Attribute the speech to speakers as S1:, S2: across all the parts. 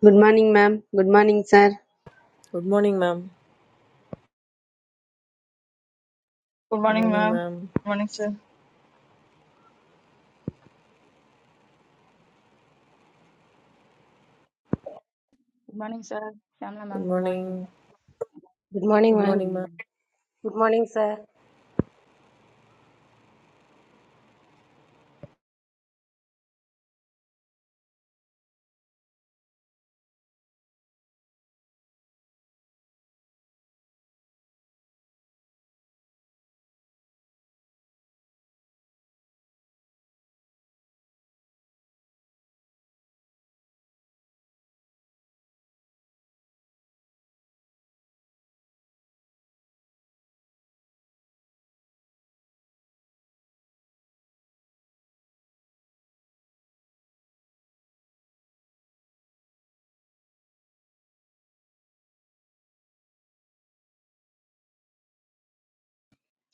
S1: Good morning, ma'am. Good morning, sir.
S2: Good morning ma'am
S3: Good
S2: good
S3: morning,
S2: morning
S3: ma'am.
S2: Ma'am
S3: Good morning, sir.
S4: Good morning sir Shamla
S2: good
S4: ma'am good
S2: morning
S4: morning
S5: Good
S4: good
S5: morning,
S2: good
S5: ma'am.
S2: Morning
S4: morning
S2: ma'am
S5: Good morning, sir.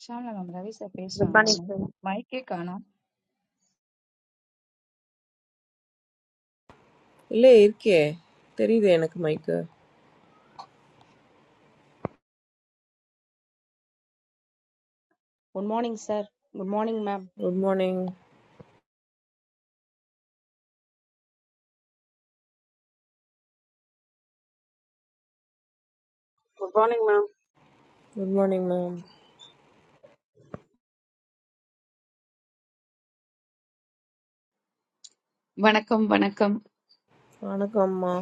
S4: Shamla ma'am Ravi sir
S6: The
S4: பேசுறாங்களா
S6: bunny
S4: mic
S6: thing.
S4: மைக்கே காணோம்
S2: இல்லை இருக்கே தெரியுது எனக்கு மைக்கு
S7: Good morning, sir. Good morning, ma'am.
S2: Good morning
S8: Good morning, ma'am.
S2: Good morning ma'am
S9: Buenacom, buenacom.
S2: வணக்கம் அம்மா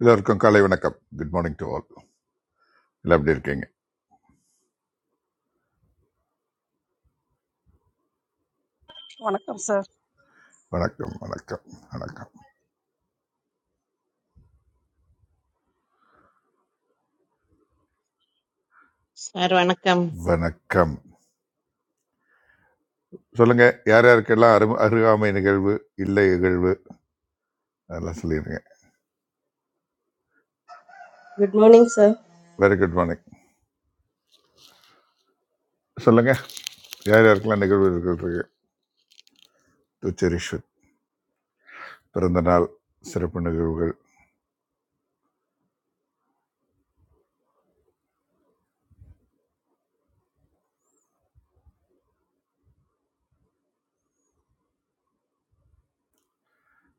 S10: எல்லோருக்கும் காலை வணக்கம் குட் மார்னிங் டு ஆல் எல்லாம் எப்படி இருக்கீங்க
S8: Welcome, sir.
S10: வணக்கம் வணக்கம் வணக்கம்
S11: Sir, welcome.
S10: வணக்கம் சொல்லுங்க யார் யாருக்கெல்லாம் அரு அருகாமை நிகழ்வு இல்லை நிகழ்வு அதெல்லாம் சொல்லிடுங்க
S12: Good morning, sir.
S10: Very good morning சொல்லுங்க யார் யாருக்கெல்லாம் நிகழ்வு இருக்கிறது துச்சரிஷ்வத் பிறந்த நாள் சிறப்பு நிகழ்வுகள்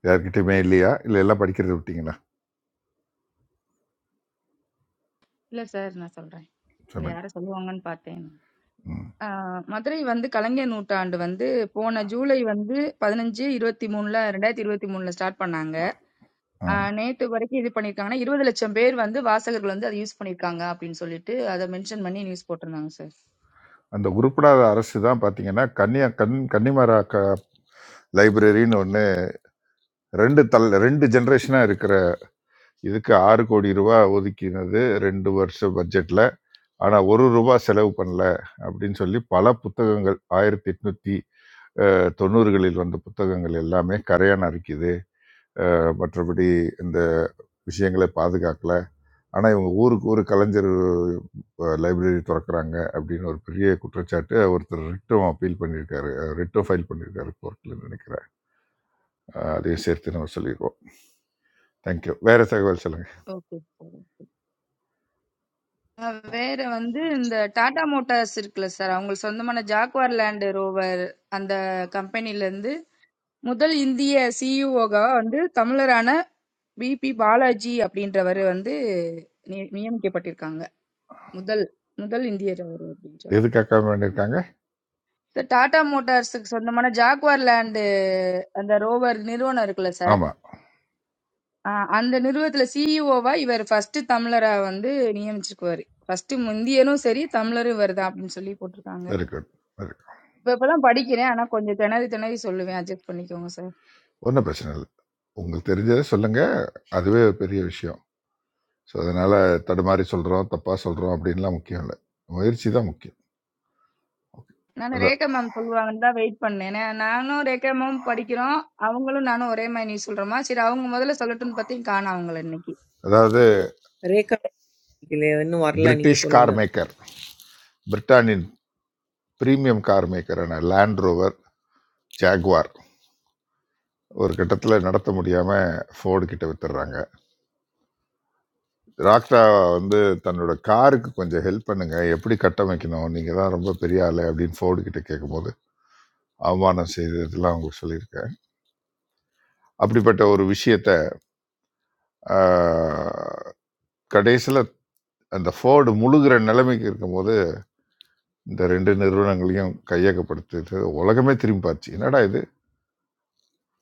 S10: யார்கிட்டயுமே இல்லையா இல்லை எல்லாம் படிக்கிறது விட்டீங்களா
S4: இல்ல சார் நான் சொல்றேன் இல்ல
S10: சொல்லுங்க
S4: யாரும் சொல்லுவாங்கன்னு பார்த்தேன்
S10: ம்
S4: ஆஹ் மதுரை வந்து கலைஞர் நூற்றாண்டு வந்து போன ஜூலை வந்து பதினஞ்சு இருபத்தி மூணுல ரெண்டாயிரத்தி இருபத்தி மூணுல ஸ்டார்ட் பண்ணாங்க
S10: ஆ
S4: ஆஹ் நேத்து வரைக்கும் இது பண்ணிருக்காங்கன்னா இருபது லட்சம் பேர் வந்து வாசகர்கள் வந்து அதை யூஸ் பண்ணிருக்காங்க அப்படின்னு சொல்லிட்டு அதை மென்ஷன் பண்ணி நியூஸ் போட்டிருந்தாங்க சார்
S10: அந்த உருப்படாத அரசு தான் பார்த்தீங்கன்னா கன்னியா கன் கன்னிமரா லைப்ரரின்னு ஒன்று ரெண்டு தல் ரெண்டு ஜென்ரேஷனாக இருக்கிற இதுக்கு 6 கோடி ரூபாய் ஒதுக்கினது 2 வருஷ பட்ஜெட்ல. ஆனா 1 ரூபாய் செலவு பண்ணல அப்படின்னு சொல்லி பல புத்தகங்கள் 1890களில் வந்த புத்தகங்கள் எல்லாமே கரையான் அரிக்குது. அஹ் மற்றபடி இந்த விஷயங்களை பாதுகாக்கல. ஆனா இவங்க ஊருக்கு ஊர் கலைஞர் லைப்ரரி திறக்கறாங்க அப்படின்னு ஒரு பெரிய குற்றச்சாட்டு ஒருத்தர் ரிட்டும் அப்பீல் பண்ணியிருக்காரு. ரிட்டும் ஃபைல் பண்ணியிருக்காரு கோர்ட்ல நினைக்கிறேன். அஹ் அதையும் சேர்த்து நம்ம சொல்லிடுவோம். தேங்க்யூ. வேற தகவல் சொல்லுங்க.
S4: ஓகே அ வேற வந்து இந்த டாடா மோட்டார்ஸ் இருக்குல்ல சார், அவங்களுக்கு சொந்தமான ஜாக்வார் லேண்ட் ரோவர் அந்த கம்பெனிலேருந்து முதல் இந்திய சிஇஓவா வந்து தமிழரான பிபி பாலாஜி அப்படின்றவர் வந்து நி- நியமிக்கப்பட்டிருக்காங்க. முதல் முதல் இந்தியர் அவர் அப்படின்னு சொல்லி.
S10: எதுக்காக பண்ணியிருக்காங்க?
S4: சார் டாடா மோட்டார்ஸுக்கு சொந்தமான ஜாக்வார் லேண்ட் அந்த ரோவர் நிறுவனம் இருக்குல்ல சார்,
S10: ஆமா.
S4: அ, அந்த நிறுவனத்துல சிஇஓவா இவர் ஃபர்ஸ்ட் தமிழரா வந்து நியமிச்சிருக்குவாரு. ஃபர்ஸ்ட் இந்தியனும் சரி தமிழரும் இவர் தான் அப்படின்னு சொல்லி போட்டிருக்காங்க.
S10: வெரி குட் வெரி குட்
S4: இப்ப இப்பதான் படிக்கிறேன் ஆனா கொஞ்சம் திணறி திணறி சொல்லுவேன் அட்ஜஸ்ட் பண்ணிக்கோங்க சார்
S10: ஒன்றும் பிரச்சனை இல்லை உங்களுக்கு தெரிஞ்சதை சொல்லுங்க அதுவே ஒரு பெரிய விஷயம் ஸோ அதனால தடுமாறி சொல்றோம் தப்பா சொல்றோம் அப்படின்லாம் முக்கியம் இல்லை முயற்சி தான் முக்கியம் Okay.
S4: நான்
S10: அதா-
S4: ரேகா மேம் சொல்லுவாங்கன்னு தான் வெயிட் பண்ணேன் நான் நானும் ரேகா மேம் படிக்கிறோம் அவங்களும் நானும் ஒரே மாதிரி நியூஸ் சொல்றோமா சரி அவங்க முதல்ல சொல்லட்டும்னு பார்த்தே காணும் அவங்கள இன்னைக்கு
S10: அதாவது
S2: ரேகா இல்லையா இன்னும் வரல நீங்க
S10: பிரிட்டிஷ் கார்
S2: சொல்லுங்க
S10: மேக்கர் பிரிட்டானின் பிரீமியம் கார் மேக்கரான லேண்ட் ரோவர் ஜாக்வார் ஒரு கட்டத்தில் நடத்த முடியாமல் ஃபோர்டு கிட்ட வித்துடுறாங்க ராக்டா வந்து தன்னோட காருக்கு கொஞ்சம் ஹெல்ப் பண்ணுங்க எப்படி கட்டமைக்கணும் நீங்கள் தான் ரொம்ப பெரிய ஆளு அப்படின்னு ஃபோர்டு கிட்ட கேட்கும்போது அவமானம் செய்து இதெல்லாம் உங்களுக்கு சொல்லியிருக்கேன் அப்படிப்பட்ட ஒரு விஷயத்த கடைசியில் அந்த ஃபோர்டு முழுகிற நிலைமைக்கு இருக்கும்போது இந்த ரெண்டு நிறுவனங்களையும் கையகப்படுத்து உலகமே திரும்பி பார்த்துச்சு என்னடா இது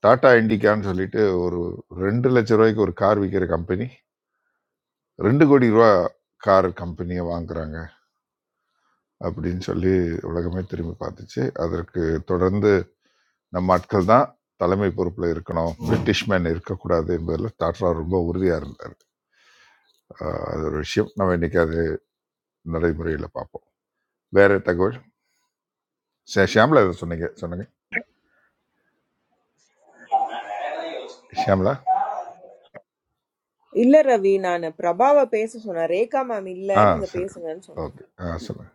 S10: டாடா இண்டிகான்னு சொல்லிட்டு ஒரு ரெண்டு லட்ச ரூபாய்க்கு ஒரு கார் விற்கிற கம்பெனி ரெண்டு கோடி ரூபா கார் கம்பெனியை வாங்குறாங்க அப்படின்னு சொல்லி உலகமே திரும்பி பார்த்துச்சு அதற்கு தொடர்ந்து நம்ம ஆட்கள் தான் தலைமை பொறுப்பில் இருக்கணும் பிரிட்டிஷ் மேன் இருக்கக்கூடாது என்பதில் டாட்டா ரொம்ப உறுதியாக இருந்தார் ஆஹ் அது ஒரு விஷயம் நம்ம இன்னைக்கு அது நடைமுறையில் பார்ப்போம் வேறு தகவல் சே ஷியாம்லா எதுவும் சொன்னீங்க சொன்னீங்க ஷியாம்லா
S2: இல்ல ரவி நான் பிரபாவை பேச சொன்னேன் ரேகா மேம் இல்ல
S10: ஆ
S2: நீங்க
S10: சரி
S2: பேசுங்கன்னு சொன்னேன்
S10: ஓகே ஆ சொல்லுங்க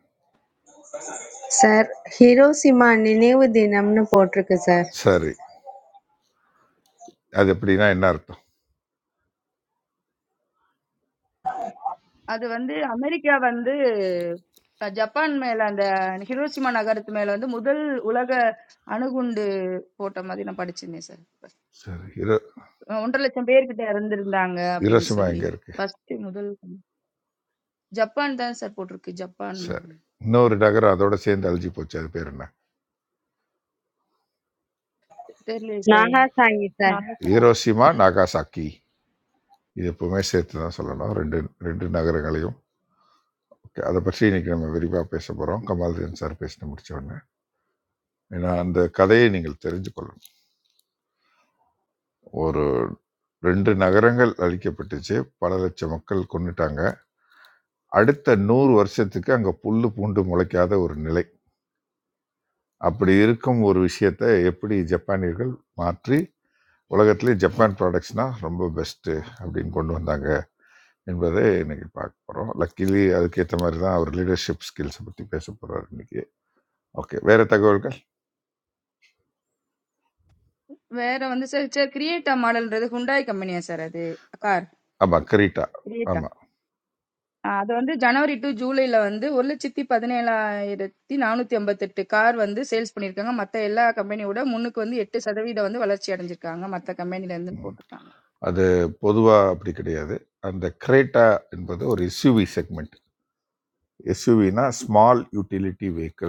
S1: சார் ஹிரோஷிமா நினைவு தினம்னு போட்டிருக்கு சார்
S10: சரி அது எப்படின்னா என்ன அர்த்தம்
S4: அது வந்து அமெரிக்கா வந்து அஹ், ஜப்பான் மேல அந்த ஹிரோஷிமா நகரத்து மேல வந்து முதல் உலக அணுகுண்டு போட்ட மாதிரி நான் படிச்சிருந்தேன் சார்
S10: சரி இரு
S4: அஹ், ஒன்றரை லட்சம் பேர்கிட்ட இறந்திருந்தாங்க அப்படின்னு
S10: ஹிரோஷிமா
S4: சொல்லி
S10: எங்கே இருக்கு
S4: ஃபர்ஸ்ட் முதல் ஜப்பான் தான் சார் போட்டிருக்கு ஜப்பான்
S10: சரி இன்னொரு நகரம் அதோட சேர்ந்து அழிஞ்சு போச்சு அது பேர் என்ன
S4: தெரியல sir.
S1: Nagasaki
S13: Not in the
S10: Hiroshima Nagasaki இது எப்பவுமே சேர்த்து தான் சொல்லணும் ரெண்டு ரெண்டு நகரங்களையும் ஓகே அதை பற்றி இன்னைக்கு நம்ம விரிவாக பேச போகிறோம் கமால்தீன் சார் பேசிட்டு முடிச்ச உடனே ஏன்னா அந்த கதையை நீங்கள் தெரிஞ்சு கொள்ளணும் ஒரு ரெண்டு நகரங்கள் அழிக்கப்பட்டுச்சு பல லட்சம் மக்கள் கொண்டுட்டாங்க அடுத்த 100 வருஷத்துக்கு அங்க புல்லு பூண்டு முளைக்காத ஒரு நிலை. அப்படி இருக்கும் ஒரு விஷயத்தை எப்படி ஜப்பானியர்கள் மாற்றி உலகத்திலே ஜப்பான் ப்ராடக்ட்ஸ்னா ரொம்ப பெஸ்ட்டு அப்படின்னு கொண்டு வந்தாங்க என்பதை இன்னைக்கு பார்க்க போகிறோம் லக்கிலி அதுக்கேற்ற மாதிரி தான் அவர் லீடர்ஷிப் ஸ்கில்ஸை பற்றி பேச போகிறார் இன்னைக்கு ஓகே வேறு தகவல்கள்
S4: வேற வந்து சார் சார் கிரியேட்டா மாடல்ன்றது ஹுண்டாய் கம்பெனியா சார் அது கார்
S10: ஆமாம் கிரீட்டா
S4: கிரியேட்டா
S10: ஆமாம்
S4: அது வந்து ஜனவரி டு ஜூலைல வந்து ஒரு லட்சத்தி பதினேழாயிரத்தி நானூத்தி ஐம்பத்தெட்டு கார் வந்து சேல்ஸ் பண்ணியிருக்காங்க மத்த எல்லா கம்பெனியோட முன்னுக்கு வந்து எட்டு சதவீதம் வந்து வளர்ச்சி அடைஞ்சிருக்காங்க மத்த கம்பெனில இருந்து போட்டிருக்காங்க
S10: அது பொதுவாக அப்படி கிடையாது அந்த கிரேட்டா என்பது ஒரு எஸ்யூவி செக்மெண்ட் எஸ்யூவினா ஸ்மால் யூட்டிலிட்டி வெஹிக்கிள்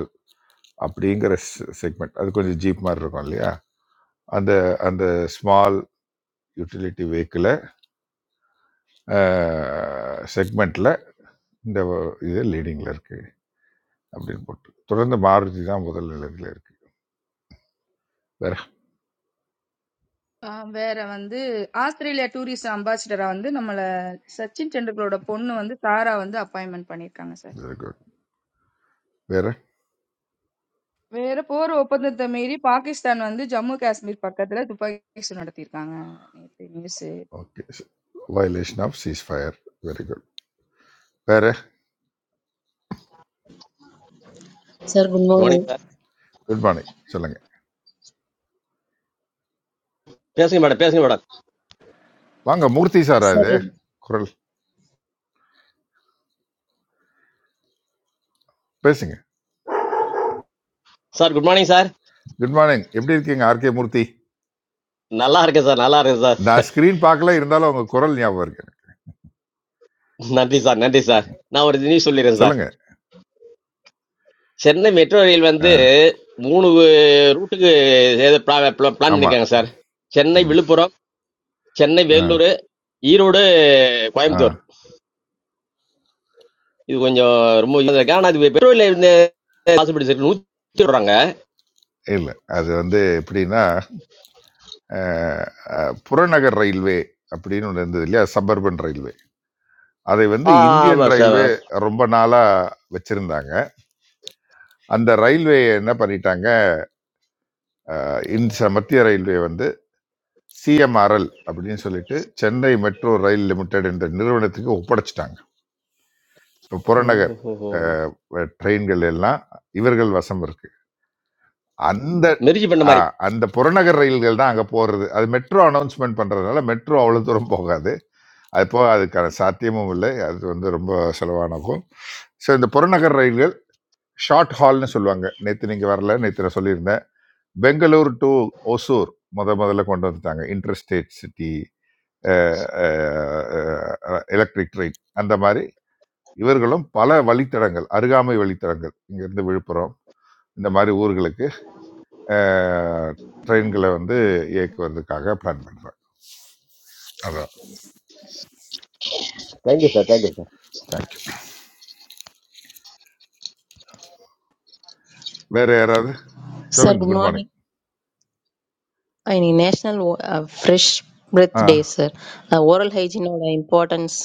S10: அப்படிங்கிற செக்மெண்ட் அது கொஞ்சம் ஜீப் மாதிரி இருக்கும் இல்லையா அந்த அந்த ஸ்மால் யூட்டிலிட்டி வெஹிக்கிளை செக்மெண்ட்டில் இந்த இது லீடிங்கில் இருக்குது அப்படின்னு போட்டு தொடர்ந்து மாருதி தான் முதல் நிலையத்தில் இருக்குது வேற
S4: ஆஹ் வேற வந்து ஆஸ்திரேலியா டூரிஸ்ட் அம்பாசிடரா வந்து நம்மள சச்சின் டெண்டுல்கரோட பொண்ணு வந்து தாரா வந்து அப்பாயின்மெண்ட் பண்ணியிருக்காங்க சார்
S10: வெரி குட் வேற
S4: வேற போர் ஒப்பந்தத்தை மீறி பாகிஸ்தான் வந்து ஜம்மு காஷ்மீர் பக்கத்துல துப்பாக்கி சூடு நடத்தியிருக்காங்க நேற்று news
S10: okay violation of ceasefire very good வேற
S14: Sir, good
S15: good morning
S14: morning.
S15: Sir
S10: good morning சொல்லுங்க
S15: பேசுங்க மேடம் பேசுங்க மேடம்
S10: வாங்க மூர்த்தி சாரா
S14: Sir,
S10: இது குரல் பேசுங்க
S15: sir good morning sir
S10: good morning எப்படி இருக்கீங்க ஆர்கே மூர்த்தி
S15: நல்லா இருக்கேன் சார் நல்லா இருக்கேன் சார்
S10: நான் ஸ்க்ரீன் பார்க்கல இருந்தாலும் உங்க குரல் ஞாபகம் இருக்கு எனக்கு.
S15: நன்றி சார் நன்றி சார் நான் ஒரு நியூஸ் சொல்லிடுறேன் சார்
S10: சொல்லுங்க
S15: சென்னை மெட்ரோ ரயில்
S10: ஆ,
S15: வந்து மூணு ரூட்டுக்கு ஏதோ பிளான்
S10: ஆமா
S15: பண்ணியிருக்காங்க சார் சென்னை
S10: ம்
S15: விழுப்புரம் சென்னை
S10: ஆ
S15: வேலூர் ஈரோடு
S10: ஆ.
S15: கோயம்புத்தூர் இது கொஞ்சம் ரொம்ப இதா இருக்கு ஆனால் அது பெட்ரோல் இருந்து பாசிபிலிட்டி இருக்கு நூற்றி விடுறாங்க
S10: இல்ல. அது வந்து எப்படின்னா, அ அ புறநகர் ரயில்வே அப்படின்னு ஒண்ணு இருந்தது இல்லையா? Suburban railway. அதை வந்து இந்தியன்
S15: ஆமாம் சார்
S10: ரயில்வே ரொம்ப நாளா வச்சிருந்தாங்க. அந்த ரயில்வேய என்ன பண்ணிட்டாங்க, இன்ச மத்திய ரயில்வே வந்து சிஎம்ஆர்எல் அப்படின்னு சொல்லிட்டு, சென்னை மெட்ரோ ரயில் லிமிடெட் என்ற நிறுவனத்துக்கு ஒப்படைச்சுட்டாங்க. இப்ப புறநகர்
S15: ஓஹோ
S10: அ ட்ரெயின்கள் எல்லாம் இவர்கள் வசம் இருக்கு. அந்த
S15: மெரிஜி பண்ண
S10: அ
S15: மாதிரி
S10: அந்த புறநகர் ரயில்கள் தான் அங்க போறது. அது மெட்ரோ அனவுன்ஸ்மென்ட் பண்றதுனால, மெட்ரோ அவ்வளவு தூரம் போகாது. அப்போ அதுக்கான சாத்தியமும் இல்லை அது வந்து ரொம்ப செலவானகும் ஸோ இந்த புறநகர் ரயில்கள் ஷார்ட் ஹால்னு சொல்லுவாங்க நேற்று நீங்கள் வரல நேற்று நான் சொல்லியிருந்தேன் பெங்களூர் டு ஒசூர் முத முதல்ல கொண்டு வந்துட்டாங்க இன்டர்ஸ்டேட் சிட்டி எலக்ட்ரிக் ட்ரெயின் அந்த மாதிரி இவர்களும் பல வழித்தடங்கள் அருகாமை வழித்தடங்கள் இங்கேருந்து விழுப்புரம் இந்த மாதிரி ஊர்களுக்கு அஹ், ட்ரெயின்களை வந்து இயக்குவதற்காக பிளான் பண்ணுறாங்க அதான்
S15: thank you sir thank you sir.
S10: Thank you வேறு யாராவது
S14: sir,
S10: சொல்லுங்க
S14: good
S10: குட்
S14: morning.
S10: மார்னிங்
S14: இன்னைக்கு நேஷ்னல் ஃப்ரெஷ் பிரெத்
S10: ஆ
S14: டே சார் ஓரல் ஹைஜீனோட இம்பார்ட்டன்ஸ்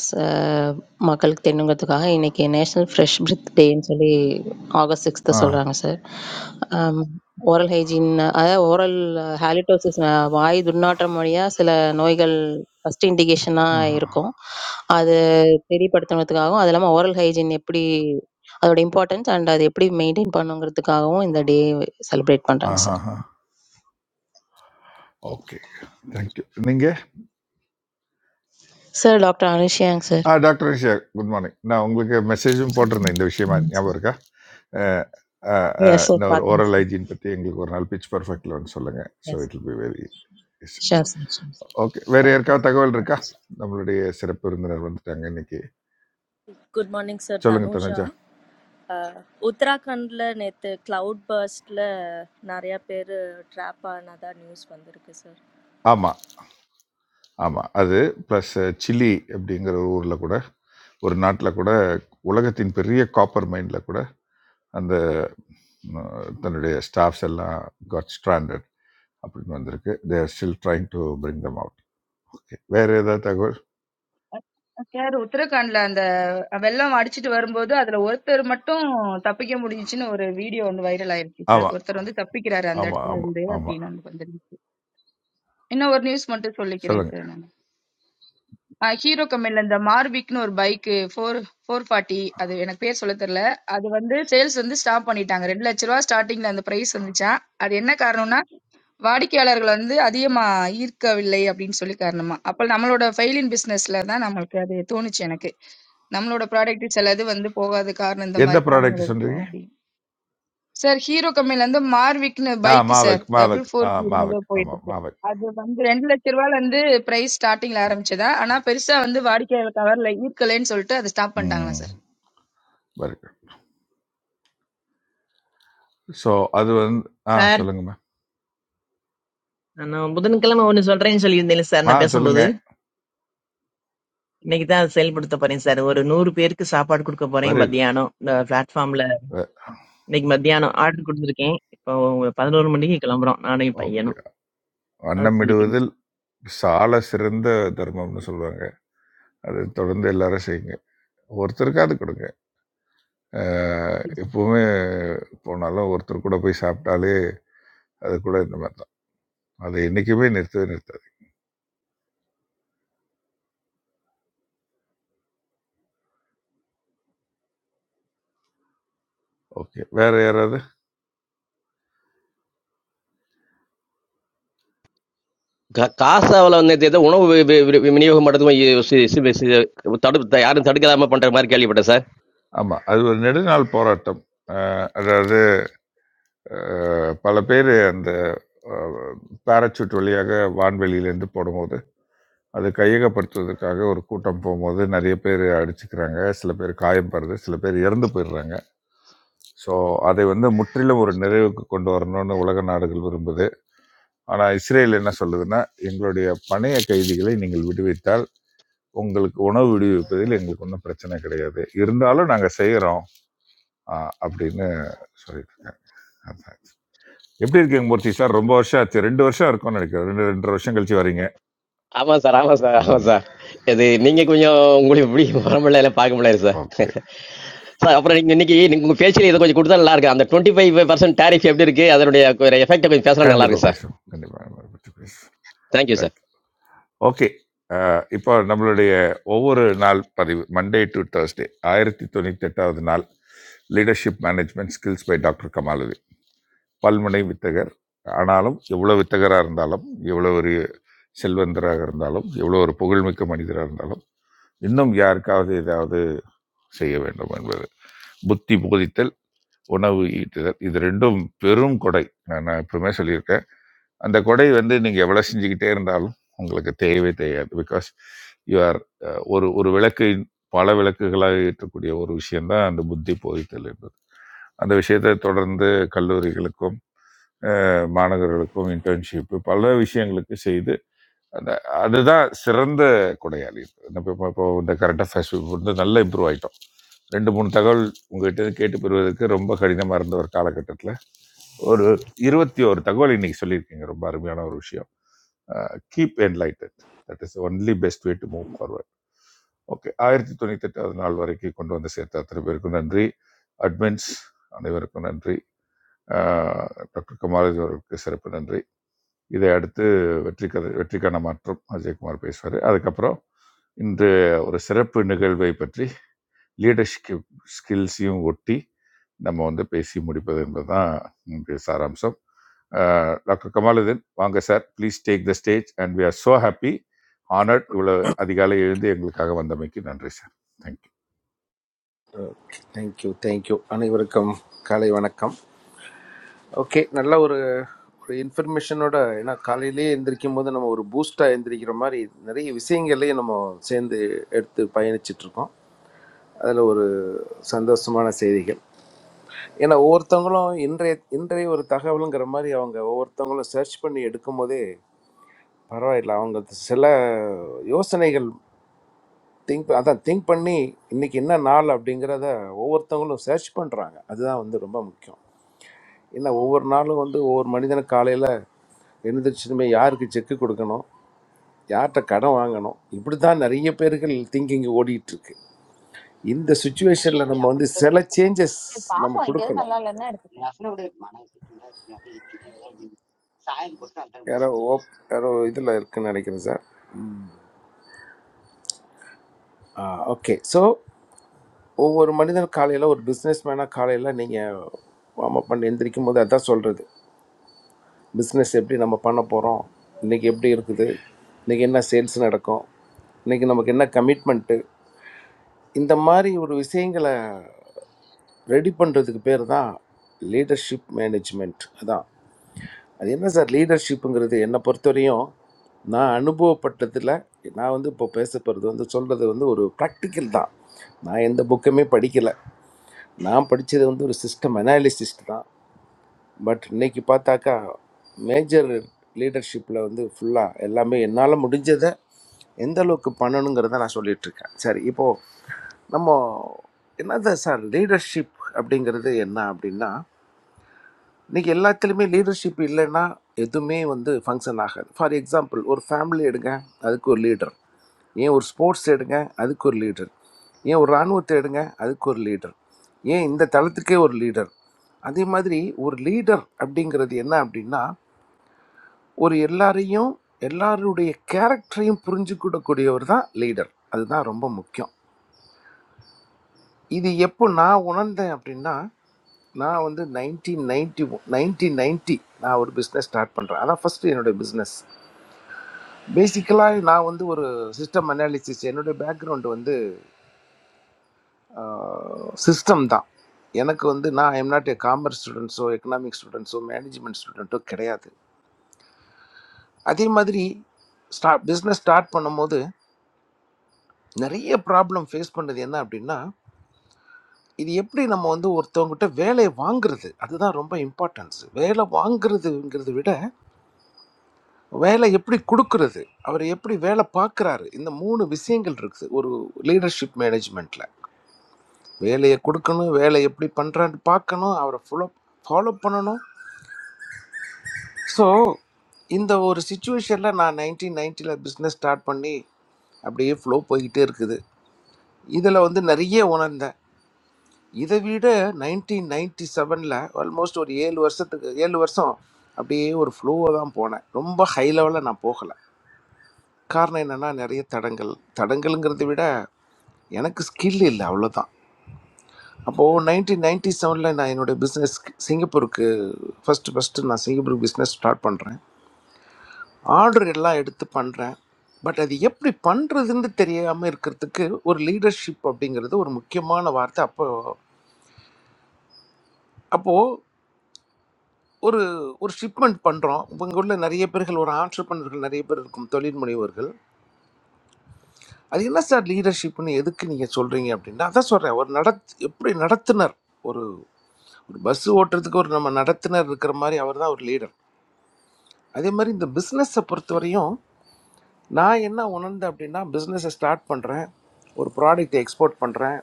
S14: மக்களுக்கு தெரியணுங்கிறதுக்காக இன்னைக்கு நேஷ்னல் ஃப்ரெஷ் பிரெத் டேன்னு சொல்லி ஆகஸ்ட் சிக்ஸ்த்து
S10: ஆ
S14: சொல்கிறாங்க சார் ஓரல் ஹைஜீன் அதாவது ஓரல் ஹாலிடோசிஸ் வாய் துர்நாற்றம் வழியாக சில நோய்கள் ஃபஸ்ட் இண்டிகேஷனாக
S10: ஆ
S14: இருக்கும் அது தெரியப்படுத்தணுங்கிறதுக்காகவும் அது இல்லாமல் ஓரல் ஹைஜீன் எப்படி அதோட இம்பார்ட்டன்ஸ் அண்ட் அது எப்படி மெயின்டைன் பண்ணுங்கிறதுக்காகவும் இந்த டே செலிப்ரேட் பண்ணுறாங்க சார்
S10: ஆஹாஹா. ஓகே. Thank you. நீங்க?
S14: சார் டாக்டர் அனுஷியாங்க சார்
S10: ஆ டாக்டர் இஷா, குட் மார்னிங். நான் உங்களுக்கு மெசேஜும்
S14: Sir,
S10: போட்டிருந்தேன்
S14: good
S10: இந்த விஷயமா. ஞாபகம் இருக்கா? அ, அ, அ,
S14: Yes, sir,
S10: இந்த ஒரு
S14: partner,
S10: ஓரல்
S14: sir.
S10: ஹைஜீன் பத்தி எங்களுக்கு ஒரு நாள் பிச் பெர்ஃபெக்ட்ல வந்து சொல்லுங்க. So
S14: Yes,
S10: it will be very
S14: Sure, sir, sure, sir.
S10: Okay. வேற
S14: Thank you,
S10: யாருக்காவது
S14: sir.
S10: தகவல்
S14: Thank
S10: இருக்கா?
S14: you, sir.
S10: நம்மளுடைய சிறப்பு விருந்தினர் வந்துட்டாங்க இன்னைக்கு.
S16: Good morning, sir.
S10: சொல்லுங்க
S16: Danuja.
S10: தனஜா.
S16: Uttarakhand le neite cloud burst le nariya per trap a nata news pandher ke sir.
S10: ஆமா, ஆமா. அது பிளஸ் சிலி அப்படிங்கிற ஒரு ஊர்ல கூட ஒரு நாட்டில் கூட உலகத்தின் பெரிய காப்பர் மைன்ல கூட அந்த அஹ், தன்னுடைய ஸ்டாஃப்ஸ் எல்லாம் காட் ஸ்ட்ராண்டட் அப்படின்னு வந்திருக்கு they're still trying to bring them out okay வேறு ஏதாவது தகவல்
S4: சார் உத்தரகாண்ட்ல அந்த வெள்ளம் அடிச்சிட்டு வரும்போது அதுல ஒருத்தர் மட்டும் தப்பிக்க முடிஞ்சுச்சுன்னு ஒரு வீடியோ ஒன்று வைரல் ஆயிருச்சு சார்
S10: ஆமாம்
S4: ஒருத்தர் வந்து தப்பிக்கிறாரு அந்த
S10: ஆமாம்
S4: இடத்துல
S10: ஆமாம்
S4: இருந்து
S10: ஆமாம்
S4: அப்படின்னு ஒன்று வந்துருந்துச்சு இன்னும் ஒரு நியூஸ் மட்டும் சொல்லிக்கிறேன் சார்
S10: சொல்லுங்கள்
S4: நான் ஹீரோ கம்பெனில இந்த மார்பிக்னு ஒரு பைக்கு ஃபோர் ஃபோர் ஃபார்ட்டி அது எனக்கு பேர் சொல்ல தெரியல அது வந்து சேல்ஸ் வந்து ஸ்டாப் பண்ணிட்டாங்க ரெண்டு லட்ச ரூபா ஸ்டார்டிங்ல அந்த பிரைஸ் வந்துச்சா அது என்ன காரணம்னா வாடிக்கையாளர்கள் வந்து அதிகமா ஈர்க்கவில்லை அப்படின்னு சொல்லி காரணமா அப்ப நம்மளோட ஃபெயிலின் பிசினஸ்ல தான் நம்மளுக்கு அது தோணுச்சு எனக்கு நம்மளோட ப்ராடக்ட் சிலது வந்து போகாத காரணம் இந்த
S10: எந்த
S4: மாதிரி காரணங்கள்
S10: ப்ராடக்ட்
S4: இருக்கலாம்
S10: சொல்கிறீங்க
S4: அப்படி சார் ஹீரோ கம்பெனில இருந்து மார்விக்னு
S10: ஆ
S4: பைக் சார்
S10: மாவக்
S4: டபுள்
S10: மாவக் ஆ
S4: ஃபோர் ஜீரோன்னு ஏதோ
S10: மாவக்
S4: போயிட்டு
S10: ஆமாம்
S4: இருக்கு
S10: மாவக்
S4: அது வந்து ரெண்டு லட்ச ரூபாயில இருந்து பிரைஸ் ஸ்டார்டிங்ல ஆரம்பிச்சதா ஆனா பெருசா வந்து வாடிக்கையாளர் கவர்ல ஈர்க்கலைன்னு சொல்லிட்டு அதை ஸ்டாப் பண்ணிட்டாங்களா
S10: ம்
S4: சார்
S10: வெரி குட் ஸோ அது வந்து ஆ
S11: Sir,
S10: சொல்லுங்கம்மா
S11: ano, but then kalma one solution solution nila sir na
S10: ஆ
S11: pesham bodo.
S10: சொல்லுங்கள்
S11: Nekita sell budo taparin sir, oru 90 rupees ka saapad kurkuparin.
S10: Very
S11: Madhya
S10: good
S11: ano the platform la, nek madhya ano art kurkudukin. Poo pandalur mandi kalam bra, naani payi ano.
S10: Okay
S11: Asli
S10: வண்ணமிடுவதில்
S11: kiris.
S10: சால சிறந்த தர்மம்னு சொல்லுவாங்க அது தொடர்ந்து எல்லாரும் செய்யுங்க ஒருத்தருக்காவது கொடுங்க அ எப்பவுமே இப்போ நல்லா ஒருத்தர் கூட போய் சாப்பிட்டாலே, அது கூட இந்த மாரி தான். அது என்னைக்குமே நிறுத்தவே நிறுத்தாது. ஓகே. வேற யாராவது?
S15: கா- காசாவுல வந்து இது ஏதோ உணவு வி- வி- வி- விநியோகம் மட்டும் தடுப்பு யாரும் தடுக்கலாம பண்ற மாதிரி கேள்விப்பட்டேன் சார்
S10: ஆமா. அது ஒரு நெடுநாள் போராட்டம். அ அதாவது அ பல பேரு அந்த அ பாராசூட் வழியாக வான்வெளியிலேருந்து போடும்போது, அது கையகப்படுத்துவதற்காக ஒரு கூட்டம் போம்போது, நெறைய பேரு அடிச்சுக்கிறாங்க. சில பேர் காயம் படுது. சில பேர் இறந்து போயிடுறாங்க. ஸோ, அதை வந்து முற்றிலும் ஒரு நிறைவுக்கு கொண்டு வரணும்னு உலக நாடுகள் விரும்புது. ஆனால் இஸ்ரேல் என்ன சொல்லுதுன்னா எங்களுடைய பணைய கைதிகளை நீங்கள் விடுவித்தால் உங்களுக்கு உணவு விடுவிப்பதில் எங்களுக்கு ஒன்றும் பிரச்சனை கிடையாது இருந்தாலும் நாங்கள் செய்கிறோம் அப்படின்னு சொல்லிட்டு இருக்காங்க அதான் இது. எப்படி இருக்கீங்க மூர்த்தி சார் ரொம்ப வருஷம் ஆச்சு ரெண்டு வருஷம் இருக்கும்னு நினைக்கிறேன் ரெண்டு ரெண்டரை வருஷம் கழிச்சு வரீங்க
S15: ஆமா சார் ஆமா சார் ஆமா
S10: ம்
S15: சார் இது நீங்க கொஞ்சம் உங்களுக்கு இப்படி வர முடியல பார்க்க முடியல சார்
S10: ஓகே
S15: சார் அப்புறம் நீங்க இன்னைக்கு நீங்க உங்க பேச்சில் இதை கொஞ்சம் கொடுத்தா நல்லா இருக்கு அந்த டுவெண்ட்டி ஃபைவ் பர்சன்ட் டேரிஃப் எப்படி இருக்கு அதனுடைய எஃபெக்ட் கொஞ்சம் பேசுறது நல்லா
S10: கண்டிப்பாக
S15: இருக்கு சார்
S10: பேசுவோம் கண்டிப்பாக பற்றி பேசுவோம்
S15: தேங்க்யூ சார்
S10: தேங்க்யூ ஓகே இப்போ நம்மளுடைய ஒவ்வொரு நாள் பதிவு மண்டே டு Thursday ஆயிரத்தி தொண்ணூற்றி எட்டாவது நாள் leadership management skills by doctor Kamaludeen பல்முனை வித்தகர் ஆனாலும் எவ்வளோ வித்தகராக இருந்தாலும் எவ்வளோ ஒரு செல்வந்தராக இருந்தாலும் எவ்வளோ ஒரு புகழ்மிக்க மனிதராக இருந்தாலும் இன்னும் யாருக்காவது ஏதாவது செய்ய வேண்டும் என்பது புத்தி போதித்தல் உணவு ஈட்டுதல். இது 2ம் பெரும் கொடை. நான் நான் எப்பவுமே சொல்லியிருக்கேன். அந்த கொடை வந்து நீங்க எவ்வளவு செஞ்சுக்கிட்டே இருந்தாலும் உங்களுக்கு தேயவே தேயாது. பிகாஸ் யூ ஆர் அ, ஒரு ஒரு விளக்கை பல விளக்குகளாக ஏற்றக்கூடிய ஒரு விஷயம் தான் அந்த புத்தி போதித்தல் என்பது. அந்த விஷயத்தை தொடர்ந்து கல்லூரிகளுக்கும் அஹ், மாணவர்களுக்கும் இன்டர்ன்ஷிப் பல விஷயங்களுக்கு செய்து அந்த அதுதான் சிறந்த கொடையாளி நம்ம இப்போ இப்போ இந்த கரண்ட் அஃபேர்ஸ் வந்து நல்லா இம்ப்ரூவ் ஆகிட்டோம் ரெண்டு மூணு தகவல் உங்ககிட்ட இருந்து கேட்டு பெறுவதற்கு ரொம்ப கடினமாக இருந்த ஒரு காலகட்டத்தில் ஒரு இருபத்தி ஒரு தகவல் இன்னைக்கு சொல்லியிருக்கீங்க ரொம்ப அருமையான ஒரு விஷயம் keep enlightened that is only best way to move forward okay ஆயிரத்தி தொண்ணூற்றி எட்டாவது நாள் வரைக்கும் கொண்டு வந்து சேர்த்த அத்தனை பேருக்கும் நன்றி அட்மின்ஸ் அனைவருக்கும் நன்றி ஆஹ் டாக்டர் குமாரதி அவர்களுக்கு சிறப்பு நன்றி இதை அடுத்து வெற்றி கதை வெற்றிக்கான மாற்றம் அஜயகுமார் பேசுவார் அதுக்கப்புறம் இன்று ஒரு சிறப்பு நிகழ்வை பற்றி லீடர்ஷிப் ஸ்கில்ஸையும் ஒட்டி நம்ம வந்து பேசி முடிப்பது என்பதுதான் இன்றைய சாராம்சம் அஹ், டாக்டர் கமாலுதீன் வாங்க sir please take the stage and we are so happy honored இவ்வளோ அதிகாலை எழுந்து எங்களுக்காக வந்தமைக்கு நன்றி சார் தேங்க்யூ
S17: தேங்க்யூ தேங்க்யூ அனைவருக்கும் காலை வணக்கம் ஓகே நல்ல ஒரு ஒரு இன்ஃபர்மேஷனோட ஏன்னா காலையிலேயே எந்திரிக்கும் போது நம்ம ஒரு பூஸ்டாக எந்திரிக்கிற மாதிரி நிறைய விஷயங்களையும் நம்ம சேர்ந்து எடுத்து பயணிச்சிட்டு இருக்கோம் அதில் ஒரு சந்தோஷமான செய்திகள் ஏன்னா ஒவ்வொருத்தவங்களும் இன்றைய இன்றைய ஒரு தகவலுங்கிற மாதிரி அவங்க ஒவ்வொருத்தவங்களும் சர்ச் பண்ணி எடுக்கும் போதே பரவாயில்ல அவங்க சில யோசனைகள் திங்க் அதான் திங்க் பண்ணி இன்னைக்கு என்ன நாள் அப்படிங்கிறத ஒவ்வொருத்தவங்களும் சர்ச் பண்ணுறாங்க அதுதான் வந்து ரொம்ப முக்கியம் ஏன்னா ஒவ்வொரு நாளும் வந்து ஒவ்வொரு மனிதனும் காலையில் எழுந்திரிச்சதுமே யாருக்கு செக்கு கொடுக்கணும் யார்கிட்ட கடன் வாங்கணும் இப்படி தான் நிறைய பேர்கள் திங்கிங் ஓடிட்டு இருக்கு இந்த சுச்சுவேஷனில் நம்ம வந்து சில சேஞ்சஸ்
S18: So, Papa
S17: நம்ம
S18: engaged,
S17: கொடுக்கணும்
S18: mala lanna.
S17: யாரோ ஓப் யாரோ இதில் இருக்குன்னு நினைக்கிறேன் சார் ஓகே ஸோ ஒவ்வொரு மனிதனும் காலையில் ஒரு பிஸ்னஸ் மேனாக காலையில் நீங்கள் வார்ம் அப் பண்ணி எந்திரிக்கும் போது அதான் சொல்கிறது பிஸ்னஸ் எப்படி நம்ம பண்ண போகிறோம் இன்றைக்கி எப்படி இருக்குது இன்றைக்கி என்ன சேல்ஸ் நடக்கும் இன்றைக்கி நமக்கு என்ன கமிட்மெண்ட்டு இந்த மாதிரி ஒரு விஷயங்களை ரெடி பண்ணுறதுக்கு பேர் தான் லீடர்ஷிப் மேனேஜ்மெண்ட் அதான் அது என்ன சார் லீடர்ஷிப்புங்கிறது என்னை பொறுத்தவரையும் நான் அனுபவப்பட்டதில் நான் வந்து இப்போ பேச போகிறது வந்து சொல்கிறது வந்து ஒரு ப்ராக்டிக்கல் தான் நான் எந்த புக்குமே படிக்கலை நான் படித்தது வந்து ஒரு சிஸ்டம் அனாலிசிஸ்ட் தான் பட் இன்னைக்கு பார்த்தாக்கா மேஜர் லீடர்ஷிப்பில் வந்து ஃபுல்லாக எல்லாமே என்னால் முடிஞ்சதை எந்த அளவுக்கு பண்ணணுங்கிறத நான் சொல்லிட்டு இருக்கேன் சரி இப்போது நம்ம என்னது சார் லீடர்ஷிப் அப்படிங்கிறது என்ன அப்படின்னா இன்னைக்கு எல்லாத்துலேயுமே லீடர்ஷிப் இல்லைன்னா எதுவுமே வந்து ஃபங்க்ஷன் ஆகாது ஃபார் எக்ஸாம்பிள் ஒரு ஃபேமிலி எடுங்க அதுக்கு ஒரு லீடர் ஏன் ஒரு ஸ்போர்ட்ஸ் எடுங்க அதுக்கு ஒரு லீடர் ஏன் ஒரு இராணுவத்தை எடுங்க அதுக்கு ஒரு லீடர் ஏன் இந்த தளத்துக்கே ஒரு லீடர் அதே மாதிரி ஒரு லீடர் அப்படிங்கிறது என்ன அப்படின்னா ஒரு எல்லாரையும் எல்லாருடைய கேரக்டரையும் புரிஞ்சு கூடக்கூடியவர் தான் லீடர் அதுதான் ரொம்ப முக்கியம் இது எப்போ நான் உணர்ந்தேன் அப்படின்னா நான் வந்து நைன்டீன் நைன்டி நைன்டீன் நைன்ட்டி நான் ஒரு பிஸ்னஸ் ஸ்டார்ட் பண்ணுறேன் அதான் ஃபஸ்ட்டு என்னுடைய பிஸ்னஸ் பேசிக்கலாக நான் வந்து ஒரு சிஸ்டம் அனாலிசிஸ் என்னுடைய பேக்ரவுண்டு வந்து சிஸ்டம் தான் எனக்கு வந்து நான் எம் நாட் ஏ காமர்ஸ் ஸ்டூடெண்ட்ஸோ எக்கனாமிக் ஸ்டூடெண்ட்ஸோ மேனேஜ்மெண்ட் ஸ்டூடெண்ட்டோ கிடையாது அதே மாதிரி ஸ்டார்ட் பிஸ்னஸ் ஸ்டார்ட் பண்ணும்போது நிறைய ப்ராப்ளம் ஃபேஸ் பண்ணது என்ன அப்படின்னா இது எப்படி நம்ம வந்து ஒருத்தவங்ககிட்ட வேலையை வாங்குறது அதுதான் ரொம்ப இம்பார்ட்டன்ஸ் வேலை வாங்குறதுங்கிறத விட வேலை எப்படி கொடுக்கறது அவர் எப்படி வேலை பார்க்குறாரு இந்த மூணு விஷயங்கள் இருக்குது ஒரு லீடர்ஷிப் மேனேஜ்மெண்ட்டில் வேலையை கொடுக்கணும் வேலை எப்படி பண்ணுறான்னு பார்க்கணும் அவரை ஃபாலோ ஃபாலோ பண்ணணும் ஸோ இந்த ஒரு சுச்சுவேஷனில் நான் நைன்டீன் நைன்ட்டியில் பிஸ்னஸ் ஸ்டார்ட் பண்ணி அப்படியே ஃப்ளோ போய்கிட்டே இருக்குது இதில் வந்து நிறைய உணர்ந்தேன் இதை விட நைன்டீன் நைன்டி செவனில் ஆல்மோஸ்ட் ஒரு ஏழு வருஷத்துக்கு ஏழு வருஷம் அப்படியே ஒரு ஃப்ளோவாக தான் போனேன் ரொம்ப ஹை லெவலில் நான் போகலை காரணம் என்னென்னா நிறைய தடங்கள் தடங்கள்ங்கிறத விட எனக்கு ஸ்கில் இல்லை அவ்வளோதான் அப்போது நைன்டீன் நைன்டி செவனில் நான் என்னோடய பிஸ்னஸ் சிங்கப்பூருக்கு ஃபஸ்ட்டு ஃபஸ்ட்டு நான் சிங்கப்பூருக்கு பிஸ்னஸ் ஸ்டார்ட் பண்ணுறேன் ஆர்டர் எல்லாம் எடுத்து பண்ணுறேன் பட் அது எப்படி பண்ணுறதுன்னு தெரியாமல் இருக்கிறதுக்கு ஒரு லீடர்ஷிப் அப்படிங்கிறது ஒரு முக்கியமான வார்த்தை அப்போ அப்போது ஒரு ஒரு ஷிப்மெண்ட் பண்ணுறோம் உங்கள் ஊரில் நிறைய பேர்கள் ஒரு ஆண்டர்பனர்கள் நிறைய பேர் இருக்கும் தொழில் முனைவோர்கள் அது என்ன சார் லீடர்ஷிப்னு எதுக்கு நீங்கள் சொல்கிறீங்க அப்படின்னா அதான் சொல்கிறேன் ஒரு நடத் எப்படி நடத்துனர் ஒரு ஒரு பஸ் ஓட்டுறதுக்கு ஒரு நம்ம நடத்துனர் இருக்கிற மாதிரி அவர் தான் ஒரு லீடர் அதே மாதிரி இந்த பிஸ்னஸை பொறுத்தவரையும் நான் என்ன உணர்ந்தேன் அப்படின்னா பிஸ்னஸை ஸ்டார்ட் பண்ணுறேன் ஒரு ப்ராடக்ட்டை எக்ஸ்போர்ட் பண்ணுறேன்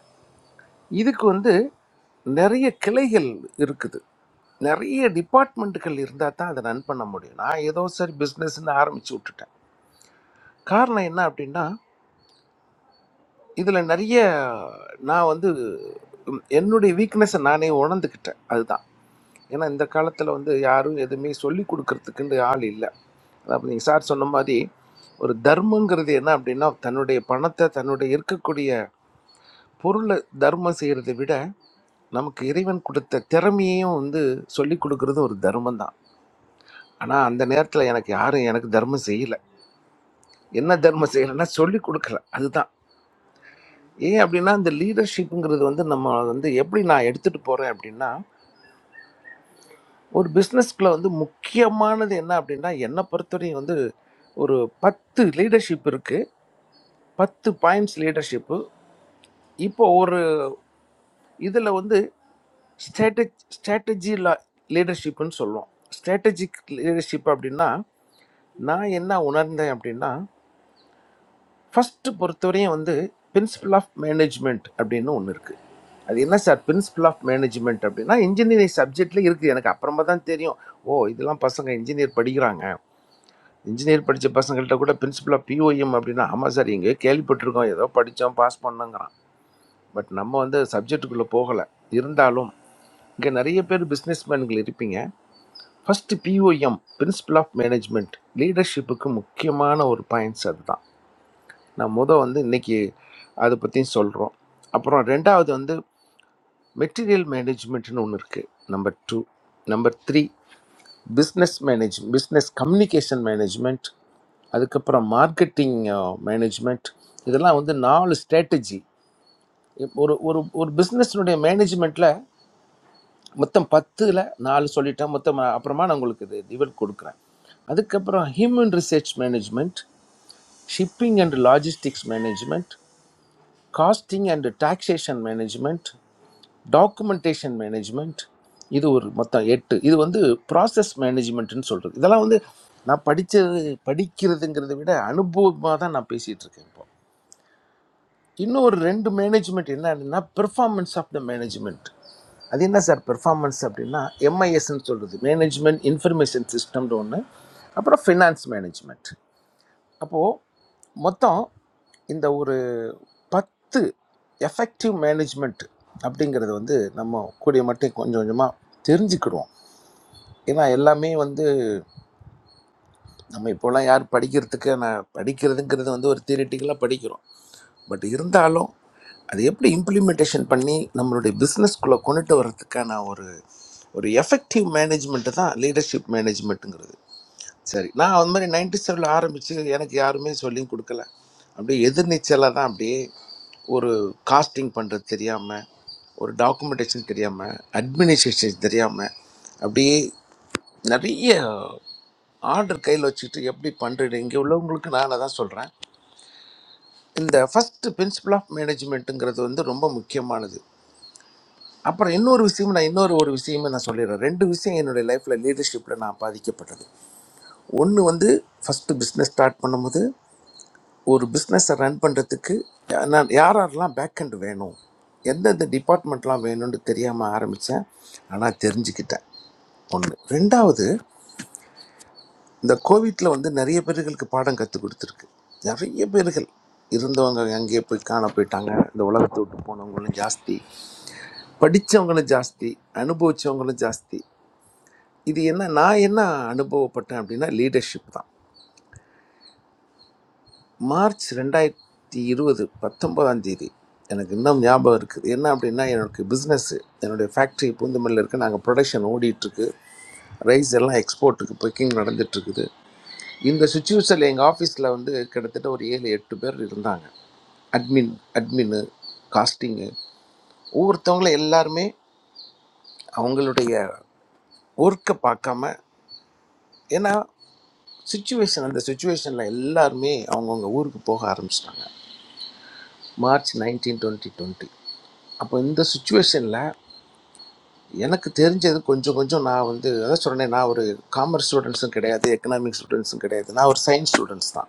S17: இதுக்கு வந்து நிறைய கிளைகள் இருக்குது நிறைய டிபார்ட்மெண்ட்டுகள் இருந்தால் தான் அதை ரன் பண்ண முடியும் நான் ஏதோ சரி பிஸ்னஸ்ன்னு ஆரம்பித்து விட்டுட்டேன் காரணம் என்ன அப்படின்னா இதில் நிறைய நான் வந்து உம், என்னுடைய வீக்னஸை நானே உணர்ந்துக்கிட்டேன் அதுதான் ஏன்னா இந்த காலத்தில் வந்து யாரும் எதுவுமே சொல்லி கொடுக்கறதுக்குன்னு ஆள் இல்லை அப்போ நீங்கள் சார் சொன்ன மாதிரி ஒரு தர்மங்கிறது என்ன அப்படின்னா தன்னுடைய பணத்தை தன்னுடைய இருக்கக்கூடிய பொருளை தர்மம் செய்கிறதை விட நமக்கு இறைவன் கொடுத்த திறமையையும் வந்து சொல்லி கொடுக்கறது ஒரு தர்மம் தான் ஆனால் அந்த நேரத்தில் எனக்கு யாரும் எனக்கு தர்மம் செய்யலை என்ன தர்மம் செய்யலைன்னா சொல்லி கொடுக்கல அதுதான் ஏன் அப்படின்னா இந்த லீடர்ஷிப்புங்கிறது வந்து நம்ம வந்து எப்படி நான் எடுத்துட்டு போறேன் அப்படின்னா ஒரு பிஸ்னஸ்க்குள்ள வந்து முக்கியமானது என்ன அப்படின்னா என்னை பொறுத்தவரையும் வந்து ஒரு பத்து லீடர்ஷிப் இருக்கு பத்து பாயிண்ட்ஸ் லீடர்ஷிப்பு இப்போ ஒரு இதில் வந்து ஸ்ட்ராட்டஜி ஸ்ட்ராட்டஜி லீடர்ஷிப்னு சொல்லுவோம் ஸ்ட்ராட்டஜிக் லீடர்ஷிப் அப்படின்னா நான் என்ன உணர்ந்தேன் அப்படின்னா ஃபஸ்ட்டு பொறுத்தவரையும் வந்து பிரின்சிபல் ஆஃப் மேனேஜ்மெண்ட் அப்படின்னு ஒன்று இருக்குது அது என்ன சார் பிரின்சிபல் ஆஃப் மேனேஜ்மெண்ட் அப்படின்னா இன்ஜினியரிங் சப்ஜெக்டில் இருக்குது எனக்கு அப்புறமா தான் தெரியும் ஓ இதெல்லாம் பசங்க இன்ஜினியர் படிக்கிறாங்க இன்ஜினியர் படித்த பசங்கள்கிட்ட கூட பிரின்சிபல் ஆஃப் பிஓஎம் அப்படின்னா ஆமாம் சார் இங்கே கேள்விப்பட்டிருக்கோம் ஏதோ படித்தோம் பாஸ் பண்ணோங்கிறான் பட் நம்ம வந்து சப்ஜெக்ட்டுக்குள்ளே போகலை இருந்தாலும் இங்கே நிறைய பேர் பிஸ்னஸ் மேன்கள் இருப்பீங்க first POM principle of management லீடர்ஷிப்புக்கு முக்கியமான ஒரு பாயிண்ட்ஸ் அதுதான் நான் முத வந்து இன்னைக்கு அதை பற்றி சொல்கிறோம் அப்புறம் ரெண்டாவது வந்து மெட்டீரியல் மேனேஜ்மெண்ட்னு ஒன்று இருக்குது number two number three business manage business communication management அதுக்கப்புறம் மார்க்கெட்டிங் மேனேஜ்மெண்ட் இதெல்லாம் வந்து நாலு ஸ்ட்ராட்டஜி ஒரு ஒரு ஒரு பிஸ்னஸ்னுடைய மேனேஜ்மெண்ட்டில் மொத்தம் பத்தில் நாலு சொல்லிட்டேன் மொத்தம் அப்புறமா நான் உங்களுக்கு இது இவர் கொடுக்குறேன் அதுக்கப்புறம் human research management shipping and logistics management costing and taxation management documentation management இது ஒரு மொத்தம் எட்டு இது வந்து ப்ராசஸ் மேனேஜ்மெண்ட்னு சொல்கிறது இதெல்லாம் வந்து நான் படித்தது படிக்கிறதுங்கிறத விட அனுபவமாக தான் நான் பேசிகிட்டு இருக்கேன் இப்போ இன்னும் ஒரு ரெண்டு மேனேஜ்மெண்ட் என்னன்னா பெர்ஃபார்மன்ஸ் ஆஃப் த மேனேஜ்மெண்ட் அது என்ன சார் பெர்ஃபார்மன்ஸ் அப்படின்னா எம்ஐஎஸ்ன்னு சொல்கிறது மேனேஜ்மெண்ட் இன்ஃபர்மேஷன் சிஸ்டம்னு ஒன்று அப்புறம் ஃபினான்ஸ் மேனேஜ்மெண்ட் அப்போது மொத்தம் இந்த ஒரு பத்து எஃபெக்டிவ் மேனேஜ்மெண்ட் அப்படிங்கிறது வந்து நம்ம கூடிய மட்டும் கொஞ்சம் கொஞ்சமாக தெரிஞ்சுக்கிடுவோம் ஏன்னா எல்லாமே வந்து நம்ம இப்போலாம் யார் படிக்கிறதுக்கு நான் படிக்கிறதுங்கிறது வந்து ஒரு தியரிட்டிக்கலாக படிக்கிறோம் பட் இருந்தாலும் அது எப்படி இம்ப்ளிமெண்டேஷன் பண்ணி நம்மளுடைய பிஸ்னஸ்குள்ளே கொண்டுட்டு வர்றதுக்கான ஒரு ஒரு எஃபெக்டிவ் மேனேஜ்மெண்ட்டு தான் லீடர்ஷிப் மேனேஜ்மெண்ட்டுங்கிறது சரி நான் அந்த மாதிரி நைன்டி செவனில் ஆரம்பித்து எனக்கு யாருமே சொல்லியும் கொடுக்கல அப்படியே எதிர்நீச்சலாக தான் அப்படியே ஒரு காஸ்டிங் பண்ணுறது தெரியாமல் ஒரு டாக்குமெண்டேஷன் தெரியாமல் அட்மினிஸ்ட்ரேஷன் தெரியாமல் அப்படியே நிறைய ஆர்டர் கையில் வச்சுக்கிட்டு எப்படி பண்ணுறது இங்கே உள்ளவங்களுக்கு நான் அதை தான் சொல்கிறேன் இந்த ஃபஸ்ட்டு பிரின்சிபல் ஆஃப் மேனேஜ்மெண்ட்டுங்கிறது வந்து ரொம்ப முக்கியமானது அப்புறம் இன்னொரு விஷயம் நான் இன்னொரு ஒரு விஷயமும் நான் சொல்லிடுறேன் ரெண்டு விஷயம் என்னுடைய லைஃப்பில் லீடர்ஷிப்பில் நான் பாதிக்கப்பட்டது ஒன்று வந்து ஃபஸ்ட்டு பிஸ்னஸ் ஸ்டார்ட் பண்ணும்போது ஒரு பிஸ்னஸை ரன் பண்ணுறதுக்கு நான் யார் யாரெல்லாம் பேக்கெண்ட் வேணும் எந்தெந்த டிபார்ட்மெண்ட்லாம் வேணும்னு தெரியாமல் ஆரம்பித்தேன் ஆனால் தெரிஞ்சுக்கிட்டேன் ஒன்று ரெண்டாவது இந்த கோவிட்டில் வந்து நிறைய பேர்களுக்கு பாடம் கற்றுக் கொடுத்துருக்கு நிறைய பேர்கள் இருந்தவங்க எங்கேயோ போய் காண போயிட்டாங்க இந்த உலகத்தை விட்டு போனவங்களும் ஜாஸ்தி படித்தவங்களும் ஜாஸ்தி அனுபவித்தவங்களும் ஜாஸ்தி இது என்ன நான் என்ன அனுபவப்பட்டேன் அப்படின்னா லீடர்ஷிப் தான் மார்ச் ரெண்டாயிரத்தி இருபது பத்தொன்பதாம் தேதி எனக்கு இன்னும் ஞாபகம் இருக்குது என்ன அப்படின்னா எனக்கு பிஸ்னஸ் என்னுடைய ஃபேக்ட்ரி பூந்தமல்லியில் இருக்குது நாங்கள் ப்ரொடக்ஷன் ஓடிட்டுருக்கு ரைஸ் எல்லாம் எக்ஸ்போர்ட்டுக்கு பேக்கிங் நடந்துட்டுருக்குது இந்த சுச்சுவேஷனில் எங்கள் ஆஃபீஸில் வந்து கிட்டத்தட்ட ஒரு ஏழு எட்டு பேர் இருந்தாங்க அட்மின் அட்மின்னு காஸ்டிங்கு ஒவ்வொருத்தவங்களும் எல்லாருமே அவங்களுடைய ஒர்க்கை பார்க்காம ஏன்னா சுச்சுவேஷன் அந்த சுச்சுவேஷனில் எல்லாருமே அவங்கவுங்க ஊருக்கு போக ஆரம்பிச்சிட்டாங்க மார்ச் நைன்டீன் டுவெண்ட்டி டுவெண்ட்டி அப்போ இந்த சுச்சுவேஷனில் எனக்கு தெரிஞ்சது கொஞ்சம் கொஞ்சம் நான் வந்து அதான் சொன்னேன் நான் ஒரு காமர்ஸ் ஸ்டூடெண்ட்ஸும் கிடையாது எக்கனாமிக்ஸ் ஸ்டூடெண்ட்ஸும் கிடையாது நான் ஒரு சயின்ஸ் ஸ்டூடெண்ட்ஸ் தான்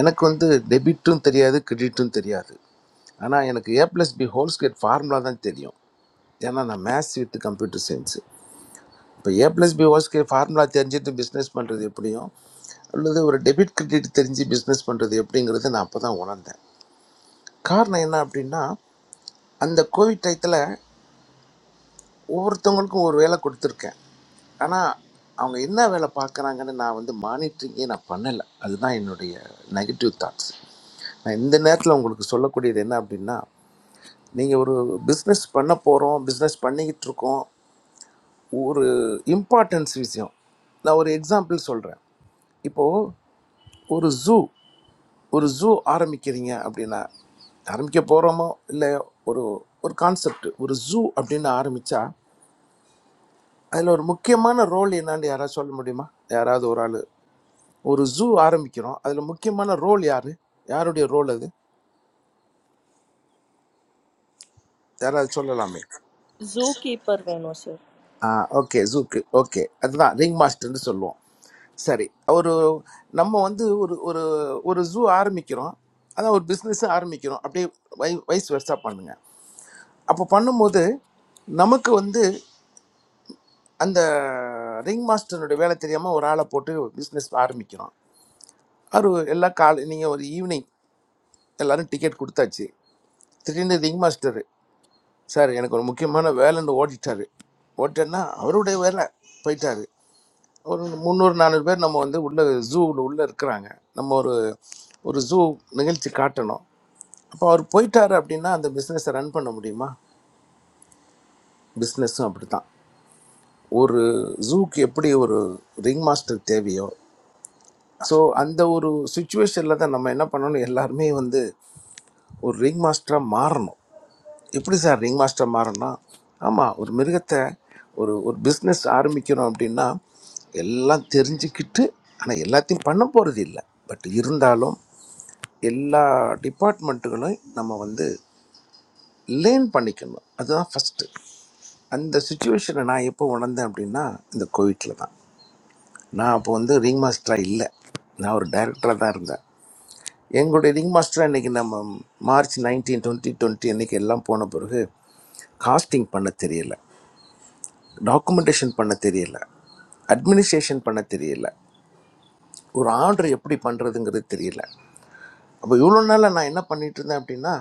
S17: எனக்கு வந்து டெபிட்டும் தெரியாது கிரெடிட்டும் தெரியாது ஆனால் எனக்கு A plus B whole square formula தான் தெரியும் ஏன்னா நான் மேத்ஸ் வித் கம்ப்யூட்டர் சயின்ஸு இப்போ A plus B whole square formula தெரிஞ்சுட்டு பிஸ்னஸ் பண்ணுறது எப்படியும் அல்லது ஒரு டெபிட் கிரெடிட் தெரிஞ்சு பிஸ்னஸ் பண்ணுறது எப்படிங்கிறது நான் அப்போ தான் உணர்ந்தேன் காரணம் என்ன அப்படின்னா அந்த கோவிட் டயத்தில் ஒவ்வொருத்தவங்களுக்கும் ஒரு வேலை கொடுத்துருக்கேன் ஆனால் அவங்க என்ன வேலை பார்க்குறாங்கன்னு நான் வந்து மானிட்டரிங்கே நான் பண்ணலை அதுதான் என்னுடைய நெகட்டிவ் தாட்ஸ் நான் இந்த நேரத்தில் உங்களுக்கு சொல்லக்கூடியது என்ன அப்படின்னா நீங்கள் ஒரு பிஸ்னஸ் பண்ண போகிறோம் பிஸ்னஸ் பண்ணிக்கிட்டு இருக்கோம் ஒரு இம்பார்ட்டன்ஸ் விஷயம் நான் ஒரு எக்ஸாம்பிள் சொல்கிறேன் இப்போது ஒரு ஜூ ஒரு ஜூ ஆரம்பிக்கிறீங்க அப்படின்னா ஆரம்பிக்க போகிறோமோ இல்லையோ ஒரு ஒரு கான்செப்ட் ஒரு ஜூ அப்படின்னு ஆரம்பித்தா அதில் ஒரு முக்கியமான ரோல் என்னான்னு யாராவது சொல்ல முடியுமா யாராவது ஒரு ஆள் ஒரு ஜூ ஆரம்பிக்கிறோம் அதில் முக்கியமான ரோல் யார் யாருடைய ரோல் அது யாராவது சொல்லலாமே
S16: Zoo keeper hain ho sir.
S17: ஆ ஓகே ஜூக்கு ஓகே அதுதான் ரிங் மாஸ்டர்னு சொல்லுவோம் சரி ஒரு நம்ம வந்து ஒரு ஒரு ஒரு ஜூ ஆரம்பிக்கிறோம் அதான் ஒரு பிஸ்னஸ் ஆரம்பிக்கிறோம் அப்படியே வை வயசு வருஷா பண்ணுங்க அப்போ பண்ணும்போது நமக்கு வந்து அந்த ரிங் மாஸ்டர்னுடைய வேலை தெரியாமல் ஒரு ஆளை போட்டு பிஸ்னஸ் ஆரம்பிக்கிறோம் அவர் எல்லா காலை நீங்கள் ஒரு ஈவினிங் எல்லாரும் டிக்கெட் கொடுத்தாச்சு திடீர்னு ரிங் மாஸ்டர் சார் எனக்கு ஒரு முக்கியமான வேலைன்னு ஓடிட்டாரு ஓட்டேன்னா அவருடைய வேலை போயிட்டாரு ஒரு முந்நூறு நானூறு பேர் நம்ம வந்து உள்ள ஜூவில் உள்ளே இருக்கிறாங்க நம்ம ஒரு ஒரு ஜூ நிகழ்ச்சி காட்டணும் அப்போ அவர் போயிட்டாரு அப்படின்னா அந்த பிஸ்னஸை ரன் பண்ண முடியுமா பிஸ்னஸும் அப்படி தான் ஒரு ஜூக்கு எப்படி ஒரு ரிங் மாஸ்டர் தேவையோ ஸோ அந்த ஒரு சுச்சுவேஷனில் தான் நம்ம என்ன பண்ணணும் எல்லாருமே வந்து ஒரு ரிங் மாஸ்டராக மாறணும் எப்படி சார் ரிங் மாஸ்டர் மாறனா ஆமாம் ஒரு மிருகத்தை ஒரு ஒரு பிஸ்னஸ் ஆரம்பிக்கிறோம் அப்படின்னா எல்லாம் தெரிஞ்சுக்கிட்டு ஆனால் எல்லாத்தையும் பண்ண போகிறது இல்லை பட் இருந்தாலும் எல்லா டிபார்ட்மெண்ட்டுகளையும் நம்ம வந்து லேர்ன் பண்ணிக்கணும் அதுதான் ஃபஸ்ட்டு அந்த சுச்சுவேஷனை நான் எப்போ உணர்ந்தேன் அப்படின்னா இந்த கோவிட்டில் தான் நான் அப்போ வந்து ரிங் மாஸ்டராக இல்லை நான் ஒரு டைரக்டராக தான் இருந்தேன் எங்களுடைய ரிங் மாஸ்டராக இன்றைக்கி நம்ம மார்ச் நைன்டீன் டுவெண்ட்டி டுவெண்ட்டி அன்றைக்கி எல்லாம் போன பிறகு காஸ்டிங் பண்ண தெரியல டாக்குமெண்டேஷன் பண்ண தெரியல அட்மினிஸ்ட்ரேஷன் பண்ண தெரியல ஒரு ஆர்டர் எப்படி பண்ணுறதுங்கிறது தெரியல அப்போ இவ்வளோ நாளில் நான் என்ன பண்ணிட்டு இருந்தேன் அப்படின்னா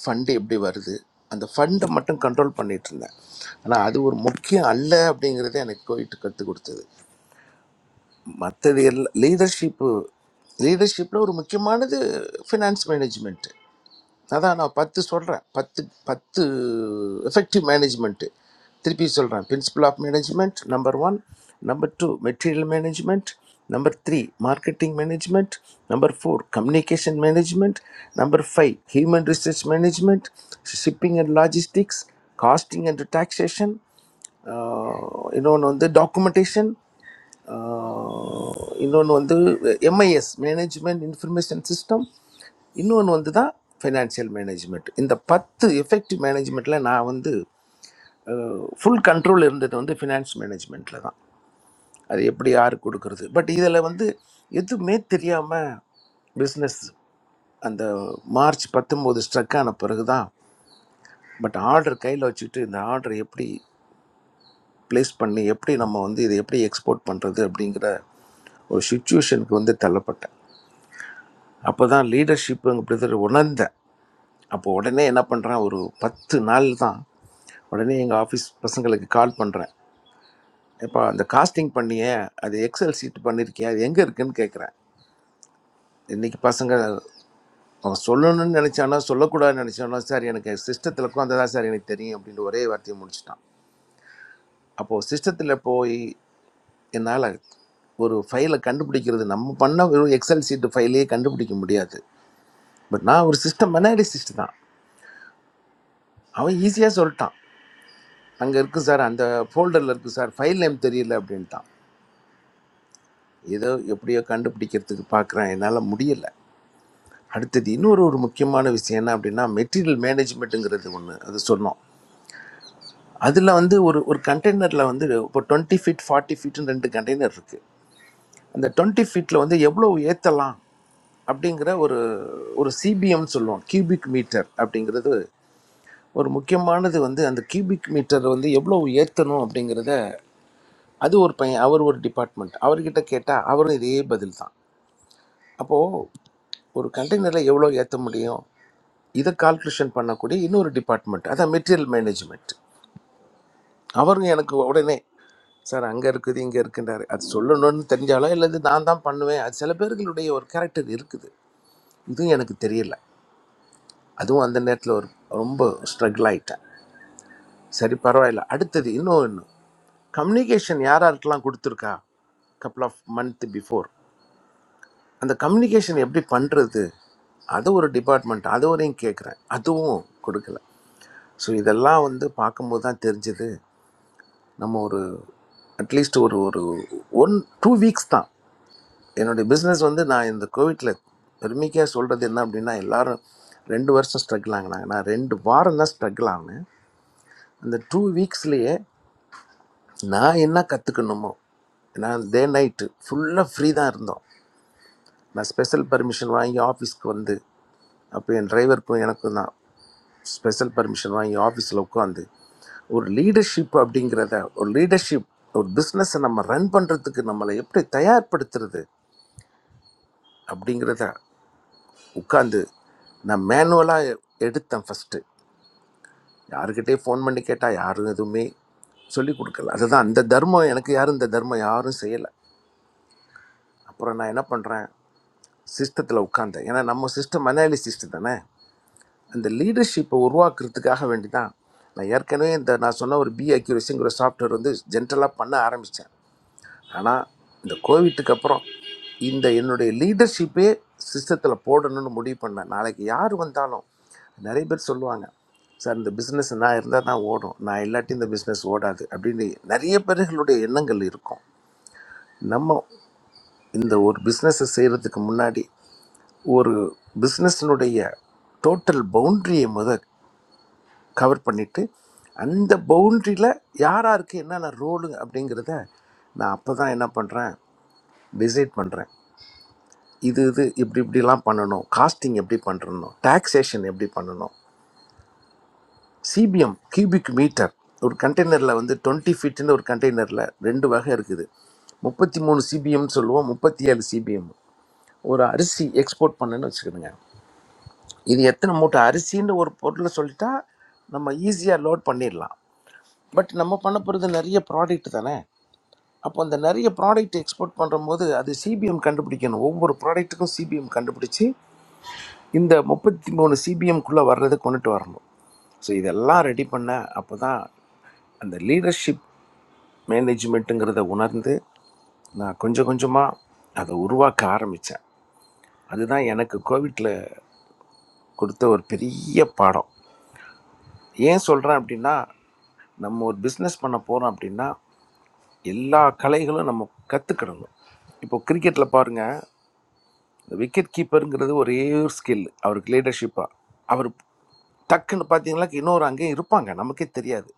S17: ஃபண்டு எப்படி வருது அந்த ஃபண்டை மட்டும் கண்ட்ரோல் பண்ணிட்டு இருந்தேன் ஆனால் அது ஒரு முக்கியம் அல்ல அப்படிங்கிறத எனக்கு போயிட்டு கற்றுக் கொடுத்தது மற்றது எல்லாம் லீடர்ஷிப்பு லீடர்ஷிப்பில் ஒரு முக்கியமானது ஃபினான்ஸ் மேனேஜ்மெண்ட் அதான் நான் பத்து சொல்கிறேன் பத்து பத்து எஃபெக்டிவ் மேனேஜ்மெண்ட்டு திருப்பி சொல்கிறேன் principle of management number one number two material management number three marketing management number four communication management number five human resource management shipping and logistics costing and taxation இன்னொன்று வந்து டாக்குமெண்டேஷன் இன்னொன்று வந்து MIS management information system இன்னொன்று வந்து தான் financial management இந்த பத்து effective மேனேஜ்மெண்ட்டில் நான் வந்து ஃபுல் கண்ட்ரோல் இருந்தது வந்து ஃபினான்ஸ் மேனேஜ்மெண்ட்டில் தான் அது எப்படி யாருக்கு கொடுக்கறது பட் இதில் வந்து எதுவுமே தெரியாமல் பிஸ்னஸ் அந்த மார்ச் 19 ஸ்ட்ரக் ஆன பிறகு தான் பட் ஆர்டர் கையில் வச்சுக்கிட்டு இந்த ஆர்டர் எப்படி ப்ளேஸ் பண்ணி எப்படி நம்ம வந்து இதை எப்படி எக்ஸ்போர்ட் பண்ணுறது அப்படிங்கிற ஒரு சுச்சுவேஷனுக்கு வந்து தள்ளப்பட்டேன் அப்போ தான் லீடர்ஷிப்புங்கிறது உணர்ந்தேன் அப்போ உடனே என்ன பண்ணுறேன் ஒரு பத்து நாள் தான் உடனே எங்கள் ஆஃபீஸ் பசங்களுக்கு கால் பண்ணுறேன் எப்பா அந்த காஸ்டிங் பண்ணியே அது எக்ஸல் சீட் பண்ணியிருக்கியா அது எங்கே இருக்குன்னு கேட்குறேன் இன்றைக்கி பசங்க அவன் சொல்லணும்னு நினச்சானோ சொல்லக்கூடாதுன்னு நினச்சானோ சார் எனக்கு சிஸ்டத்தில் உட்காந்து தான் சார் எனக்கு தெரியும் அப்படின்னு ஒரே வார்த்தையை முடிச்சிட்டான் அப்போது சிஸ்டத்தில் போய் என்னால் ஒரு ஃபைலை கண்டுபிடிக்கிறது நம்ம பண்ண வெறும் எக்ஸல் சீட்டு ஃபைலையே கண்டுபிடிக்க முடியாது பட் நான் ஒரு சிஸ்டம் அனாலிசிஸ்ட் தான் அவன் ஈஸியாக சொல்லிட்டான் அங்கே இருக்குது சார் அந்த ஃபோல்டரில் இருக்குது சார் ஃபைல் நேம் தெரியல அப்படின்ட்டான் ஏதோ எப்படியோ கண்டுபிடிக்கிறதுக்கு பார்க்குறேன் என்னால் முடியல அடுத்தது இன்னொரு ஒரு முக்கியமான விஷயம் என்ன அப்படின்னா மெட்டீரியல் மேனேஜ்மெண்ட்டுங்கிறது ஒன்று அது சொன்னோம் அதில் வந்து ஒரு ஒரு கண்டெய்னரில் வந்து இப்போ டுவெண்ட்டி ஃபீட் ஃபார்ட்டி ஃபீட்னு ரெண்டு கண்டெய்னர் இருக்குது அந்த டுவெண்ட்டி ஃபீட்டில் வந்து எவ்வளோ ஏற்றலாம் அப்படிங்கிற ஒரு ஒரு சிபிஎம்னு சொல்லுவோம் கியூபிக் மீட்டர் அப்படிங்கிறது ஒரு முக்கியமானது வந்து அந்த கியூபிக் மீட்டர் வந்து எவ்வளோ ஏற்றணும் அப்படிங்கிறத அது ஒரு பையன் அவர் ஒரு டிபார்ட்மெண்ட் அவர்கிட்ட கேட்டால் அவரும் இதே பதில் தான் அப்போது ஒரு கண்டெய்னரில் எவ்வளோ ஏற்ற முடியும் இதை கால்குலேஷன் பண்ணக்கூடிய இன்னொரு டிபார்ட்மெண்ட் அதான் மெட்டீரியல் மேனேஜ்மெண்ட் அவருங்க எனக்கு உடனே சார் அங்கே இருக்குது இங்கே இருக்குன்றாரு அது சொல்லணும்னு தெரிஞ்சாலோ இல்லை இது நான் தான் பண்ணுவேன் அது சில பேர்களுடைய ஒரு கேரக்டர் இருக்குது இதுவும் எனக்கு தெரியல அதுவும் அந்த நேரத்தில் ஒரு ரொம்ப ஸ்ட்ரகிள் ஆயிட்டேன் சரி பரவாயில்ல அடுத்தது இன்னும் ஒன்று கம்யூனிகேஷன் யார் யாருக்கெல்லாம் கொடுத்துருக்கா couple ஆஃப் மந்த் பிஃபோர் அந்த கம்யூனிகேஷன் எப்படி பண்ணுறது அது ஒரு டிபார்ட்மெண்ட் அது வரையும் கேட்குறேன் அதுவும் கொடுக்கல ஸோ இதெல்லாம் வந்து பார்க்கும்போது தான் தெரிஞ்சது நம்ம ஒரு அட்லீஸ்ட் ஒரு ஒரு ஒன் டூ வீக்ஸ் தான் என்னுடைய பிஸ்னஸ் வந்து நான் இந்த கோவிட்டில் பெருமைக்காக சொல்கிறது என்ன அப்படின்னா எல்லாரும் ரெண்டு வருஷம் ஸ்ட்ரகிள் ஆகினாங்க நான் ரெண்டு வாரம் தான் ஸ்ட்ரகிள் ஆகினேன் அந்த டூ வீக்ஸ்லேயே நான் என்ன கற்றுக்கணுமோ நான் டே நைட்டு ஃபுல்லாக ஃப்ரீ தான் இருந்தோம் நான் ஸ்பெஷல் பர்மிஷன் வாங்கி ஆஃபீஸ்க்கு வந்து அப்போ என் டிரைவருக்கும் எனக்கும் தான் ஸ்பெஷல் பர்மிஷன் வாங்கி ஆஃபீஸில் உட்காந்து ஒரு லீடர்ஷிப் அப்படிங்கிறத ஒரு லீடர்ஷிப் ஒரு பிஸ்னஸை நம்ம ரன் பண்ணுறதுக்கு நம்மளை எப்படி தயார்படுத்துறது அப்படிங்கிறத உட்காந்து நான் மேனுவலாக எடுத்தேன் ஃபஸ்ட்டு யாருக்கிட்டே ஃபோன் பண்ணி கேட்டால் யாரும் எதுவுமே சொல்லி கொடுக்கல அதுதான் அந்த தர்மம் எனக்கு யாரும் இந்த தர்மம் யாரும் செய்யலை அப்புறம் நான் என்ன பண்ணுறேன் சிஸ்டத்தில் உட்காந்தேன் ஏன்னா நம்ம சிஸ்டம் அனாலிசிஸ்ட் தானே அந்த லீடர்ஷிப்பை உருவாக்குறதுக்காக வேண்டி தான் நான் ஏற்கனவே இந்த நான் சொன்ன ஒரு பி அக்யூரஸிங்கிற சாஃப்ட்வேர் வந்து ஜென்ரலாக பண்ண ஆரம்பித்தேன் ஆனால் இந்த கோவிட்டுக்கு அப்புறம் இந்த என்னுடைய லீடர்ஷிப்பே சிஸ்டத்தில் போடணும்னு முடிவு பண்ணேன் நாளைக்கு யார் வந்தாலும் நிறைய பேர் சொல்லுவாங்க சார் இந்த பிஸ்னஸ் நான் இருந்தால் தான் ஓடும் நான் இல்லாட்டி இந்த பிஸ்னஸ் ஓடாது அப்படின்னு நிறைய பேர்களுடைய எண்ணங்கள் இருக்கும் நம்ம இந்த ஒரு பிஸ்னஸை செய்கிறதுக்கு முன்னாடி ஒரு பிஸ்னஸ்னுடைய டோட்டல் பவுண்ட்ரியை முத கவர் பண்ணிவிட்டு அந்த பவுண்ட்ரியில் யார் யாருக்கு என்னென்ன ரோலு அப்படிங்கிறத நான் அப்போ தான் என்ன பண்ணுறேன் டிசைட் பண்ணுறேன் இது இது இப்படி இப்படிலாம் பண்ணணும் காஸ்டிங் எப்படி பண்ணணும் டாக்ஸேஷன் எப்படி பண்ணணும் சிபிஎம் கியூபிக் மீட்டர் ஒரு கண்டெய்னரில் வந்து டுவெண்ட்டி ஃபீட்டுன்னு ஒரு கண்டெய்னரில் ரெண்டு வகை இருக்குது முப்பத்தி மூணு சிபிஎம்னு சொல்லுவோம் முப்பத்தி ஏழு சிபிஎம் ஒரு அரிசி எக்ஸ்போர்ட் பண்ணணும்னு வச்சுக்கிடுங்க இது எத்தனை மூட்டை அரிசின்னு ஒரு பொருளை சொல்லிட்டா நம்ம ஈஸியாக லோட் பண்ணிடலாம் பட் நம்ம பண்ண போகிறது நிறைய ப்ராடக்ட் தானே அப்போ அந்த நிறைய ப்ராடக்ட் எக்ஸ்போர்ட் பண்ணும்போது அது சிபிஎம் கண்டுபிடிக்கணும் ஒவ்வொரு ப்ராடக்ட்டுக்கும் சிபிஎம் கண்டுபிடிச்சி இந்த முப்பத்தி மூணு சிபிஎம்குள்ளே வர்றதை கொண்டுட்டு வரணும் ஸோ இதெல்லாம் ரெடி பண்ண அப்போ தான் அந்த லீடர்ஷிப் மேனேஜ்மெண்ட்டுங்கிறத உணர்ந்து நான் கொஞ்சம் கொஞ்சமாக அதை உருவாக்க ஆரம்பித்தேன் அதுதான் எனக்கு கோவிட்டில் கொடுத்த ஒரு பெரிய பாடம் ஏன் சொல்கிறேன் அப்படின்னா நம்ம ஒரு பிஸ்னஸ் பண்ண போகிறோம் அப்படின்னா எல்லா கலைகளும் நம்ம கற்றுக்கிடணும் இப்போ கிரிக்கெட்டில் பாருங்கள் இந்த விக்கெட் கீப்பருங்கிறது ஒரே ஒரு ஸ்கில் அவருக்கு லீடர்ஷிப்பாக அவர் டக்குன்னு பார்த்தீங்களா இன்னொரு அங்கேயும் இருப்பாங்க நமக்கே தெரியாது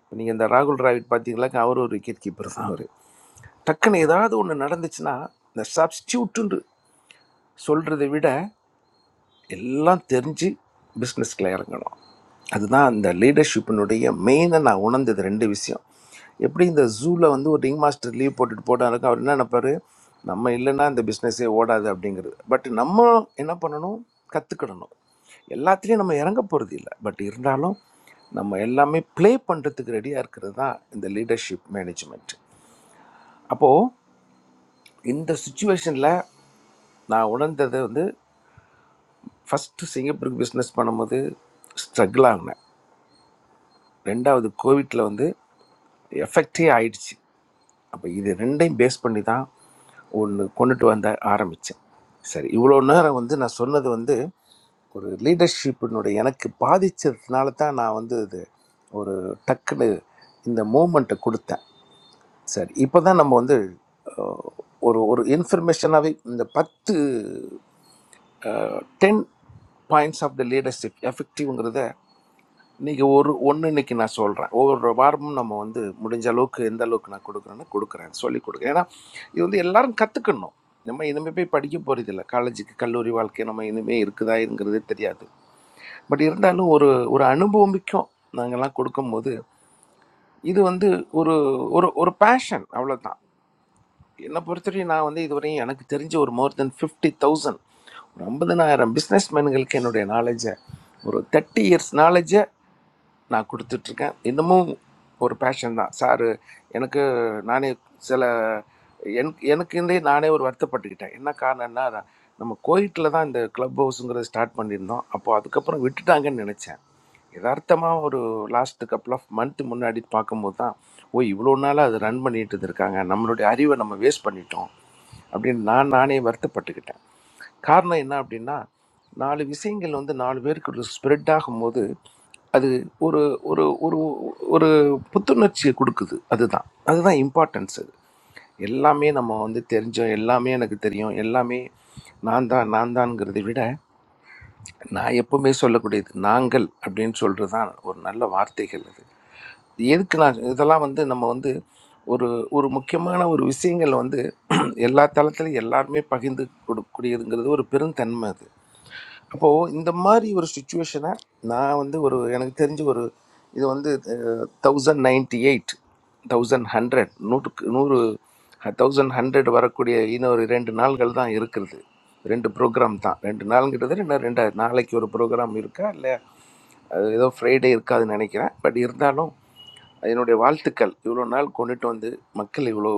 S17: இப்போ நீங்கள் இந்த ராகுல் டிராவிட் பார்த்தீங்களா அவர் ஒரு விக்கெட் கீப்பர் தான் அவர் டக்குன்னு ஏதாவது ஒன்று நடந்துச்சுன்னா இந்த சப்ஸ்டியூட்டுன்னு சொல்கிறத விட எல்லாம் தெரிஞ்சு பிஸ்னஸ்ல இறங்கணும் அதுதான் அந்த லீடர்ஷிப்பினுடைய மெயினாக நான் உணர்ந்தது ரெண்டு விஷயம் எப்படி இந்த ஜூவில் வந்து ஒரு ரிங் மாஸ்டர் லீவ் போட்டுட்டு போட்டாருக்கும் அவர் என்ன நினைப்பாரு நம்ம இல்லைன்னா இந்த பிஸ்னஸே ஓடாது அப்படிங்கிறது பட் நம்ம என்ன பண்ணணும் கற்றுக்கிடணும் எல்லாத்துலேயும் நம்ம இறங்க போகிறது இல்லை பட் இருந்தாலும் நம்ம எல்லாமே ப்ளே பண்ணுறதுக்கு ரெடியாக இருக்கிறது தான் இந்த லீடர்ஷிப் மேனேஜ்மெண்ட் அப்போது இந்த சுச்சுவேஷனில் நான் உணர்ந்தது வந்து ஃபஸ்ட்டு சிங்கப்பூருக்கு பிஸ்னஸ் பண்ணும்போது ஸ்ட்ரகிள் ஆகினேன் ரெண்டாவது கோவிட்டில் வந்து எஃபெக்டே ஆயிடுச்சு அப்போ இது ரெண்டையும் பேஸ் பண்ணி தான் ஒன்று கொண்டுட்டு வந்த ஆரம்பித்தேன் சரி இவ்வளோ நேரம் வந்து நான் சொன்னது வந்து ஒரு லீடர்ஷிப்பினுடைய எனக்கு பாதிச்சதுனால தான் நான் வந்து இது ஒரு டக்குன்னு இந்த மூமெண்ட்டை கொடுத்தேன் சரி இப்போ தான் நம்ம வந்து அஹ், ஒரு ஒரு இன்ஃபர்மேஷனாகவே இந்த பத்து ten points of the leadership எஃபெக்டிவ்ங்கிறத நீங்கள் ஒரு ஒன்று இன்னைக்கு நான் சொல்கிறேன் ஒவ்வொரு வாரமும் நம்ம வந்து முடிஞ்ச அளவுக்கு எந்த அளவுக்கு நான் கொடுக்குறேன்னு கொடுக்குறேன் சொல்லி கொடுக்குறேன் ஏன்னா இது வந்து எல்லாரும் கற்றுக்கணும் நம்ம இனிமே போய் படிக்க போகிறதில்ல காலேஜுக்கு கல்லூரி வாழ்க்கை நம்ம இனிமே இருக்குதா இருக்குதாங்கிறதே தெரியாது பட் இருந்தாலும் ஒரு ஒரு அனுபவமிக்கும் நாங்கள்லாம் கொடுக்கும்போது இது வந்து ஒரு ஒரு ஒரு பேஷன் அவ்வளோதான் என்னை பொறுத்தவரையும் நான் வந்து இதுவரையும் எனக்கு தெரிஞ்ச ஒரு மோர் தென் ஃபிஃப்டி தௌசண்ட் ஒரு ஐம்பதனாயிரம் பிஸ்னஸ் மேன்களுக்கு என்னுடைய நாலேஜை ஒரு தேர்ட்டி இயர்ஸ் நாலேஜ் நான் கொடுத்துட்ருக்கேன் இன்னமும் ஒரு பேஷன் தான் சார் எனக்கு நானே சில எனக்கு எனக்குந்தே நானே ஒரு வருத்தப்பட்டுக்கிட்டேன் என்ன காரணம்னா நான் நம்ம கோயிட்டில் தான் இந்த க்ளப் ஹவுஸுங்கிறத ஸ்டார்ட் பண்ணியிருந்தோம் அப்போது அதுக்கப்புறம் விட்டுட்டாங்கன்னு நினச்சேன் எதார்த்தமா ஒரு லாஸ்ட் couple ஆஃப் மந்த் முன்னாடி பார்க்கும்போது தான், ஓ! இவ்வளோ நாளா அத ரன் பண்ணிட்டு இருந்திருக்காங்க. நம்மளுடைய அறிவ நம்ம வேஸ்ட் பண்ணிட்டோம். அப்படின்னு நான் நானே வருத்தப்பட்டுக்கிட்டேன். காரணம் என்ன அப்படின்னா, 4 விஷயங்கள் வந்து 4 பேருக்கு ஸ்ப்ரெட் ஆகும்போது, அது ஒரு ஒரு ஒரு ஒரு புத்துணர்ச்சிய குடுக்குது. அதுதான். அதுதான் இம்பார்ட்டன்ஸ் அது. எல்லாமே நம்ம வந்து தெரிஞ்சோம். எல்லாமே எனக்குத் தெரியும். எல்லாமே நான் தான் நான் தான்ங்கிறதை விட நான் எப்பவுமே சொல்லக்கூடியது நாங்கள் அப்படின்னு சொல்கிறது தான் ஒரு நல்ல வார்த்தைகள் அது எதுக்கு நான் இதெல்லாம் வந்து நம்ம வந்து ஒரு ஒரு முக்கியமான ஒரு விஷயங்கள் வந்து எல்லா தளத்திலும் எல்லாருமே பகிர்ந்து கொடுக்கக்கூடியதுங்கிறது ஒரு பெருந்தன்மை அது அப்போ இந்த மாதிரி ஒரு சுச்சுவேஷனை நான் வந்து ஒரு எனக்கு தெரிஞ்ச ஒரு இது வந்து thousand ninety eight thousand hundred நூற்றுக்கு நூறு தௌசண்ட் ஹண்ட்ரட் வரக்கூடிய இன்னொரு ரெண்டு நாள்கள் தான் இருக்கிறது ரெண்டு ப்ரோக்ராம் தான் ரெண்டு நாளுங்கிறது இன்னும் ரெண்டு நாளைக்கு ஒரு ப்ரோக்ராம் இருக்கா இல்லை ஏதோ ஃப்ரைடே இருக்காதுன்னு நினைக்கிறேன் பட் இருந்தாலும் என்னுடைய வாழ்த்துக்கள் இவ்வளோ நாள் கொண்டுட்டு வந்து மக்கள் இவ்வளோ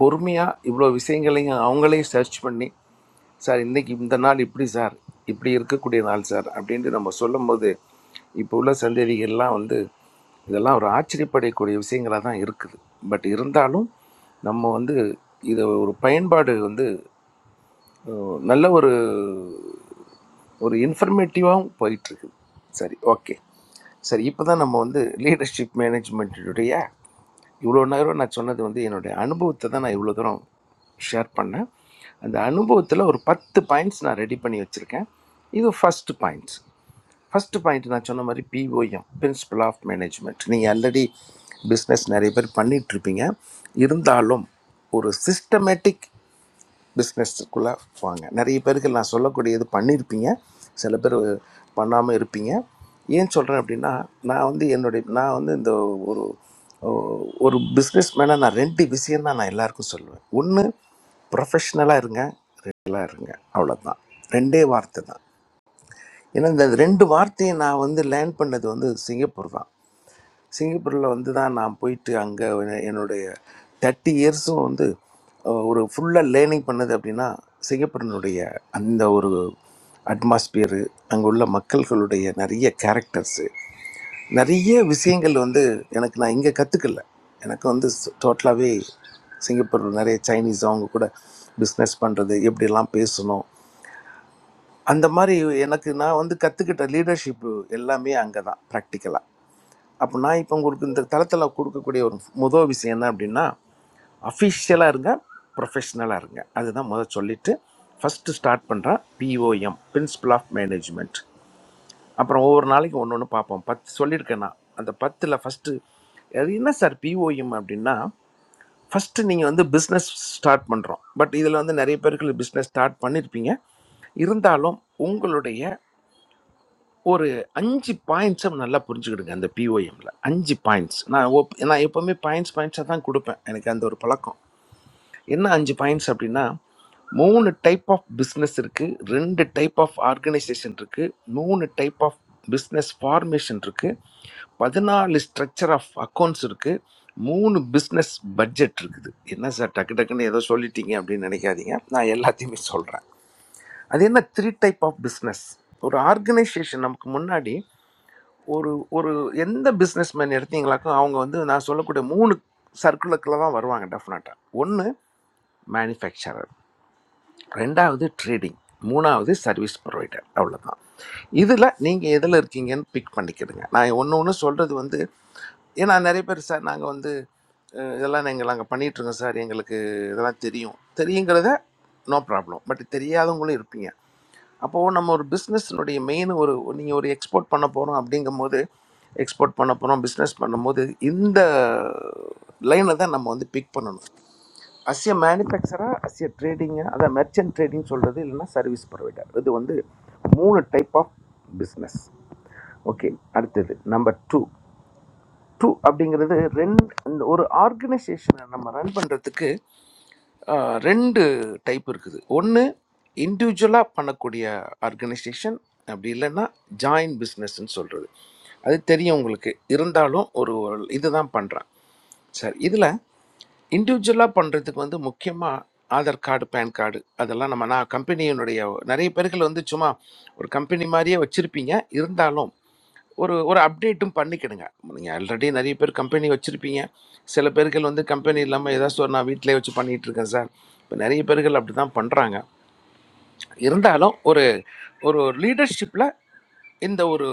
S17: பொறுமையாக இவ்வளோ விஷயங்களையும் அவங்களையும் சர்ச் பண்ணி சார் இன்றைக்கி இந்த நாள் இப்படி சார் இப்படி இருக்கக்கூடிய நாள் சார் அப்படின்ட்டு நம்ம சொல்லும்போது இப்போ உள்ள சந்ததிகள்லாம் வந்து இதெல்லாம் ஒரு ஆச்சரியப்படக்கூடிய விஷயங்களாக தான் இருக்குது பட் இருந்தாலும் நம்ம வந்து இதை ஒரு பயன்பாடு வந்து நல்ல ஒரு ஒரு இன்ஃபர்மேட்டிவாகவும் போயிட்டுருக்கு சரி ஓகே சரி இப்போ தான் நம்ம வந்து லீடர்ஷிப் மேனேஜ்மெண்ட்டுடைய இவ்வளோ நேரம் நான் சொன்னது வந்து என்னுடைய அனுபவத்தை தான் நான் இவ்வளோ தூரம் ஷேர் பண்ணேன் அந்த அனுபவத்தில் ஒரு பத்து பாயிண்ட்ஸ் நான் ரெடி பண்ணி வச்சுருக்கேன் இது ஃபஸ்ட்டு பாயிண்ட்ஸ் ஃபஸ்ட்டு பாயிண்ட் நான் சொன்ன மாதிரி பிஓஎம் பிரின்சிபல் ஆஃப் மேனேஜ்மெண்ட் நீங்கள் ஆல்ரெடி பிஸ்னஸ் நிறைய பேர் பண்ணிகிட்ருப்பீங்க இருந்தாலும் ஒரு சிஸ்டமேட்டிக் பிஸ்னஸ்க்குள்ளே வாங்க நிறைய பேருக்கு நான் சொல்லக்கூடியது பண்ணியிருப்பீங்க சில பேர் பண்ணாமல் இருப்பீங்க ஏன் சொல்கிறேன் அப்படின்னா நான் வந்து என்னுடைய நான் வந்து இந்த ஒரு ஒரு பிஸ்னஸ் மேனாக நான் ரெண்டு விஷயம் தான் நான் எல்லாருக்கும் சொல்லுவேன் ஒன்று ப்ரொஃபஷ்னலாக இருங்க ரெகுலராக இருங்க அவ்வளோதான் ரெண்டே வார்த்தை தான் ஏன்னா இந்த ரெண்டு வார்த்தையை நான் வந்து லேர்ன் பண்ணது வந்து சிங்கப்பூர் தான் சிங்கப்பூரில் வந்து தான் நான் போயிட்டு அங்கே என்னுடைய தேர்ட்டி இயர்ஸும் வந்து அஹ், ஒரு ஃபுல்லாக லேர்னிங் பண்ணது அப்படின்னா சிங்கப்பூரினுடைய அந்த ஒரு அட்மாஸ்பியரு அங்கே உள்ள மக்கள்களுடைய நிறைய கேரக்டர்ஸு நிறைய விஷயங்கள் வந்து எனக்கு நான் இங்கே கற்றுக்கல எனக்கு வந்து டோட்டலாகவே சிங்கப்பூர் நிறைய சைனீஸ் அவங்க கூட பிஸ்னஸ் பண்ணுறது எப்படிலாம் பேசணும் அந்த மாதிரி எனக்கு நான் வந்து கற்றுக்கிட்ட லீடர்ஷிப்பு எல்லாமே அங்கே தான் ப்ராக்டிக்கலாக அப்போ நான் இப்போ உங்களுக்கு இந்த தளத்தில் கொடுக்கக்கூடிய ஒரு முதல் விஷயம் என்ன அப்படின்னா அஃபிஷியலாக இருங்க ப்ரொஃபஷ்னலாக இருங்க அதுதான் முதல் சொல்லிவிட்டு ஃபஸ்ட்டு ஸ்டார்ட் பண்ணுறேன் பிஓஎம் பிரின்சிபல் ஆஃப் மேனேஜ்மெண்ட் அப்புறம் ஒவ்வொரு நாளைக்கு ஒன்று ஒன்று பார்ப்போம் பத்து சொல்லியிருக்கேன் நான் அந்த பத்தில் ஃபஸ்ட்டு அது என்ன சார் பிஓஎம் அப்படின்னா ஃபஸ்ட்டு நீங்கள் வந்து பிஸ்னஸ் ஸ்டார்ட் பண்ணுறோம் பட் இதில் வந்து நிறைய பேருக்கு பிஸ்னஸ் ஸ்டார்ட் பண்ணியிருப்பீங்க இருந்தாலும் உங்களுடைய ஒரு 5 பாயிண்ட்ஸை நல்லா புரிஞ்சுக்கிடுங்க அந்த பிஓஎம்ல 5 பாயிண்ட்ஸ் நான் ஒப்- நான் எப்பவுமே பாயிண்ட்ஸ் பாயிண்ட்ஸாக தான் கொடுப்பேன் எனக்கு அந்த ஒரு பழக்கம் என்ன 5 பாயிண்ட்ஸ் அப்படின்னா மூணு டைப் ஆஃப் பிஸ்னஸ் இருக்குது ரெண்டு டைப் ஆஃப் ஆர்கனைசேஷன் இருக்குது மூணு டைப் ஆஃப் பிஸ்னஸ் ஃபார்மேஷன் இருக்குது பதினாலு ஸ்ட்ரக்சர் ஆஃப் அக்கௌண்ட்ஸ் இருக்குது மூணு பிஸ்னஸ் பட்ஜெட் இருக்குது என்ன சார் டக்கு டக்குன்னு ஏதோ சொல்லிட்டீங்க அப்படின்னு நினைக்காதீங்க நான் எல்லாத்தையுமே சொல்கிறேன் அது என்ன த்ரீ டைப் ஆஃப் பிஸ்னஸ் ஒரு ஆர்கனைசேஷன் நமக்கு முன்னாடி ஒரு ஒரு எந்த பிஸ்னஸ்மேன் எடுத்தீங்களாக்கும் அவங்க வந்து நான் சொல்லக்கூடிய மூணு சர்க்குலுக்குள்ள தான் வருவாங்க டெஃபினட்டாக ஒன்று மேனுஃபேக்சரர் ரெண்டாவது ட்ரேடிங் மூணாவது சர்வீஸ் ப்ரொவைடர் அவ்வளோதான் இதில் நீங்கள் எதில் இருக்கீங்கன்னு பிக் பண்ணிக்கிடுங்க நான் ஒன்று ஒன்று சொல்கிறது வந்து ஏன்னா நிறைய பேர் சார் நாங்கள் வந்து அஹ், இதெல்லாம் நாங்கள் நாங்கள் பண்ணிகிட்ருக்கோம் சார் எங்களுக்கு இதெல்லாம் தெரியும் தெரியுங்கிறத நோ ப்ராப்ளம் பட் தெரியாதவங்களும் இருப்பீங்க அப்போது நம்ம ஒரு பிஸ்னஸ்னுடைய மெயின் ஒரு நீங்கள் ஒரு எக்ஸ்போர்ட் பண்ண போகிறோம் அப்படிங்கும்போது எக்ஸ்போர்ட் பண்ண போகிறோம் பிஸ்னஸ் பண்ணும்போது இந்த லைனை தான் நம்ம வந்து பிக் பண்ணணும் அஸ் எ மேனுஃபேக்சராக அஸ் எ ட்ரேடிங்கு அதான் மெர்ச்சன்ட் ட்ரேடிங் சொல்கிறது இல்லைன்னா சர்வீஸ் ப்ரொவைடர் இது வந்து மூணு டைப் ஆஃப் பிஸ்னஸ் ஓகே அடுத்தது நம்பர் டூ டூ அப்படிங்கிறது ரெண்டு ஒரு ஆர்கனைசேஷனை நம்ம ரன் பண்ணுறதுக்கு ஆஹ் ரெண்டு டைப் இருக்குது ஒன்று இண்டிவிஜுவலாக பண்ணக்கூடிய ஆர்கனைசேஷன் அப்படி இல்லைன்னா ஜாயின் பிஸ்னஸ்ன்னு சொல்கிறது அது தெரியும் உங்களுக்கு இருந்தாலும் ஒரு இதுதான் பண்ணுறேன் சரி இதில் இண்டிவிஜுவலாக பண்ணுறதுக்கு வந்து முக்கியமாக ஆதார் கார்டு பேன் கார்டு அதெல்லாம் நம்ம நான் கம்பெனியினுடைய நிறைய பேர்கள் வந்து சும்மா ஒரு கம்பெனி மாதிரியே வச்சுருப்பீங்க இருந்தாலும் ஒரு ஒரு அப்டேட்டும் பண்ணிக்கிடுங்க நீங்கள் ஆல்ரெடி நிறைய பேர் கம்பெனி வச்சுருப்பீங்க சில பேர்கள் வந்து கம்பெனி இல்லாமல் ஏதாச்சும் ஒரு நான் வீட்டிலே வச்சு பண்ணிகிட்டு இருக்கேன் சார் இப்போ நிறைய பேர்கள் அப்படி தான் பண்ணுறாங்க இருந்தாலும் ஒரு ஒரு லீடர்ஷிப்பில் இந்த ஒரு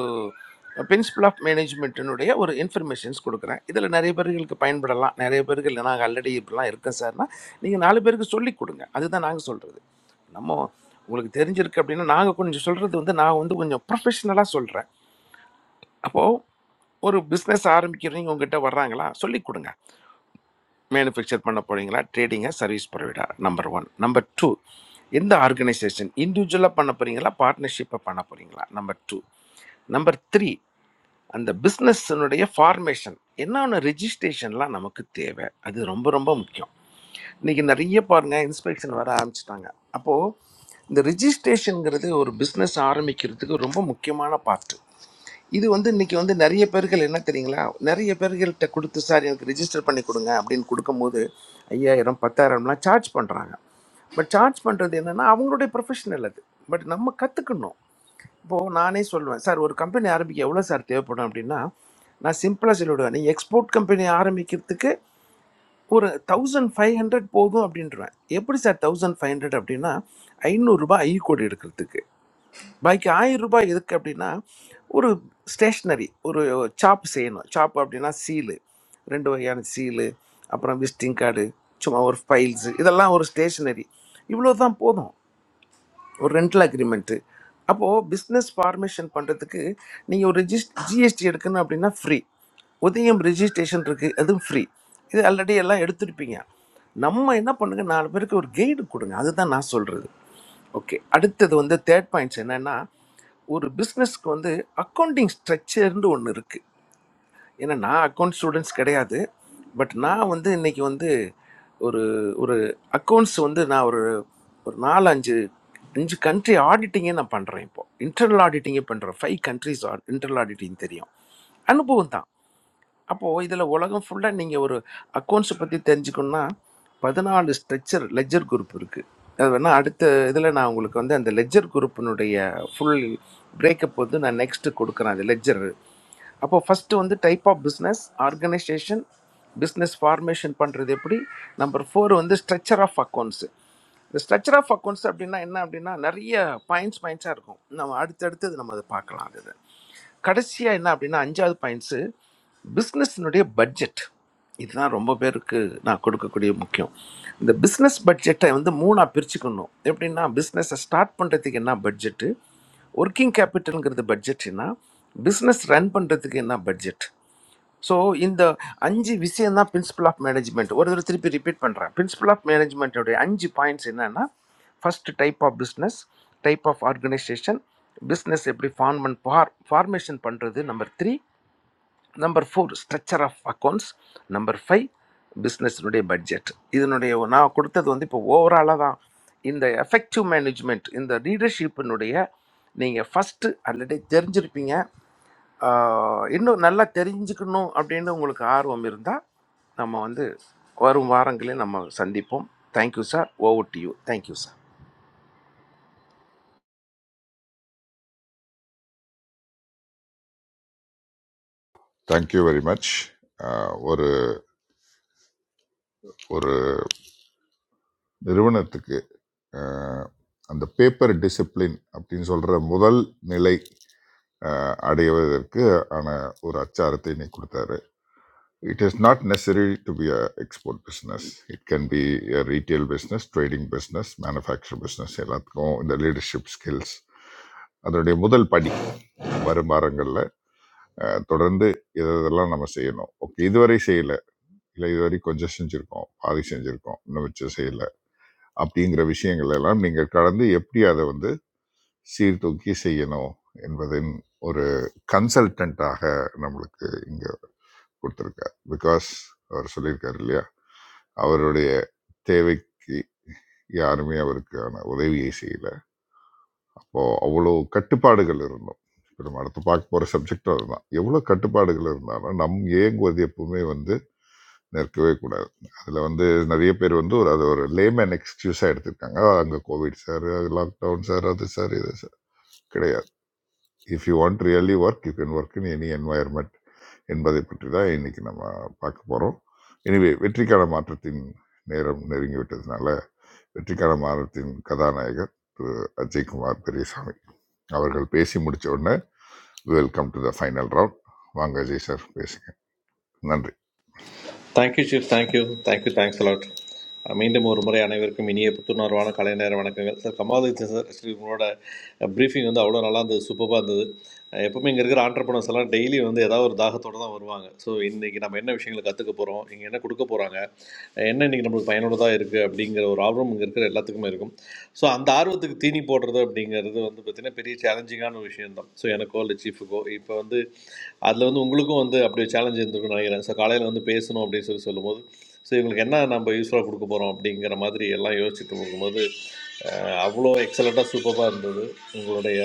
S17: பிரின்சிபல் ஆஃப் மேனேஜ்மெண்ட்டினுடைய ஒரு இன்ஃபர்மேஷன்ஸ் கொடுக்குறேன் இதில் நிறைய பேர்களுக்கு பயன்படலாம் நிறைய பேர்கள் நாங்கள் ஆல்ரெடி இப்படிலாம் இருக்கேன் சார்னா நீங்கள் நாலு பேருக்கு சொல்லி கொடுங்க அதுதான் நாங்கள் சொல்கிறது நம்ம உங்களுக்கு தெரிஞ்சிருக்கு அப்படின்னா நாங்கள் கொஞ்சம் சொல்கிறது வந்து நான் வந்து கொஞ்சம் ப்ரொஃபஷ்னலாக சொல்கிறேன் அப்போது ஒரு பிஸ்னஸ் ஆரம்பிக்கிறவங்க உங்ககிட்ட வர்றாங்களா சொல்லிக் கொடுங்க மேனுஃபேக்சர் பண்ண போறீங்களா ட்ரேடிங்கா service provider number one number two எந்த ஆர்கனைசேஷன் இண்டிவிஜுவலாக பண்ண போறீங்களா பார்ட்னர்ஷிப்பை பண்ண போறீங்களா நம்பர் டூ நம்பர் த்ரீ அந்த பிஸ்னஸ்னுடைய ஃபார்மேஷன் என்னென்ன ரெஜிஸ்ட்ரேஷன்லாம் நமக்கு தேவை அது ரொம்ப ரொம்ப முக்கியம் இன்றைக்கி நிறைய பாருங்கள் இன்ஸ்பெக்ஷன் வர ஆரம்பிச்சிட்டாங்க அப்போது இந்த ரிஜிஸ்ட்ரேஷனுங்கிறது ஒரு பிஸ்னஸ் ஆரம்பிக்கிறதுக்கு ரொம்ப முக்கியமான பார்ட்டு இது வந்து இன்றைக்கி வந்து நிறைய பேர்கள் என்ன தெரியுங்களா நிறைய பேர்கள்ட்ட கொடுத்து சார் எனக்கு ரிஜிஸ்டர் பண்ணி கொடுங்க அப்படின்னு கொடுக்கும்போது ஐயாயிரம் பத்தாயிரம்லாம் சார்ஜ் பண்ணுறாங்க பட் சார்ஜ் பண்ணுறது என்னென்னா அவங்களுடைய ப்ரொஃபஷனல் அது பட் நம்ம கற்றுக்கணும் இப்போது நானே சொல்லுவேன் சார் ஒரு கம்பெனி ஆரம்பிக்க எவ்வளோ சார் தேவைப்படும் அப்படின்னா நான் சிம்பிளாக சொல்லிவிடுவேன் நீ எக்ஸ்போர்ட் கம்பெனி ஆரம்பிக்கிறதுக்கு ஒரு தௌசண்ட் ஃபைவ் ஹண்ட்ரட் போதும் அப்படின்றவேன் எப்படி சார் தௌசண்ட் ஃபைவ் ஹண்ட்ரட் அப்படின்னா ஐநூறுரூபா ஐ கோடி எடுக்கிறதுக்கு பாக்கி ஆயிரம் ரூபாய் எதுக்கு அப்படின்னா ஒரு ஸ்டேஷ்னரி ஒரு சாப் செய்யணும் சாப் அப்படின்னா சீலு ரெண்டு வகையான சீலு அப்புறம் விசிட்டிங் கார்டு சும்மா ஒரு ஃபைல்ஸு இதெல்லாம் ஒரு ஸ்டேஷ்னரி இவ்வளோ தான் போதும் ஒரு ரெண்டல் அக்ரிமெண்ட்டு அப்போது பிஸ்னஸ் ஃபார்மேஷன் பண்ணுறதுக்கு நீங்கள் ஒரு ரிஜிஸ் ஜிஎஸ்டி எடுக்கணும் அப்படின்னா ஃப்ரீ உதயம் ரிஜிஸ்ட்ரேஷன் இருக்குது அதுவும் ஃப்ரீ இது ஆல்ரெடி எல்லாம் எடுத்திருப்பீங்க நம்ம என்ன பண்ணுங்க நாலு பேருக்கு ஒரு கைடு கொடுங்க அதுதான் நான் சொல்கிறது ஓகே அடுத்தது வந்து தேர்ட் பாயிண்ட்ஸ் என்னென்னா ஒரு பிஸ்னஸ்க்கு வந்து அக்கௌண்டிங் ஸ்ட்ரக்சர்னு ஒன்று இருக்குது ஏன்னா நான் அக்கௌண்ட் ஸ்டூடெண்ட்ஸ் கிடையாது பட் நான் வந்து இன்னைக்கு வந்து ஒரு ஒரு அக்கௌண்ட்ஸ் வந்து நான் ஒரு ஒரு நாலு அஞ்சு அஞ்சு கண்ட்ரி ஆடிட்டிங்கே நான் பண்ணுறேன் இப்போ இன்டர்னல் ஆடிட்டிங்கே பண்ணுறேன் ஃபைவ் கண்ட்ரிஸ் இன்டர்னல் ஆடிட்டிங் தெரியும் அனுபவம் தான் அப்போது இதில் உலகம் ஃபுல்லாக நீங்கள் ஒரு அக்கௌண்ட்ஸை பற்றி தெரிஞ்சுக்கணும்னா பதினாலு ஸ்ட்ரக்சர் லெஜர் குரூப் இருக்குது அது வேணால் அடுத்த இதில் நான் உங்களுக்கு வந்து அந்த லெஜர் குரூப்பினுடைய ஃபுல் பிரேக்கப் வந்து நான் நெக்ஸ்ட்டு கொடுக்குறேன் அது லெஜர் அப்போ ஃபஸ்ட்டு வந்து type of business organisation business formation பண்ணுறது எப்படி நம்பர் ஃபோர் வந்து ஸ்ட்ரக்சர் ஆஃப் அக்கௌண்ட்ஸு இந்த ஸ்ட்ரக்சர் ஆஃப் அக்கௌண்ட்ஸ் அப்படின்னா என்ன அப்படின்னா நிறைய பாயிண்ட்ஸ் பாயிண்ட்ஸாக இருக்கும் நம்ம அடுத்தடுத்தது நம்ம அதை பார்க்கலாம் அது கடைசியாக என்ன அப்படின்னா அஞ்சாவது பாயிண்ட்ஸு பிஸ்னஸ்னுடைய பட்ஜெட் இதுதான் ரொம்ப பேருக்கு நான் கொடுக்கக்கூடிய முக்கியம் இந்த பிஸ்னஸ் பட்ஜெட்டை வந்து மூணாக பிரிச்சுக்கணும் எப்படின்னா பிஸ்னஸை ஸ்டார்ட் பண்ணுறதுக்கு என்ன பட்ஜெட்டு ஒர்க்கிங் கேபிட்டலுங்கிறது பட்ஜெட்னா பிஸ்னஸ் ரன் பண்ணுறதுக்கு என்ன பட்ஜெட் ஸோ இந்த அஞ்சு விஷயம் தான் பிரின்சிபல் ஆஃப் மேனேஜ்மெண்ட் ஒரு தடவை திருப்பி ரிப்பீட் பண்ணுறேன் பிரின்சிபல் ஆஃப் மேனேஜ்மெண்ட்டோடைய அஞ்சு பாயிண்ட்ஸ் என்னன்னா first type of business type of organisation business எப்படி ஃபார்ம் ஃபார் ஃபார்மேஷன் பண்ணுறது number three number four structure of accounts number five பிஸ்னஸினுடைய பட்ஜெட் இதனுடைய நான் கொடுத்தது வந்து இப்போ ஓவராலாக தான் இந்த எஃபெக்டிவ் மேனேஜ்மெண்ட் இந்த லீடர்ஷிப்பினுடைய நீங்கள் ஃபஸ்ட்டு ஆல்ரெடி தெரிஞ்சிருப்பீங்க ஆ, இன்னும் நல்லா தெரிஞ்சுக்கணும் அப்படின்னு உங்களுக்கு ஆர்வம் இருந்தால் நம்ம வந்து வரும் வாரங்களே நம்ம சந்திப்போம் thank you sir over to you thank you sir
S10: thank you very much ஒரு ஒரு நிறுவனத்துக்கு அஹ், அந்த பேப்பர் டிசிப்ளின் அப்படின்னு சொல்கிற முதல் நிலை அஹ், அடைவதற்கு ஆன ஒரு அச்சாரத்தை இன்னைக்கு கொடுத்தாரு it is not necessary to be a export business it can be retail business trading business manufacture business எல்லாத்துக்கும் இந்த லீடர்ஷிப் ஸ்கில்ஸ் அதனுடைய முதல் படி வரும் வாரங்களில் தொடர்ந்து இது இதெல்லாம் நம்ம செய்யணும் ஓகே இதுவரை செய்யலை இல்லை இதுவரை கொஞ்சம் செஞ்சுருக்கோம் பாதி செஞ்சுருக்கோம் இன்னும் மிச்சம் செய்யலை அப்படிங்கிற விஷயங்கள் எல்லாம் நீங்கள் கடந்து எப்படி அதை வந்து சீர்தூக்கி செய்யணும் என்பதின் ஒரு கன்சல்டண்ட்டாக நம்மளுக்கு இங்கே கொடுத்துருக்கார் பிகாஸ் அவர் சொல்லியிருக்கார் இல்லையா அவருடைய தேவைக்கு யாருமே அவருக்கான உதவியை செய்யல அப்போ அவ்வளோ கட்டுப்பாடுகள் இருந்தோம் இப்போ நம்ம அடுத்து பார்க்க போகிற சப்ஜெக்ட் அதுதான் எவ்வளோ கட்டுப்பாடுகள் இருந்தாலும் நம் ஏங்குவது எப்பவுமே வந்து நிற்கவே கூடாது அதில் வந்து நிறைய பேர் வந்து ஒரு அது ஒரு லேமேன் எக்ஸ்கியூஸாக எடுத்திருக்காங்க அங்கே கோவிட் சார் லாக்டவுன் சார் அது சார் இது சார் கிடையாது if you want really work you can work in any environment என்பதை பற்றி தான் இன்னைக்கு நம்ம பார்க்க போகிறோம் எனிவே வெற்றிக்கான மாற்றத்தின் நேரம் நெருங்கி விட்டதுனால வெற்றிக்கான மாற்றத்தின் கதாநாயகர் திரு அஜய்குமார் பெரியசாமி அவர்கள் பேசி முடிச்ச உடனே welcome to the final round வாங்க அஜய் சார் பேசுங்க நன்றி
S19: thank you chief thank you thank you thanks a lot மீண்டும் ஒரு முறை அனைவருக்கும் இனிய புத்துணர்வான கலை நேர வணக்கங்கள் சார் கமாலதித்தன் சார் ஆக்சுவலி உங்களோட ப்ரீஃபிங் வந்து அவ்வளோ நல்லா இருந்தது சூப்பராக இருந்தது அஹ் எப்பவுமே இங்கே இருக்கிற ஆண்டர்பனர்ஸ் எல்லாம் டெய்லி வந்து ஏதாவது ஒரு தாகத்தோடு தான் வருவாங்க ஸோ இன்றைக்கி நம்ம என்ன விஷயங்களை கற்றுக்க போகிறோம் இங்கே என்ன கொடுக்க போகிறாங்க என்ன இன்றைக்கி நம்மளுக்கு பயனுள்ளதாக இருக்குது அப்படிங்கிற ஒரு ஆர்வம் இங்கே இருக்கிற எல்லாத்துக்குமே இருக்கும் ஸோ அந்த ஆர்வத்துக்கு தீனி போடுறது அப்படிங்கிறது வந்து பார்த்திங்கன்னா பெரிய சேலஞ்சிங்கான விஷயம்தான் ஸோ எனக்கோ இல்லை சீஃபுக்கோ இப்போ வந்து அதில் வந்து உங்களுக்கும் வந்து அப்படி சேலஞ்ச் இருந்திருக்கும்னு நினைக்கிறேன் ஸோ காலையில் வந்து பேசணும் அப்படின்னு சொல்லி சொல்லும்போது ஸோ இவங்களுக்கு என்ன நம்ம யூஸ்ஃபுல்லாக கொடுக்க போகிறோம் அப்படிங்கிற மாதிரி எல்லாம் யோசிச்சுட்டு போகும்போது அஹ், அவ்வளோ எக்ஸலண்ட்டாக சூப்பராக இருந்தது உங்களுடைய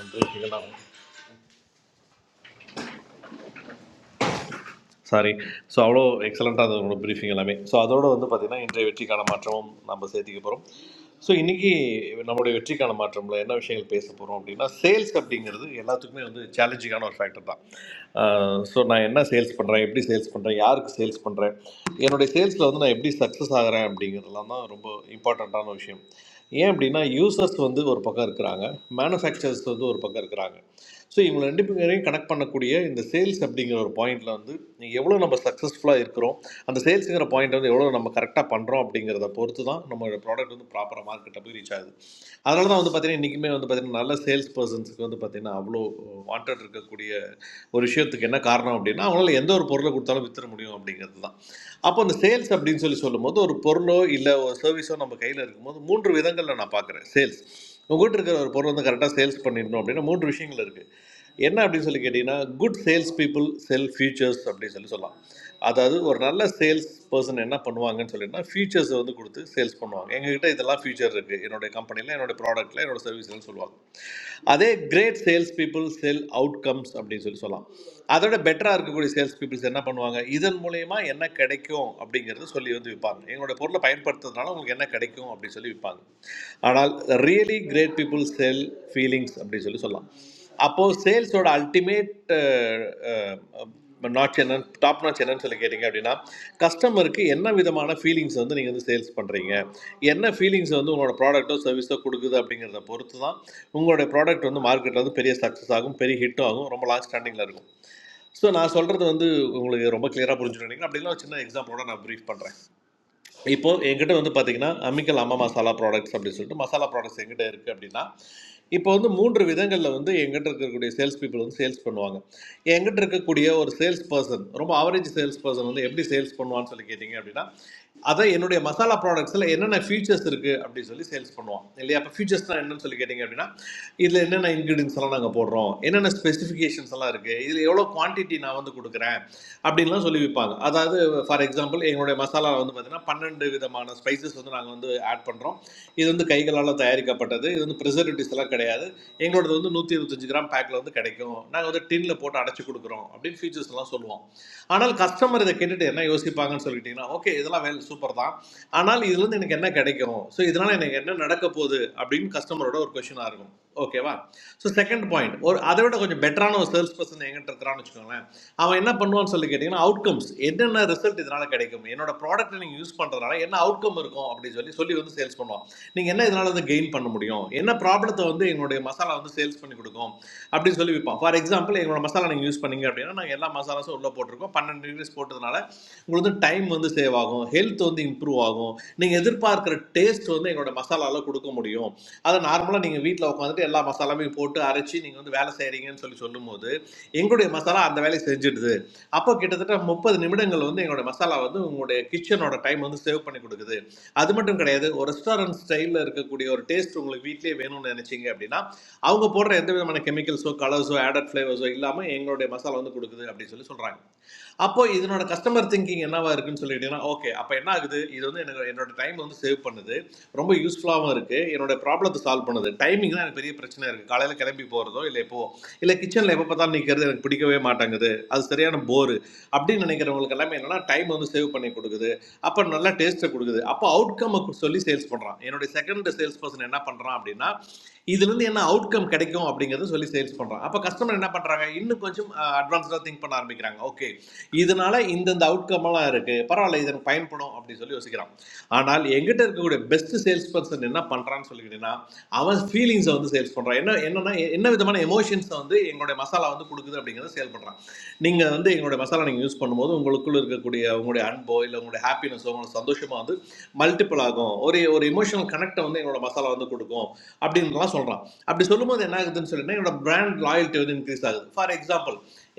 S19: வந்து இதெல்லாம் சாரி ஸோ அவ்வளோ எக்ஸலண்ட்டாக அது உங்களோட ப்ரீஃபிங் எல்லாமே ஸோ அதோட வந்து பார்த்திங்கன்னா இன்றைய வெற்றிக்கான மாற்றமும் நம்ம சேர்த்திக்க போகிறோம் ஸோ இன்றைக்கி நம்மளுடைய வெற்றிக்கான மாற்றம்ல என்ன விஷயங்கள் பேச போகிறோம் அப்படின்னா சேல்ஸ் அப்படிங்கிறது எல்லாத்துக்குமே வந்து சேலஞ்சிங்கான ஒரு ஃபேக்டர் தான் ஸோ நான் என்ன சேல்ஸ் பண்ணுறேன் எப்படி சேல்ஸ் பண்ணுறேன் யாருக்கு சேல்ஸ் பண்ணுறேன் என்னுடைய சேல்ஸில் வந்து நான் எப்படி சக்ஸஸ் ஆகிறேன் அப்படிங்கிறதுலாம் தான் ரொம்ப இம்பார்ட்டண்ட்டான விஷயம் ஏன் அப்படின்னா யூசர்ஸ் வந்து ஒரு பக்கம் இருக்கிறாங்க மேனுஃபேக்சரர்ஸ் வந்து ஒரு பக்கம் இருக்கிறாங்க ஸோ இவங்க ரெண்டு பேரையும் கனெக்ட் பண்ணக்கூடிய இந்த சேல்ஸ் அப்படிங்கிற ஒரு பாயிண்டில் வந்து எவ்வளோ நம்ம சக்ஸஸ்ஃபுல்லாக இருக்கிறோம் அந்த சேல்ஸுங்கிற பாயிண்ட் வந்து எவ்வளோ நம்ம கரெக்டாக பண்ணுறோம் அப்படிங்கிறத பொறுத்து தான் நம்மளோட ப்ராடக்ட் வந்து ப்ராப்பராக மார்க்கெட்டை போய் ரீச் ஆகுது அதனால தான் வந்து பார்த்தீங்கன்னா இன்றைக்குமே வந்து பார்த்தீங்கன்னா நல்ல சேல்ஸ் பர்சன்ஸுக்கு வந்து பார்த்தீங்கன்னா அவ்வளோ வாண்டட் இருக்கக்கூடிய ஒரு விஷயத்துக்கு என்ன காரணம் அப்படின்னா அவங்களால எந்த ஒரு பொருளை கொடுத்தாலும் வித்துற முடியும் அப்படிங்கிறது தான் அப்போ அந்த சேல்ஸ் அப்படின்னு சொல்லி சொல்லும்போது ஒரு பொருளோ இல்லை ஒரு சர்வீஸோ நம்ம நம்ம கையில் இருக்கும்போது மூன்று விதங்களில் நான் பார்க்குறேன் சேல்ஸ் உங்கள்கிட்ட இருக்கிற ஒரு பொருள் வந்து கரெக்டாக சேல்ஸ் பண்ணிடணும் அப்படின்னா மூன்று விஷயங்கள் இருக்குது என்ன அப்படின்னு சொல்லி கேட்டிங்கன்னா good sales people sell features அப்படின்னு சொல்லி சொல்லலாம் அதாவது ஒரு நல்ல சேல்ஸ் பர்சன் என்ன பண்ணுவாங்கன்னு சொல்லிட்டுனா ஃபியூச்சர்ஸ் வந்து கொடுத்து சேல்ஸ் பண்ணுவாங்க எங்ககிட்ட இதெல்லாம் ஃபியூச்சர் இருக்குது என்னுடைய கம்பெனியில் என்னோட ப்ராடக்ட்டில் என்னோட சர்வீஸ்லன்னு சொல்லுவாங்க அதே great sales people sell outcomes அப்படின்னு சொல்லி சொல்லலாம் அதோட பெட்டராக இருக்கக்கூடிய சேல்ஸ் பீப்புள்ஸ் என்ன பண்ணுவாங்க இதன் மூலயமா என்ன கிடைக்கும் அப்படிங்கிறத சொல்லி வந்து விற்பாங்க எங்களுடைய பொருளை பயன்படுத்துறதுனால உங்களுக்கு என்ன கிடைக்கும் அப்படின்னு சொல்லி விற்பாங்க ஆனால் really great people sell feelings அப்படின்னு சொல்லி சொல்லலாம் அப்போது சேல்ஸோட அல்டிமேட் நாட்ச் என்னன்னு டாப் நாட்ச் என்னன்னு சொல்லி கேட்டிங்க அப்படின்னா கஸ்டமருக்கு என்ன விதமான ஃபீலிங்ஸ் வந்து நீங்கள் வந்து சேல்ஸ் பண்ணுறீங்க என்ன ஃபீலிங்ஸ் வந்து உங்களோட ப்ராடக்ட்டோ சர்வீஸோ கொடுக்குது அப்படிங்கிறத பொறுத்து தான் உங்களுடைய ப்ராடக்ட் வந்து மார்க்கெட்டில் வந்து பெரிய சக்ஸஸ் ஆகும் பெரிய ஹிட்டும் ஆகும் ரொம்ப லாங் ஸ்டாண்டிங்கில் இருக்கும் ஸோ நான் சொல்கிறது வந்து உங்களுக்கு ரொம்ப கிளியராக புரிஞ்சுட்டு நினைக்கிறேன் அப்படின்னா ஒரு சின்ன எக்ஸாம்பிளோட நான் ப்ரீஃப் பண்ணுறேன் இப்போது என்கிட்ட வந்து பார்த்தீங்கன்னா அம்மிக்கல் அம்மா மசாலா ப்ராடக்ட்ஸ் அப்படின்னு சொல்லிட்டு மசாலா ப்ராடக்ட்ஸ் எங்கிட்ட இருக்குது அப்படின்னா இப்போ வந்து மூன்று விதங்களில் வந்து எங்கிட்ட இருக்கக்கூடிய சேல்ஸ் பீப்புள் வந்து சேல்ஸ் பண்ணுவாங்க எங்கிட்ட இருக்கக்கூடிய ஒரு சேல்ஸ் பர்சன் ரொம்ப ஆவரேஜ் சேல்ஸ் பர்சன் வந்து எப்படி சேல்ஸ் பண்ணுவான்னு சொல்லி கேட்டிங்க அப்படின்னா அதை என்னுடைய மசாலா ப்ராடக்ட்ஸில் என்னென்ன ஃபீச்சர்ஸ் இருக்குது அப்படின்னு சொல்லி சேல்ஸ் பண்ணுவான் இல்லையா அப்போ ஃபீச்சர்ஸ்னால் என்னன்னு சொல்லி கேட்டிங்க அப்படின்னா இதில் என்னென்ன இன்க்ரீடியன்ஸ் எல்லாம் நாங்கள் போடுறோம் என்னென்ன ஸ்பெசிஃபிகேஷன்ஸ் எல்லாம் இருக்குது இதில் எவ்வளோ குவான்டிட்டி நான் வந்து கொடுக்குறேன் அப்படின்லாம் சொல்லி விற்பாங்க அதாவது ஃபார் எக்ஸாம்பிள் எங்களுடைய மசாலா வந்து பார்த்தீங்கன்னா பன்னெண்டு விதமான ஸ்பைசஸ் வந்து நாங்கள் வந்து ஆட் பண்ணுறோம் இது வந்து கைகளால் தயாரிக்கப்பட்டது இது வந்து ப்ரிசர்வேட்டிவ்ஸ் எல்லாம் கிடையாது எங்களோடது வந்து நூற்றி இருபத்தஞ்சு கிராம் பேக்கில் வந்து கிடைக்கும் நாங்கள் வந்து டின்ல போட்டு அடைச்சி கொடுக்குறோம் அப்படின்னு ஃபீச்சர்ஸ் எல்லாம் சொல்லுவோம் ஆனால் கஸ்டமர் இதை கேட்டுட்டு என்ன யோசிப்பாங்கன்னு சொல்லிட்டீங்கன்னா ஓகே இதெல்லாம் வேல் சூப்பர் தான் ஆனால் இதுலேருந்து எனக்கு என்ன கிடைக்கும் ஸோ இதனால் எனக்கு என்ன நடக்க போகுது அப்படின்னு கஸ்டமரோட ஒரு கொஷினாக இருக்கும் ஓகேவா ஸோ செகண்ட் பாயிண்ட் ஒரு அதை விட கொஞ்சம் பெட்டரான ஒரு சேல்ஸ் பர்சன் எங்கிட்ட இருக்கிறான்னு வச்சுக்கோங்களேன் அவன் என்ன பண்ணுவான்னு சொல்லி கேட்டிங்கன்னா அவுட்கம்ஸ் என்னென்ன ரிசல்ட் இதனால் கிடைக்கும் என்னோட ப்ராடக்ட்டை நீங்கள் யூஸ் பண்ணுறதுனால என்ன அவுட்கம் இருக்கும் அப்படின்னு சொல்லி சொல்லி வந்து சேல்ஸ் பண்ணுவான் நீங்கள் என்ன இதனால் வந்து கெயின் பண்ண முடியும் என்ன ப்ராப்ளத்தை வந்து எங்களுடைய மசாலா வந்து வந்து சேல்ஸ் பண்ணி கொடுக்கும் அப்படின்னு சொல்லி விற்போம் ஃபார் எக்ஸாம்பிள் எங்களோட மசாலா நீங்கள் யூஸ் பண்ணீங்க அப்படின்னா நாங்கள் எல்லா மசாலாஸும் உள்ளே போட்டிருக்கோம் பன்னெண்டு டிகிரிஸ் போட்டதுனால உங்களுக்கு வந்து டைம் வந்து சேவ் ஆகும் ஹெல்த் வந்து இம்ப்ரூவ் ஆகும் நீங்கள் எதிர்பார்க்குற டேஸ்ட் வந்து எங்களோட மசாலாவில் கொடுக்க முடியும் அதை நார்மலாக நீங்கள் வீட்டில் உட்காந்துட்டு எல்லா மசாலாவையும் போட்டு அரைச்சி நீங்கள் வந்து வேலை செய்கிறீங்கன்னு சொல்லி சொல்லும்போது எங்களுடைய மசாலா அந்த வேலையை செஞ்சிடுது அப்போ கிட்டத்தட்ட முப்பது நிமிடங்கள் வந்து எங்களுடைய மசாலா வந்து உங்களுடைய கிச்சனோட டைம் வந்து சேவ் பண்ணி கொடுக்குது அது மட்டும் கிடையாது ஒரு ரெஸ்டாரண்ட் ஸ்டைலில் இருக்கக்கூடிய ஒரு டேஸ்ட் உங்களுக்கு வீட்லேயே வேணும்னு நினைச்சீங்க அப்படின்னா அவங்க போடுற எந்த விதமான கெமிக்கல்ஸோ கலர்ஸோ ஆடட் ஃப்ளேவர்ஸோ இல்லாமல் எங்களுடைய மசாலா வந்து கொடுக்குது அப்படின்னு சொல்லி சொல்கிறாங்க அப்போ இதனோட கஸ்டமர் திங்கிங் என்னவா இருக்குன்னு சொல்லிட்டீங்கன்னா ஓகே அப்போ என்ன ஆகுது இது வந்து எனக்கு என்னோட டைம் வந்து சேவ் பண்ணுது ரொம்ப யூஸ்ஃபுல்லாகவும் இருக்குது என்னோட ப்ராப்ளத்தை சால்வ் பண்ணுது டைமிங் தான் எனக்கு பெரிய பிரச்சனை இருக்குது காலையில் கிளம்பி போகிறதோ இல்லை இப்போ இல்லை கிச்சனில் எப்போ பார்த்தாலும் நிற்கிறது எனக்கு பிடிக்கவே மாட்டேங்குது அது சரியான போரு அப்படின்னு நினைக்கிறவங்களுக்கு எல்லாமே என்னன்னா டைம் வந்து சேவ் பண்ணி கொடுக்குது அப்போ நல்லா டேஸ்ட்டை கொடுக்குது அப்போ அவுட்கம் சொல்லி சேல்ஸ் பண்ணுறான் என்னுடைய செகண்ட் சேல்ஸ் பர்சன் என்ன பண்ணுறான் அப்படின்னா இதுல இருந்து என்ன அவுட்கம் கிடைக்கும் அப்படிங்கறத சொல்லி சேல்ஸ் பண்றான் அப்ப கஸ்டமர் என்ன பண்றாங்க இன்னும் கொஞ்சம் அட்வான்ஸ்டா திங்க் பண்ண ஆரம்பிக்கிறாங்க ஓகே இதனால இந்தந்த அவுட்கம் எல்லாம் இருக்கு பரவாயில்ல இது எனக்கு பயன்படும் அப்படின்னு சொல்லி யோசிக்கிறான் ஆனால் எங்கிட்ட இருக்கக்கூடிய பெஸ்ட் சேல்ஸ் பர்சன் என்ன பண்றான்னு சொல்லிக்கிட்டீங்கன்னா அவன் ஃபீலிங்ஸை வந்து சேல்ஸ் பண்றான் என்ன என்னன்னா எ- என்ன விதமான எமோஷன்ஸை வந்து எங்களுடைய மசாலா வந்து கொடுக்குது அப்படிங்கறத சேல் பண்றான் நீங்க வந்து எங்களுடைய மசாலா நீங்க யூஸ் பண்ணும்போது உங்களுக்குள்ள இருக்கக்கூடிய உங்களுடைய அன்போ இல்லை உங்களுடைய ஹாப்பினஸோ உங்களோட சந்தோஷமா வந்து மல்டிபிள் ஆகும் ஒரு ஒரு எமோஷனல் கனெக்டை வந்து எங்களோட மசாலா வந்து கொடுக்கும் அப்படின்லாம் சொல்கிறான் அப்படி சொல்லும்போது என்ன ஆகுதுன்னு சொல்லினா என்னோட பிராண்ட் லாயல்ட்டி வந்து இன்க்ரீஸ் ஆகுது ஃபார் எக்ஸாம்பிள்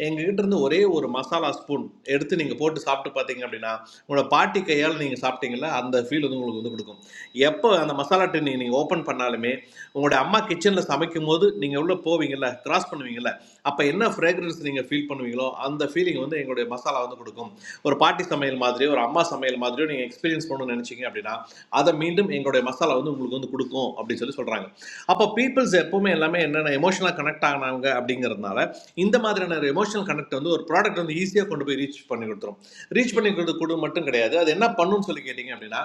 S19: எங்ககிட்ட இருந்து ஒரே ஒரு மசாலா ஸ்பூன் எடுத்து நீங்கள் போட்டு சாப்பிட்டு பார்த்தீங்க அப்படின்னா உங்களோட பாட்டி கையால் நீங்கள் சாப்பிட்டீங்களா அந்த ஃபீல் வந்து உங்களுக்கு வந்து கொடுக்கும் எப்போ அந்த மசாலா டின் நீங்கள் ஓப்பன் பண்ணாலுமே உங்களோட அம்மா கிச்சனில் சமைக்கும் போது நீங்கள் உள்ளே போவீங்கல்ல கிராஸ் பண்ணுவீங்கல்ல அப்போ என்ன ஃப்ரேக்ரன்ஸ் நீங்கள் ஃபீல் பண்ணுவீங்களோ அந்த ஃபீலிங் வந்து எங்களுடைய மசாலா வந்து கொடுக்கும் ஒரு பாட்டி சமையல் மாதிரியோ ஒரு அம்மா சமையல் மாதிரியோ நீங்கள் எக்ஸ்பீரியன்ஸ் பண்ணணும்னு நினச்சிங்க அப்படின்னா அதை மீண்டும் எங்களுடைய மசாலா வந்து உங்களுக்கு வந்து கொடுக்கும் அப்படின்னு சொல்லி சொல்கிறாங்க அப்போ பீப்புள்ஸ் எப்பவுமே எல்லாமே என்னென்ன எமோஷனலாக கனெக்ட் ஆகினாங்க அப்படிங்கிறதுனால இந்த மாதிரியான ஒரு எமோஷனல் கனெக்ட் வந்து ஒரு ப்ராடக்ட் வந்து ஈஸியாக கொண்டு போய் ரீச் பண்ணி கொடுத்துரும் ரீச் பண்ணி கொடுத்து மட்டும் கிடையாது அது என்ன பண்ணுன்னு சொல்லி கேட்டிங்க அப்படின்னா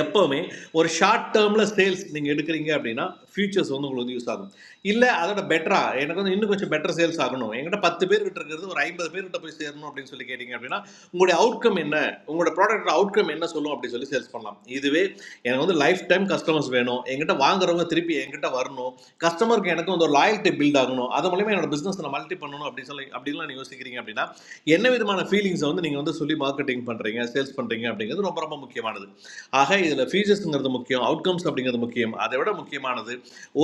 S19: எப்போவுமே ஒரு ஷார்ட் டேர்மில் சேல்ஸ் நீங்கள் எடுக்கிறீங்க அப்படின்னா ஃபியூச்சர்ஸ் வந்து உங்களுக்கு வந்து யூஸ் ஆகும் இல்லை அதோட பெட்டரா எனக்கு வந்து இன்னும் கொஞ்சம் பெட்டர் சேல்ஸ் ஆகணும் என்கிட்ட பத்து பேர் கிட்ட இருக்கிறது ஒரு ஐம்பது பேர் கிட்ட போய் சேரணும் அப்படின்னு சொல்லி கேட்டிங்க அப்படின்னா உங்களுடைய அவுட்கம் என்ன உங்களோட ப்ராடக்ட் அவுட்கம் என்ன சொல்லும் அப்படின்னு சொல்லி சேல்ஸ் பண்ணலாம் இதுவே எனக்கு வந்து லைஃப் டைம் கஸ்டமர்ஸ் வேணும் என்கிட்ட வாங்குறவங்க திருப்பி என்கிட்ட வரணும் கஸ்டமருக்கு எனக்கு வந்து ஒரு லாயல்ட்டி பில்ட் ஆகணும் அது மூலியமா என்னோட பிஸ்னஸ் நான் மல்டி பண்ணணும் அப்படின்னு சொல்லி அப்படின்லாம் நீங்கள் யோசிக்கிறீங்க அப்படின்னா என்ன விதமான ஃபீலிங்ஸை வந்து நீங்கள் வந்து சொல்லி மார்க்கெட்டிங் பண்ணுறீங்க சேல்ஸ் பண்ணுறீங்க அப்படிங்கிறது ரொம்ப ரொம்ப முக்கியமானது ஆக இதில் ஃபீச்சர்ஸுங்கிறது முக்கியம் அவுட்கம்ஸ் அப்படிங்கிறது முக்கியம் அதை விட முக்கியமானது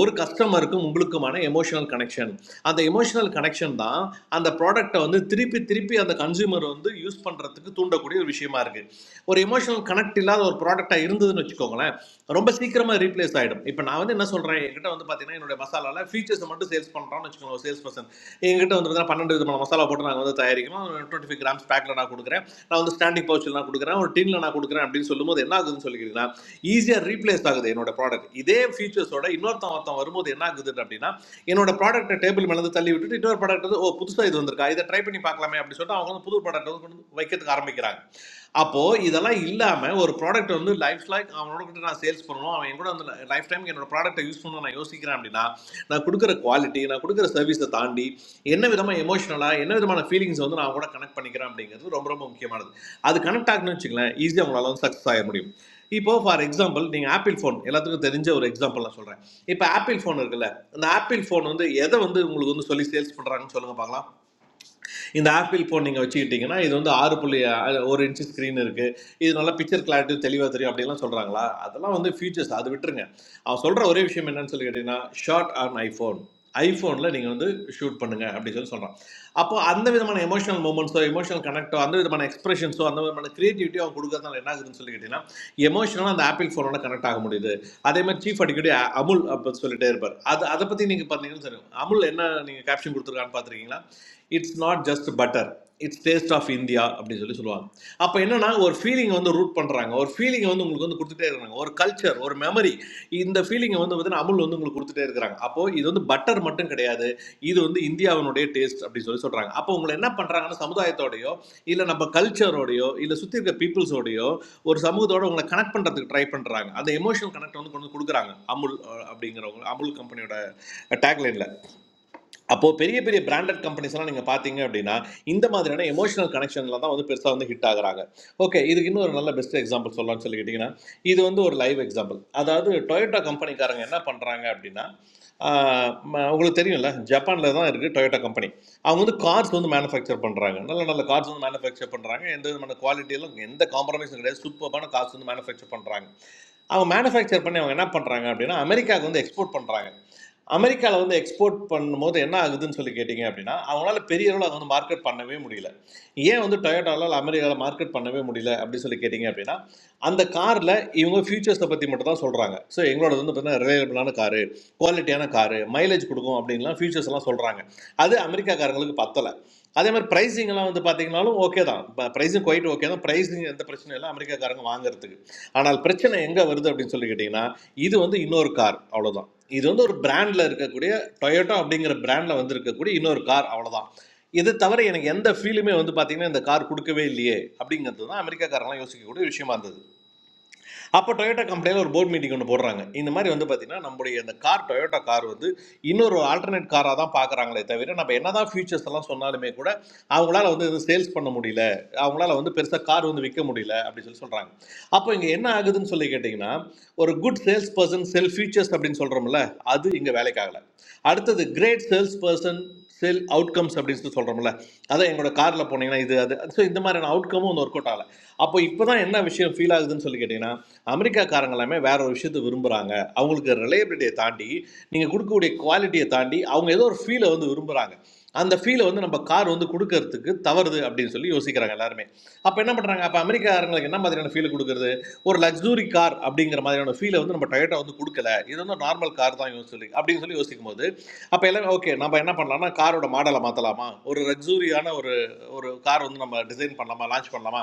S19: ஒரு கஸ்டமருக்கும் உங்களுக்குமான எமோஷனல் கனெக்ஷன் அந்த எமோஷனல் கனெக்ஷன் தான் அந்த ப்ராடக்ட்டை வந்து திருப்பி திருப்பி அந்த கன்சியூமர் வந்து யூஸ் பண்ணுறதுக்கு தூண்டக்கூடிய ஒரு விஷயமா இருக்குது ஒரு எமோஷனல் கனெக்ட் இல்லாத ஒரு ப்ராடக்டாக இருந்ததுன்னு வச்சுக்கோங்களேன் ரொம்ப சீக்கிரமாக ரீப்ளேஸ் ஆகிடும் இப்போ நான் வந்து என்ன சொல்கிறேன் என்கிட்ட வந்து பார்த்தீங்கன்னா என்னுடைய மசாலாவில் ஃபீச்சர்ஸ் மட்டும் சேல்ஸ் பண்ணுறோம்னு வச்சுக்கோங்க ஒரு சேல்ஸ் பர்சன் எங்கிட்ட வந்து பார்த்தீங்கன்னா பன்னெண்டு விதமான மசாலா போட்டு நாங்கள் வந்து தயாரிக்கிறோம் டுவெண்ட்டி ஃபைவ் கிராம்ஸ் பேக்கில் நான் கொடுக்குறேன் நான் வந்து ஸ்டாண்டிங் பவுச்சில் நான் கொடுக்குறேன் ஒரு டின்ல நான் கொடுக்குறேன் அப்படின்னு சொல்லும்போது என்ன ஆகுதுன்னு சொல்லிக்கிறீங்கன்னா ஈஸியாக ரீப்ளேஸ் ஆகுது என்னோட ப்ராடக்ட் இதே ஃபீச்சர்ஸோட இன்னொருத்தன் ஒருத்தன் வரும்போது என்ன ஆகுது அப்படின்னா என்னோட ப்ராடக்ட்டை டேபிள் மேலே இருந்து தள்ளி விட்டுட்டு இன்னொரு ப்ராடக்ட் வந்து ஓ புதுசாக இது வந்திருக்கா இதை ட்ரை பண்ணி பார்க்கலாமே அப்படின்னு சொல்லிட்டு அவங்க வந்து புது ப்ராடக்ட் வந்து கொண்டு வந்து வைக்கிறதுக்கு ஆரம்பிக்கிறாங்க அப்போது இதெல்லாம் இல்லாமல் ஒரு ப்ராடக்ட் வந்து லைஃப் லைக் அவனோட கிட்ட நான் சேல்ஸ் பண்ணணும் அவன் என் கூட வந்து லைஃப் டைம் என்னோட ப்ராடக்ட்டை யூஸ் பண்ணணும் நான் யோசிக்கிறேன் அப்படின்னா நான் கொடுக்குற குவாலிட்டி நான் கொடுக்குற சர்வீஸை தாண்டி என்ன விதமாக எமோஷனலாக என்ன விதமான ஃபீலிங்ஸ் வந்து நான் கூட கனெக்ட் பண்ணிக்கிறேன் அப்படிங்கிறது ரொம்ப ரொம்ப முக்கியமானது அது கனெக்ட் ஆகணும்னு வச்சுங்களேன் ஈஸியாக உங்களால் வந்து சக்ஸஸ் ஆக முடியும் இப்போ ஃபார் எக்ஸாம்பிள் நீங்கள் ஆப்பிள் ஃபோன் எல்லாத்துக்கும் தெரிஞ்ச ஒரு எக்ஸாம்பிள் நான் சொல்கிறேன் இப்போ ஆப்பிள் ஃபோன் இருக்குல்ல இந்த ஆப்பிள் ஃபோன் வந்து எதை வந்து உங்களுக்கு வந்து சொல்லி சேல்ஸ் பண்ணுறாங்கன்னு சொல்லுங்க பார்க்கலாம் இந்த ஆப்பிள் ஃபோன் நீங்கள் வச்சுக்கிட்டீங்கன்னா இது வந்து ஆறு புள்ளி அஹ், ஒரு இன்ச்சு ஸ்க்ரீன் இருக்குது இது நல்லா பிக்சர் கிளாரிட்டி தெளிவாக தெரியும் அப்படிலாம் சொல்கிறாங்களா அதெல்லாம் வந்து ஃபீச்சர்ஸ் அது விட்டுருங்க அவன் சொல்கிற ஒரே விஷயம் என்னன்னு சொல்லி கேட்டிங்கன்னா ஷார்ட் ஆன் ஐஃபோன் ஐஃபோனில் நீங்கள் வந்து ஷூட் பண்ணுங்க அப்படின்னு சொல்லி சொல்கிறான் அப்போ அந்த விதமான எமோஷனல் மூமெண்ட்ஸோ எமோஷனல் கனெக்டோ அந்த விதமான எக்ஸ்பிரஷன்ஸோ அந்த விதமான கிரியேட்டிவிட்டியோ அவன் கொடுக்கறதுனால என்ன ஆகுதுன்னு சொல்லி கேட்டிங்கன்னா எமோஷனலாக அந்த ஆப்பிள் ஃபோனோட கனெக்ட் ஆக முடியுது அதே மாதிரி சீஃப் அடிக்கடி அ- அமுல் அப்போ சொல்லிட்டே இருப்பார் அது அதை பற்றி நீங்கள் பார்த்தீங்கன்னு சொல்லுங்க அமுல் என்ன நீங்கள் கேப்ஷன் கொடுத்துருக்கான்னு பார்த்துருக்கீங்களா it's not just butter it's taste of India அப்படின்னு சொல்லி சொல்லுவாங்க அப்போ என்னன்னா ஒரு ஃபீலிங்கை வந்து ரூட் பண்ணுறாங்க ஒரு ஃபீலிங்கை வந்து உங்களுக்கு வந்து கொடுத்துட்டே இருக்காங்க ஒரு கல்ச்சர் ஒரு மெமரி இந்த ஃபீலிங்கை வந்து அமுல் வந்து உங்களுக்கு கொடுத்துட்டே இருக்கிறாங்க அப்போ இது வந்து பட்டர் மட்டும் கிடையாது இது வந்து இந்தியாவினுடைய டேஸ்ட் அப்படி சொல்லி சொல்றாங்க அப்போ உங்களை என்ன பண்றாங்கன்னா சமுதாயத்தோடயோ இல்ல நம்ம கல்ச்சரோடயோ இல்ல சுத்தி இருக்க பீப்புள்ஸோடயோ ஒரு சமூகத்தோட உங்களை கனெக்ட் பண்றதுக்கு ட்ரை பண்றாங்க அந்த எமோஷனல் கனெக்ட் வந்து கொண்டு வந்து கொடுக்குறாங்க அமுல் அஹ், அப்படிங்கிறவங்க அமுல் கம்பெனியோட டேக்லைன்ல. அப்போது பெரிய பெரிய பிராண்டட் கம்பெனிஸ்லாம் நீங்கள் பார்த்தீங்க அப்படின்னா இந்த மாதிரியான எமோஷனல் கனெக்ஷனில் தான் வந்து பெருசாக வந்து ஹிட் ஆகுறாங்க ஓகே இதுக்கு இன்னும் ஒரு நல்ல பெஸ்ட் எக்ஸாம்பிள் சொல்லலாம்னு சொல்லிக்கிட்டிங்கன்னா இது வந்து ஒரு லைவ் எக்ஸாம்பிள் அதாவது டொயோட்டா கம்பெனிக்காரங்க என்ன பண்ணுறாங்க அப்படின்னா ஆஹ் ம- உங்களுக்கு தெரியும்ல ஜப்பானில் தான் இருக்குது டொயோட்டா கம்பெனி அவங்க வந்து கார்ஸ் வந்து மேனுஃபேக்சர் பண்ணுறாங்க நல்ல நல்ல கார்ஸ் வந்து மேனுஃபேக்சர் பண்ணுறாங்க எந்த விதமான குவாலிட்டியிலும் எந்த காம்ப்ரமைஸும் கிடையாது சூப்பரான கார்ஸ் வந்து மேனுஃபேக்சர் பண்ணுறாங்க அவங்க மேனுஃபேக்சர் பண்ணி அவங்க என்ன பண்ணுறாங்க அப்படின்னா அமெரிக்காவுக்கு வந்து எக்ஸ்போர்ட் பண்ணுறாங்க அமெரிக்காவில் வந்து எக்ஸ்போர்ட் பண்ணும்போது என்ன ஆகுதுன்னு சொல்லி கேட்டிங்க அப்படின்னா அவங்களால பெரிய அளவில் அதை வந்து மார்க்கெட் பண்ணவே முடியல ஏன் வந்து டொயோட்டாவில் அமெரிக்காவில் மார்க்கெட் பண்ணவே முடியல அப்படின்னு சொல்லி கேட்டிங்க அப்படின்னா அந்த காரில் இவங்க ஃபியூச்சர்ஸை பற்றி மட்டும் தான் சொல்கிறாங்க ஸோ எங்களோடது வந்து பார்த்தீங்கன்னா ரிலையபிளான காரு குவாலிட்டியான காரு மைலேஜ் கொடுக்கும் அப்படின்லாம் ஃபியூச்சர்ஸ் எல்லாம் சொல்கிறாங்க அது அமெரிக்காக்காரங்களுக்கு பத்தலை அதே மாதிரி pricing எல்லாம் வந்து பார்த்தீங்கனாலும் ஓகே தான் ப்ரைஸிங் குவைட் ஓகே தான் ப்ரைஸிங் எந்த பிரச்சனையும் இல்லை அமெரிக்காக்காரங்க வாங்குறதுக்கு ஆனால் பிரச்சனை எங்கே வருது அப்படின்னு சொல்லி கேட்டிங்கன்னா இது வந்து இன்னொரு கார் அவ்வளவுதான் இது வந்து ஒரு பிராண்டில் இருக்கக்கூடிய டொயோட்டோ அப்படிங்கிற பிராண்டில் வந்து இருக்கக்கூடிய இன்னொரு கார் அவ்வளவுதான் இது தவிர எனக்கு எந்த ஃபீலுமே வந்து பார்த்தீங்கன்னா இந்த கார் கொடுக்கவே இல்லையே அப்படிங்கிறது தான் அமெரிக்காக்காரெல்லாம் யோசிக்கக்கூடிய விஷயமா இருந்தது அப்போ டொயோட்டா கம்பெனியில் ஒரு போர்ட் மீட்டிங் ஒன்று போடுறாங்க இந்த மாதிரி வந்து பார்த்தீங்கன்னா நம்முடைய இந்த கார் டொயோட்டா கார் வந்து இன்னொரு ஆல்டர்னேட் காராக தான் பார்க்குறாங்களே தவிர நம்ம என்னதான் ஃபியூச்சர்ஸ் எல்லாம் சொன்னாலுமே கூட அவங்களால வந்து எதுவும் சேல்ஸ் பண்ண முடியல அவங்களால வந்து பெருசாக கார் வந்து விற்க முடியல அப்படின்னு சொல்லி சொல்கிறாங்க அப்போ இங்கே என்ன ஆகுதுன்னு சொல்லி கேட்டிங்கன்னா ஒரு good sales person sell features அப்படின்னு சொல்கிறோம்ல அது இங்கே வேலைக்காகல அடுத்தது great sales person sell outcomes அப்படின்னு சொல்லி சொல்கிறோம்ல அதான் எங்களோட காரில் போனீங்கன்னா இது அது ஸோ இந்த மாதிரியான அவுட்கமும் ஒன்று ஒர்க் அவுட் ஆகலை அப்போ இப்போ தான் என்ன விஷயம் ஃபீல் ஆகுதுன்னு சொல்லி கேட்டிங்கன்னா அமெரிக்காக்காரங்களாமே வேற ஒரு விஷயத்தை விரும்புகிறாங்க அவங்களுக்கு ரிலையபிலிட்டியை தாண்டி நீங்கள் கொடுக்கக்கூடிய குவாலிட்டியை தாண்டி அவங்க ஏதோ ஒரு ஃபீலை வந்து விரும்புகிறாங்க அந்த ஃபீலை வந்து நம்ம கார் வந்து கொடுக்கறதுக்கு தவறுது அப்படின்னு சொல்லி யோசிக்கிறாங்க எல்லாருமே அப்போ என்ன பண்ணுறாங்க அப்போ அமெரிக்காரங்களுக்கு என்ன மாதிரியான ஃபீல் கொடுக்குறது ஒரு லக்ஸூரி கார் அப்படிங்கிற மாதிரியான ஃபீலை வந்து நம்ம டொயோட்டா வந்து கொடுக்கல இது வந்து நார்மல் கார் தான் யோசி சொல்லி அப்படின்னு சொல்லி யோசிக்கும் போது அப்போ எல்லாமே ஓகே நம்ம என்ன பண்ணலாம்னா காரோட மாடலை மாற்றலாமா ஒரு லக்ஸூரியான ஒரு ஒரு கார் வந்து நம்ம டிசைன் பண்ணலாமா லான்ச் பண்ணலாமா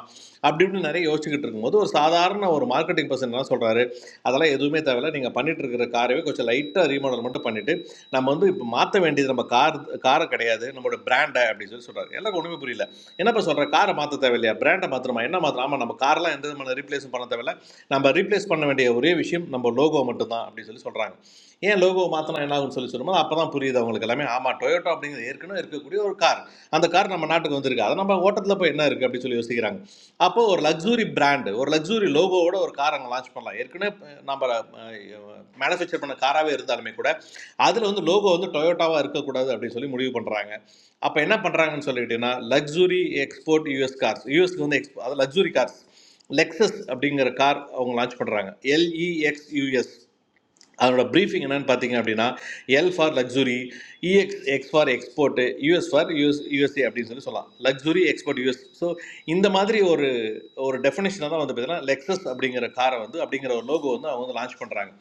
S19: அப்படி இப்படின்னு நிறைய யோசிச்சுக்கிட்டு இருக்கும்போது ஒரு சாதாரண ஒரு மார்க்கெட்டிங் பர்சன் என்ன சொல்றாரு அதெல்லாம் எதுவுமே தேவையில்ல நீங்கள் பண்ணிட்டு இருக்கிற காரவே கொஞ்சம் லைட்டாக ரீமாடல் மட்டும் பண்ணிட்டு நம்ம வந்து இப்போ மாற்ற வேண்டியது நம்ம கார் காரை கிடையாது நம்மளோட பிராண்டை அப்படின்னு சொல்லி சொல்றாரு எல்லாருக்கும் ஒன்றுமே புரியல என்னப்பா சொல்ற காரை மாற்ற தேவையில்லையா பிராண்டை மாத்திரமா என்ன மாத்திரம் ஆமா நம்ம கார்லாம் எந்த விதமான ரீப்ளேஸும் பண்ண தேவையில்ல நம்ம ரீப்ளேஸ் பண்ண வேண்டிய ஒரே விஷயம் நம்ம லோகோ மட்டும்தான் அப்படின்னு சொல்லி சொல்றாங்க ஏன் லோகோ மாத்திரம் என்ன ஆகும்னு சொல்லி சொல்லும்போது அப்போ தான் புரியுது அவங்களுக்கு எல்லாமே ஆமா டொயோட்டோ அப்படிங்கிறது ஏற்கனவே இருக்கக்கூடிய ஒரு கார் அந்த கார் நம்ம நாட்டுக்கு வந்திருக்கு அதை நம்ம ஓட்டத்தில் போய் என்ன இருக்கு அப்படின்னு சொல்லி யோசிக்கிறாங்க அப்போ ஒரு லக்ஸூரி பிராண்டு ஒரு லக்ஸூரி லோகோவோட ஒரு கார் அங்கே லான்ச் பண்ணலாம் ஏற்கனவே அஹ், நம்ம மேனுஃபேக்சர் பண்ண காராகவே இருந்தாலுமே கூட அதில் வந்து லோகோ வந்து டொயோட்டாவாக இருக்கக்கூடாது அப்படின்னு சொல்லி முடிவு பண்ணுறாங்க அப்போ என்ன பண்ணுறாங்கன்னு சொல்லிக்கிட்டீங்கன்னா லக்ஸூரி எக்ஸ்போர்ட் யூஎஸ் கார்ஸ் யூஎஸ்க்கு வந்து எக்ஸ்போ அது லக்ஸூரி கார்ஸ் லெக்ஸஸ் அப்படிங்கிற கார் அவங்க லான்ச் பண்ணுறாங்க எல்இஎக்ஸ் யூஎஸ் அதனோட ப்ரீஃபிங் என்னன்னு பார்த்தீங்க அப்படின்னா L for luxury EX X for export US for US USA அப்படின்னு சொல்லி சொல்லலாம் லக்ஸுரி எக்ஸ்போர்ட் யூஎஸ் ஸோ இந்த மாதிரி ஒரு ஒரு டெஃபினேஷனாக தான் வந்து பார்த்தீங்கன்னா லெக்ஸஸ் அப்படிங்கிற காரை வந்து அப்படிங்கிற ஒரு லோகோ வந்து அவங்க வந்து லான்ச் பண்ணுறாங்க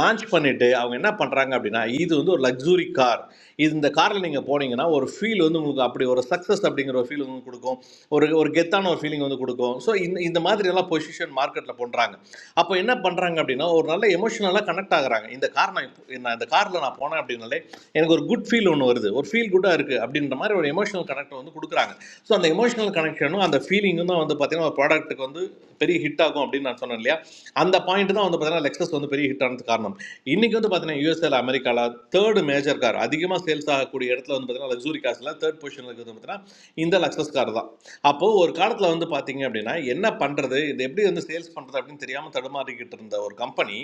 S19: லான்ச் பண்ணிவிட்டு அவங்க என்ன பண்ணுறாங்க அப்படின்னா இது வந்து ஒரு லக்ஸுரி கார் இது இந்த காரில் நீங்கள் போனீங்கன்னா ஒரு ஃபீல் வந்து உங்களுக்கு அப்படி ஒரு சக்ஸஸ் அப்படிங்கிற ஒரு ஃபீல் வந்து கொடுக்கும் கொடுக்கும் ஒரு ஒரு கெத்தான ஒரு ஃபீலிங் வந்து கொடுக்கும் ஸோ இந்த இந்த மாதிரி எல்லாம் பொசிஷன் மார்க்கெட்டில் பண்ணுறாங்க அப்போ என்ன பண்ணுறாங்க அப்படின்னா ஒரு நல்ல எமோஷனலாக கனெக்ட் ஆகுறாங்க இந்த கார் நான் இப்போ- நான் இந்த காரில் நான் போனேன் அப்படின்னாலே எனக்கு ஒரு குட் ஃபீல் ஒன்று வருது ஒரு ஃபீல் குட்டாக இருக்குது அப்படின்ற மாதிரி ஒரு எமோஷனல் கனெக்ட் வந்து கொடுக்குறாங்க ஸோ அந்த எமோஷனல் கனெக்ஷனும் அந்த ஃபீலிங்கும் தான் வந்து பார்த்தீங்கன்னா ஒரு ப்ராடக்ட்டுக்கு வந்து பெரிய ஹிட் ஆகும் அப்படின்னு நான் சொன்னேன் இல்லையா அந்த பாயிண்ட் தான் வந்து பார்த்தீங்கன்னா லெக்ஸஸ் வந்து பெரிய ஹிட் ஆனதுக்கு காரணம் இன்னைக்கு வந்து பார்த்தீங்கன்னா யூஎஸ்எல் அமெரிக்கால தேர்டு மேஜர் கார் அதிகமாக சேல்ஸ் ஆகக்கூடிய இடத்துல வந்து பார்த்தீங்கன்னா லக்ஸூரி காசில் தேர்ட் பொசிஷனில் இருக்கிறது பார்த்தீங்கன்னா இந்த லக்ஸஸ் கார் தான் அப்போது ஒரு காலத்தில் வந்து பார்த்தீங்க அப்படின்னா என்ன பண்ணுறது இது எப்படி வந்து சேல்ஸ் பண்ணுறது அப்படின்னு தெரியாமல் தடுமாறிக்கிட்டு இருந்த ஒரு கம்பெனி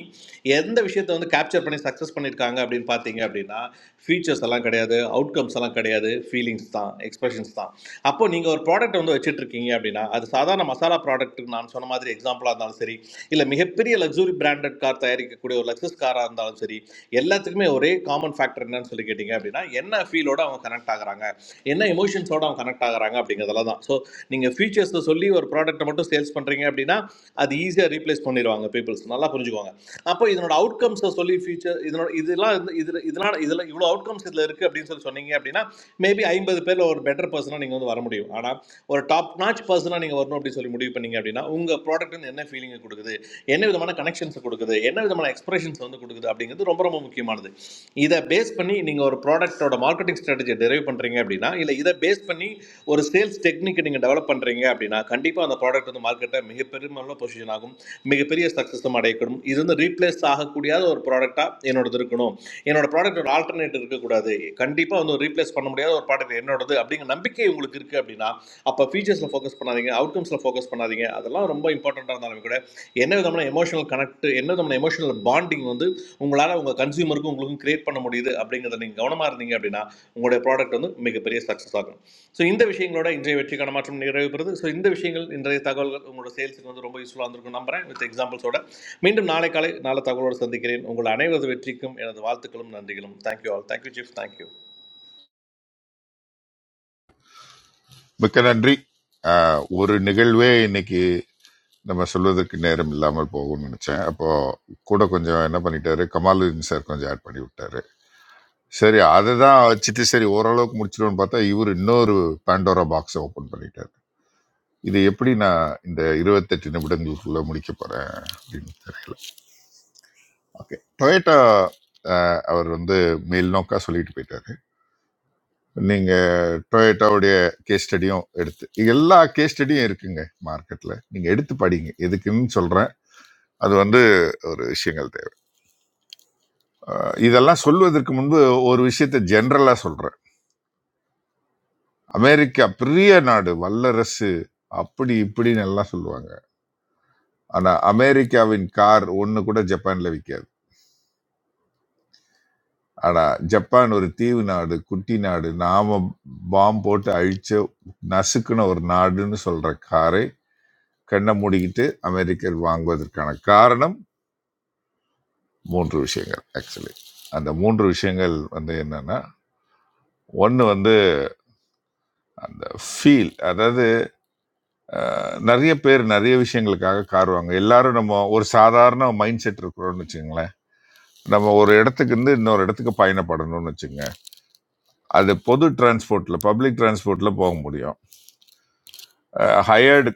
S19: எந்த விஷயத்தை வந்து கேப்சர் பண்ணி சக்ஸஸ் பண்ணியிருக்காங்க அப்படின்னு பார்த்தீங்க அப்படின்னா ஃபீச்சர்ஸ் எல்லாம் கிடையாது அவுட்கம்ஸ் எல்லாம் கிடையாது ஃபீலிங்ஸ் தான் எக்ஸ்பிரஷன்ஸ் தான் அப்போ நீங்கள் ஒரு ப்ராடக்ட் வந்து வச்சுட்டு இருக்கீங்க அப்படின்னா அது சாதாரண மசாலா ப்ராடக்ட் நான் சொன்ன மாதிரி எக்ஸாம்பிளாக இருந்தாலும் சரி இல்லை மிகப்பெரிய லக்ஸுரி பிராண்டட் கார் தயாரிக்கக்கூடிய ஒரு லக்ஸஸ் காராக இருந்தாலும் சரி எல்லாத்துக்குமே ஒரே காமன் ஃபேக்டர் என்னன்னு சொல்லி கேட்டிங்க அப்படின்னா என்ன ஃபீலோட அவங்க கனெக்ட் ஆகுறாங்க என்ன எமோஷன்ஸோட அவங்க கனெக்ட் ஆகுறாங்க அப்படிங்கிறதுல தான் ஸோ நீங்கள் ஃபீச்சர்ஸை சொல்லி ஒரு ப்ராடக்ட்டை மட்டும் சேல்ஸ் பண்ணுறீங்க அப்படின்னா அது ஈஸியாக ரீப்ளேஸ் பண்ணிடுவாங்க பீப்புள்ஸ் நல்லா புரிஞ்சுக்குவாங்க அப்போ இதனோட அவுட்கம்ஸை சொல்லி ஃபியூச்சர் இதனோட இதெல்லாம் இதில் இதெல்லாம் இதில் இவ்வளோ அவுட்கம்ஸ் இதில் இருக்குது அப்படின்னு சொல்லி சொன்னீங்க அப்படின்னா மேபி ஐம்பது பேரில் ஒரு பெட்டர் பர்சனாக நீங்கள் வந்து வர முடியும் ஆனால் ஒரு டாப் நாச் பர்சனாக நீங்கள் வரணும் அப்படின்னு சொல்லி முடிவு பண்ணீங்க அப்படின்னா உங்கள் ப்ராடக்ட் வந்து என்ன ஃபீலிங்கை கொடுக்குது என்ன விதமான கனெக்ஷன்ஸ் கொடுக்குது என்ன விதமான எக்ஸ்பிரஷன்ஸ் வந்து கொடுக்குது அப்படிங்கிறது ரொம்ப ரொம்ப முக்கியமானது இதை பேஸ் பண்ணி நீங்கள் ஒரு ப்ராடக்ட்டோட மார்க்கெட்டிங் ஸ்ட்ராட்டஜி டெரைவ் பண்ணுறீங்க அப்படின்னா இல்லை இதை பேஸ் பண்ணி ஒரு சேல்ஸ் டெக்னிக்கை நீங்கள் டெவலப் பண்ணுறீங்க அப்படின்னா கண்டிப்பாக அந்த ப்ராடக்ட் வந்து மார்க்கெட்டில் மிகப்பெருமான பொசிஷன் ஆகும் மிகப்பெரிய சக்ஸஸும் அடையக்கூடும் இது வந்து ரீப்ளேஸ் ஆகக்கூடிய ஒரு ப்ராடக்டாக என்னோடது இருக்கணும் என்னோட ப்ராடக்ட் ஒரு ஆல்டர்னேட் இருக்கக்கூடாது கண்டிப்பாக வந்து ஒரு ரீப்ளேஸ் பண்ண முடியாத ஒரு ப்ராடக்ட் என்னோடது அப்படிங்கிற நம்பிக்கை உங்களுக்கு இருக்குது அப்படின்னா அப்போ ஃபீச்சர்ஸில் ஃபோக்கஸ் பண்ணாதீங்க அவுட்கம்ஸில் ஃபோக்கஸ் பண்ணாதீங்க அதெல்லாம் ரொம்ப இம்பார்ட்டண்ட்டாக இருந்தாலும் கூட என்ன விதமான எமோஷனல் கனெக்ட் என்ன விதமான எமோஷனல் பாண்டிங் வந்து உங்களால் உங்கள் கன்சியூமருக்கும் உங்களுக்கும் கிரியேட் பண்ண முடியுது அப்படிங்கிறத நீங்கள் கவனமாக இருந்தீங்க அப்படின்னா உங்களுடைய ப்ராடக்ட் வந்து மிகப்பெரிய சக்ஸஸ் ஆகும் ஸோ இந்த விஷயங்களோட இன்றைய வெற்றிக்கான மாற்றம் நிறைவு பெறுது ஸோ இந்த விஷயங்கள் இன்றைய தகவல்கள் உங்களோட சேல்ஸுக்கு வந்து ரொம்ப யூஸ்ஃபுல்லாக இருந்திருக்கும் நம்புறேன் வித் எக்ஸாம்பிள்ஸோட மீண்டும் நாளை காலை நல்ல தகவலோடு சந்திக்கிறேன் உங்கள் அனைவரது வெற்றிக்கும் எனது வாழ்த்துக்களும் நன்றிகளும் thank you all thank you chief thank you
S10: மிக்க நன்றி ஆஹ் ஒரு நிகழ்வே இன்னைக்கு நம்ம சொல்வதற்கு நேரம் இல்லாமல் போகும்னு நினைச்சேன் அப்போ கூட கொஞ்சம் என்ன பண்ணிட்டாரு கமாலுதீன் சார் கொஞ்சம் ஆட் பண்ணி விட்டாரு சரி அதை தான் வச்சுட்டு சரி ஓரளவுக்கு முடிச்சிடுவோம்னு பார்த்தா இவர் இன்னொரு பாண்டோரா பாக்ஸை ஓப்பன் பண்ணிட்டாரு இது எப்படி நான் இந்த இருபத்தெட்டு நிமிடங்களுக்குள்ள முடிக்க போறேன் அப்படின்னு தெரியல ஓகே டொயேட்டா அவர் வந்து மேல் நோக்கா சொல்லிட்டு போயிட்டாரு நீங்கள் டொயோட்டாவுடைய கேஸ் ஸ்டடியும் எடுத்து எல்லா கேஸ் ஸ்டடியும் இருக்குங்க மார்க்கெட்டில் நீங்கள் எடுத்து படிங்க எதுக்குன்னு சொல்கிறேன் அது வந்து ஒரு விஷயங்கள் தேவை அஹ் இதெல்லாம் சொல்வதற்கு முன்பு ஒரு விஷயத்தை ஜென்ரலாக சொல்கிறேன் அமெரிக்கா பெரிய நாடு வல்லரசு அப்படி இப்படின்னு எல்லாம் சொல்லுவாங்க ஆனால் அமெரிக்காவின் கார் ஒன்று கூட ஜப்பானில் விற்காது ஆனால் ஜப்பான் ஒரு தீவு நாடு குட்டி நாடு நாம பாம் போட்டு அழிச்ச நசுக்குன ஒரு நாடுன்னு சொல்கிற காரை கண்ணை மூடிக்கிட்டு அமெரிக்கர் வாங்குவதற்கான காரணம் மூன்று விஷயங்கள் ஆக்சுவலி அந்த மூன்று விஷயங்கள் வந்து என்னன்னா ஒன்று வந்து அந்த ஃபீல் அதாவது அஹ், நிறைய பேர் நிறைய விஷயங்களுக்காக கார் வாங்க எல்லாரும் நம்ம ஒரு சாதாரண மைண்ட் செட் இருக்கிறோம்னு வச்சுங்களேன் நம்ம ஒரு இடத்துக்கு இருந்து இன்னொரு இடத்துக்கு பயணப்படணும்னு வச்சுங்க அது பொது டிரான்ஸ்போர்ட்ல பப்ளிக் டிரான்ஸ்போர்ட்ல போக முடியும் ஹயர்டு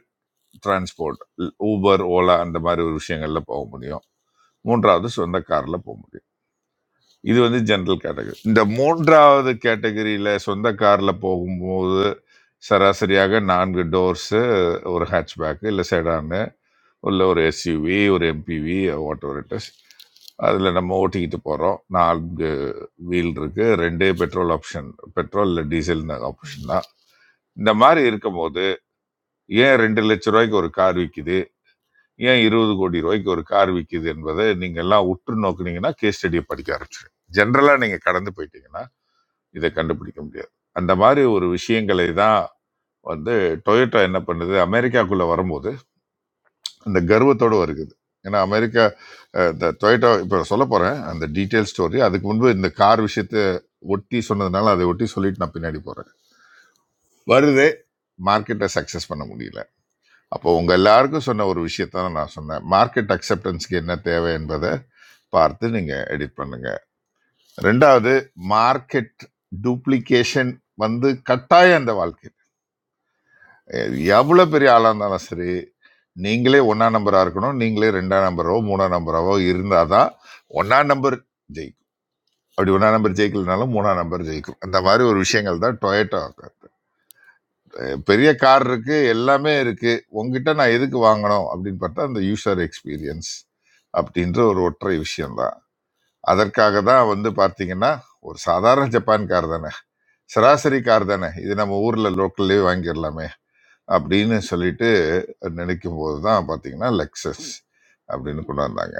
S10: டிரான்ஸ்போர்ட் ஊபர் ஓலா அந்த மாதிரி ஒரு விஷயங்கள்ல போக முடியும் மூன்றாவது சொந்த கார்ல போக முடியும் இது வந்து ஜென்ரல் கேட்டகரி இந்த மூன்றாவது கேட்டகரியில் சொந்த காரில் போகும்போது சராசரியாக நான்கு டோர்ஸு ஒரு ஹேட்ச்பேக்கு இல்லை செடானு உள்ள ஒரு எஸ்யூவி ஒரு MPV whatever it is அதில் நம்ம ஓட்டிக்கிட்டு போகிறோம் நான்கு வீல் இருக்கு ரெண்டே பெட்ரோல் ஆப்ஷன் பெட்ரோல் இல்லை டீசல் ஆப்ஷன் தான் இந்த மாதிரி இருக்கும்போது ஏன் ரெண்டு லட்ச ரூபாய்க்கு ஒரு கார் விற்கிது ஏன் இருபது கோடி ரூபாய்க்கு ஒரு கார் விற்கிது என்பதை நீங்கள் எல்லாம் உற்று நோக்குனீங்கன்னா கேஸ் ஸ்டடியை படிக்க ஆரம்பிச்சிடும் ஜென்ரலாக நீங்கள் கடந்து போயிட்டீங்கன்னா இதை கண்டுபிடிக்க முடியாது அந்த மாதிரி ஒரு விஷயங்களை தான் வந்து டொயோட்டா என்ன பண்ணுது அமெரிக்காக்குள்ள வரும்போது அந்த கர்வத்தோட வருகிறது ஏன்னா அமெரிக்கா அஹ், இந்த டொயோட்டா இப்போ சொல்ல போறேன் அந்த டீட்டெயில் ஸ்டோரி அதுக்கு முன்பு இந்த கார் விஷயத்த ஒட்டி சொன்னதுனால அதை ஒட்டி சொல்லிட்டு நான் பின்னாடி போறேன் வருது மார்க்கெட்டை சக்சஸ் பண்ண முடியல அப்போ உங்க எல்லாருக்கும் சொன்ன ஒரு விஷயத்த தான் நான் சொன்னேன் மார்க்கெட் அக்செப்டன்ஸ்க்கு என்ன தேவை என்பதை பார்த்து நீங்க எடிட் பண்ணுங்க ரெண்டாவது மார்க்கெட் டூப்ளிகேஷன் வந்து கட்டாயம் அந்த வாழ்க்கை எவ்வளோ பெரிய ஆளாக இருந்தாலும் சரி நீங்களே ஒன்றாம் நம்பராக இருக்கணும் நீங்களே ரெண்டாம் நம்பரோ மூணாம் நம்பராவோ இருந்தால் தான் ஒன்றாம் நம்பர் ஜெயிக்கும் அப்படி ஒன்றாம் நம்பர் ஜெயிக்கலனாலும் மூணாம் நம்பர் ஜெயிக்கும் அந்த மாதிரி ஒரு விஷயங்கள் தான் டொயேட்டோ பெரிய கார் இருக்கு எல்லாமே இருக்கு உங்ககிட்ட நான் எதுக்கு வாங்கணும் அப்படின்னு பார்த்தா அந்த யூசர் எக்ஸ்பீரியன்ஸ் அப்படின்ற ஒரு ஒற்றை விஷயம்தான் அதற்காக தான் வந்து பார்த்தீங்கன்னா ஒரு சாதாரண ஜப்பான் கார் தானே சராசரி கார் தானே இது நம்ம ஊர்ல லோக்கல்லே வாங்கிடலாமே அப்படின்னு சொல்லிட்டு நினைக்கும் போது தான் பார்த்தீங்கன்னா லெக்ஸஸ் அப்படின்னு கொண்டு வந்தாங்க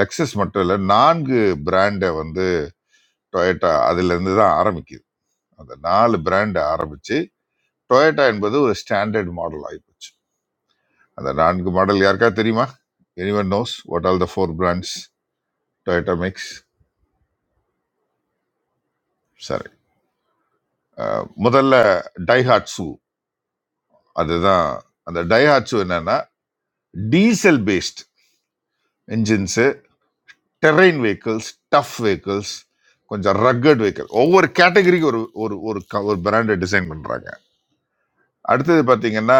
S10: லெக்ஸஸ் மட்டும் இல்லை நான்கு பிராண்டை வந்து டொயேட்டா அதுலேருந்து தான் ஆரம்பிக்குது அந்த நாலு பிராண்டை ஆரம்பித்து டொயேட்டா என்பது ஒரு ஸ்டாண்டர்ட் மாடல் ஆகிப்போச்சு அந்த நான்கு மாடல் யாருக்கா தெரியுமா anyone knows what all the four brands Toyota mix சரி அஹ் முதல்ல டைஹாட்சு அதுதான் அந்த டைஹாட்சு என்னன்னா diesel based engines terrain vehicles, tough vehicles, கொஞ்சம் ரக்கட் வெஹிக்கிள். ஒவ்வொரு கேட்டகரிக்கு ஒரு ஒரு ஒரு க ஒரு பிராண்ட டிசைன் பண்றாங்க. அடுத்தது பார்த்தீங்கன்னா,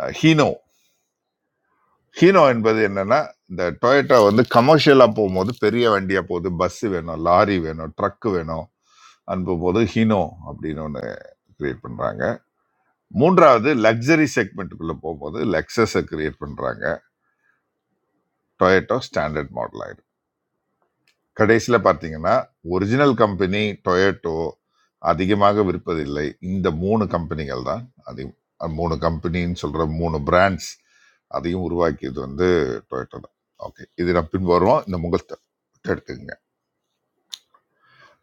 S10: அ ஹீனோ. ஹீனோ என்பது என்னன்னா, இந்த Toyota வந்து கமர்ஷியலா போம்போது பெரிய வண்டியா போகுது. பஸ் வேணும், லாரி வேணும், ட்ரக் வேணும் அனுப்பும்போது ஹீனோ அப்படின்னு ஒண்ணு கிரியேட் பண்றாங்க. மூன்றாவது லக்ஸரி செக்மெண்ட்டுக்குள்ள போகும்போது Lexus அ கிரியேட் பண்றாங்க. Toyota ஸ்டாண்டர்ட் மாடல் கடைசியில் பார்த்தீங்கன்னா ஒரிஜினல் கம்பெனி டொயேட்டோ அதிகமாக விற்பதில்லை இந்த மூணு கம்பெனிகள் தான் அதிகம் அஹ் மூணு கம்பெனின்னு சொல்கிற மூணு பிராண்ட்ஸ் அதையும் உருவாக்கியது வந்து டொயேட்டோ தான் ஓகே இது நான் பின் வருவோம் இந்த முகத்தை எடுத்துக்கங்க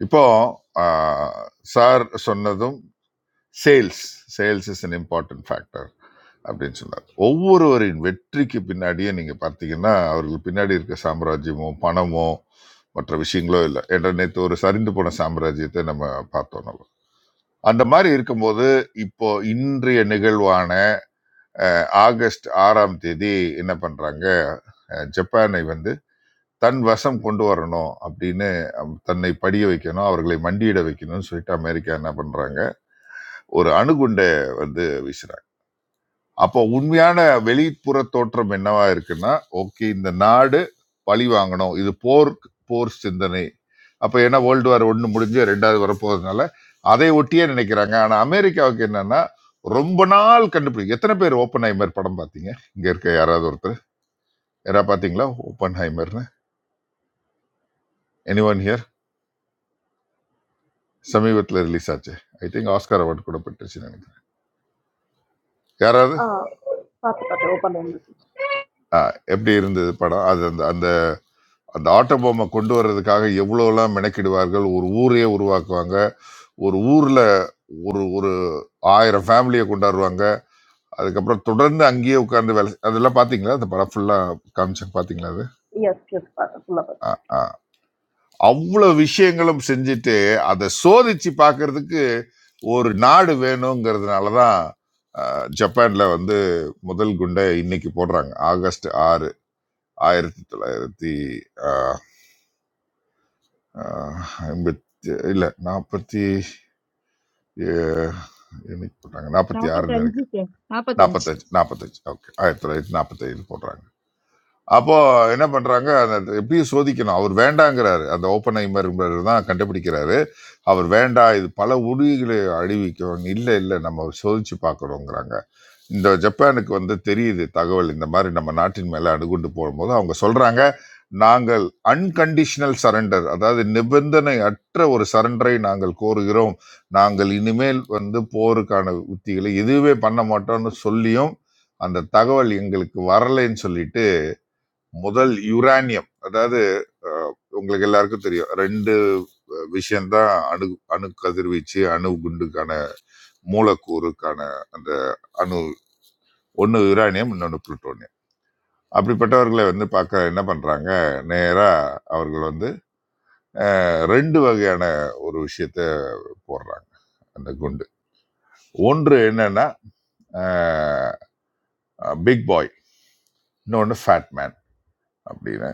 S10: இப்போ ஆஹ், சார் சொன்னதும் sales sales is an important factor அப்படின்னு சொன்னார் ஒவ்வொருவரின் வெற்றிக்கு பின்னாடியே நீங்கள் பார்த்தீங்கன்னா அவர்கள் பின்னாடி இருக்க சாம்ராஜ்யமோ பணமோ மற்ற விஷயங்களோ இல்லை என்ற நேற்று ஒரு சரிந்து போன சாம்ராஜ்யத்தை நம்ம பார்த்தோம் நம்ம அந்த மாதிரி இருக்கும்போது இப்போ இன்றைய நிகழ்வான அஹ், ஆகஸ்ட் ஆறாம் தேதி என்ன பண்றாங்க அஹ், ஜப்பானை வந்து தன் வசம் கொண்டு வரணும் அப்படின்னு அம், தன்னை படிய வைக்கணும் அவர்களை மண்டியிட வைக்கணும்னு சொல்லிட்டு அமெரிக்கா என்ன பண்றாங்க ஒரு அணுகுண்டை வந்து வீசுறாங்க அப்போ உண்மையான வெளிப்புற தோற்றம் என்னவா இருக்குன்னா ஓகே இந்த நாடு பழி வாங்கணும் இது போர் போர் சிந்தனை அப்போ ஏன்னா வேர்ல்டு வார் ஒன்று முடிஞ்சு ரெண்டாவது வரப்போகிறதுனால அதை ஒட்டியே நினைக்கிறாங்க ஆனால் அமெரிக்காவுக்கு என்னன்னா ரொம்ப நாள் கண்டுபிடி எத்தனை பேர் ஓப்பன் ஹைமர் படம் பார்த்தீங்க இங்கே இருக்க யாராவது ஒருத்தர் யாராவது பார்த்தீங்களா ஓப்பன் ஹைமர்னு எனி ஒன் ஹியர் சமீபத்தில் ரிலீஸ் ஆச்சு ஐ திங்க் ஆஸ்கார் அவார்டு கூட பெற்றுச்சு நினைக்கிறேன் யாராவது
S20: Uh, what about the open-ended?
S10: ஆ, எப்படி இருந்தது படம் அது அந்த அந்த அந்த ஆட்டோ பொம்மை கொண்டு வர்றதுக்காக எவ்வளோலாம் மெனக்கிடுவார்கள் ஒரு ஊரே உருவாக்குவாங்க ஒரு ஊர்ல ஒரு ஒரு ஆயிரம் ஃபேமிலியை கொண்டாடுவாங்க அதுக்கப்புறம் தொடர்ந்து அங்கேயே உட்கார்ந்து வேலை செய்- அதெல்லாம் பாத்தீங்களா அந்த படம் ஃபுல்லா காமிச்சாங்க பாத்தீங்களா அது
S20: Yes, yes, what about that? Well, that.
S10: ஆ, ஆ. அவ்வளவு விஷயங்களும் செஞ்சுட்டு அதை சோதிச்சு பார்க்கிறதுக்கு ஒரு நாடு வேணுங்கிறதுனாலதான் ஜப்பான்ல வந்து முதல் குண்டை இன்னைக்கு போடுறாங்க ஆகஸ்ட் ஆறு ஆயிரத்தி தொள்ளாயிரத்தி ஆ, ஆ, ஐம்பத்தி இல்ல நாற்பத்தி ஏ- என்னைக்கு போட்டாங்க நாற்பத்தி ஆறுன்னு
S4: நாற்பத்தஞ்சு
S10: நினைக்கிறேன்
S4: சார் நாற்பத்தஞ்சு
S10: நாற்பத்தஞ்சு நாற்பத்தஞ்சு ஓகே ஆயிரத்தி தொள்ளாயிரத்தி நாற்பத்தஞ்சு போடுறாங்க அப்போ என்ன பண்றாங்க அந்த எப்படியும் சோதிக்கணும் அவர் வேண்டாங்கிறாரு அந்த ஓப்பன் ஐமருங்கிறது தான் கண்டுபிடிக்கிறாரு அவர் வேண்டாம் இது பல உறுதிகளை அழிவிக்கும் இல்லை இல்லை நம்ம சோதிச்சு பார்க்கணுங்கிறாங்க இந்த ஜப்பானுக்கு வந்து தெரியுது தகவல் இந்த மாதிரி நம்ம நாட்டின் மேலே அணுகுண்டு போடும்போது அவங்க சொல்றாங்க நாங்கள் அன்கண்டிஷனல் சரண்டர் அதாவது நிபந்தனை அற்ற ஒரு சரண்டரை நாங்கள் கோருகிறோம் நாங்கள் இனிமேல் வந்து போருக்கான உத்திகளை எதுவுமே பண்ண மாட்டோம்னு சொல்லியும் அந்த தகவல் எங்களுக்கு வரலைன்னு சொல்லிட்டு முதல் யுரானியம் அதாவது அஹ், உங்களுக்கு எல்லாருக்கும் தெரியும் ரெண்டு விஷயம்தான் அணு அணு கதிர்வீச்சு அணு குண்டுக்கான மூலக்கூறுக்கான அந்த அணு ஒன்று யுரானியம் இன்னொன்று புளுட்டோனியம் அப்படிப்பட்டவர்களை வந்து பார்க்க என்ன பண்ணுறாங்க நேராக அவர்கள் வந்து அஹ், ரெண்டு வகையான ஒரு விஷயத்தை போடுறாங்க அந்த குண்டு ஒன்று என்னன்னா பிக் பாய் இன்னொன்று ஃபேட் மேன் அப்படின்னு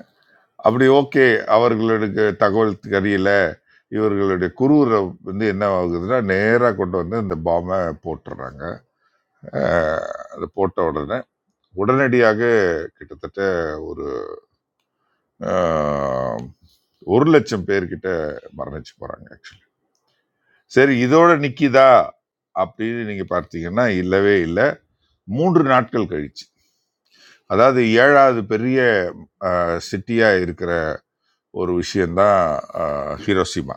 S10: அப்படி ஓகே அவர்களுக்கு தகவல் தெரியல இவர்களுடைய குரூரை வந்து என்ன ஆகுதுன்னா நேராக கொண்டு வந்து இந்த பாம்பை போட்டுடுறாங்க அஹ், அது போட்ட உடனே உடனடியாக கிட்டத்தட்ட ஒரு ஒரு லட்சம் பேர்கிட்ட மரணிச்சு போறாங்க ஆக்சுவலி சரி இதோட நிக்கிதா அப்படின்னு நீங்க பார்த்தீங்கன்னா இல்லவே இல்லை மூன்று நாட்கள் கழிச்சு அதாவது ஏழாவது பெரிய சிட்டியா இருக்கிற ஒரு விஷயம்தான் அஹ், ஹிரோஷிமா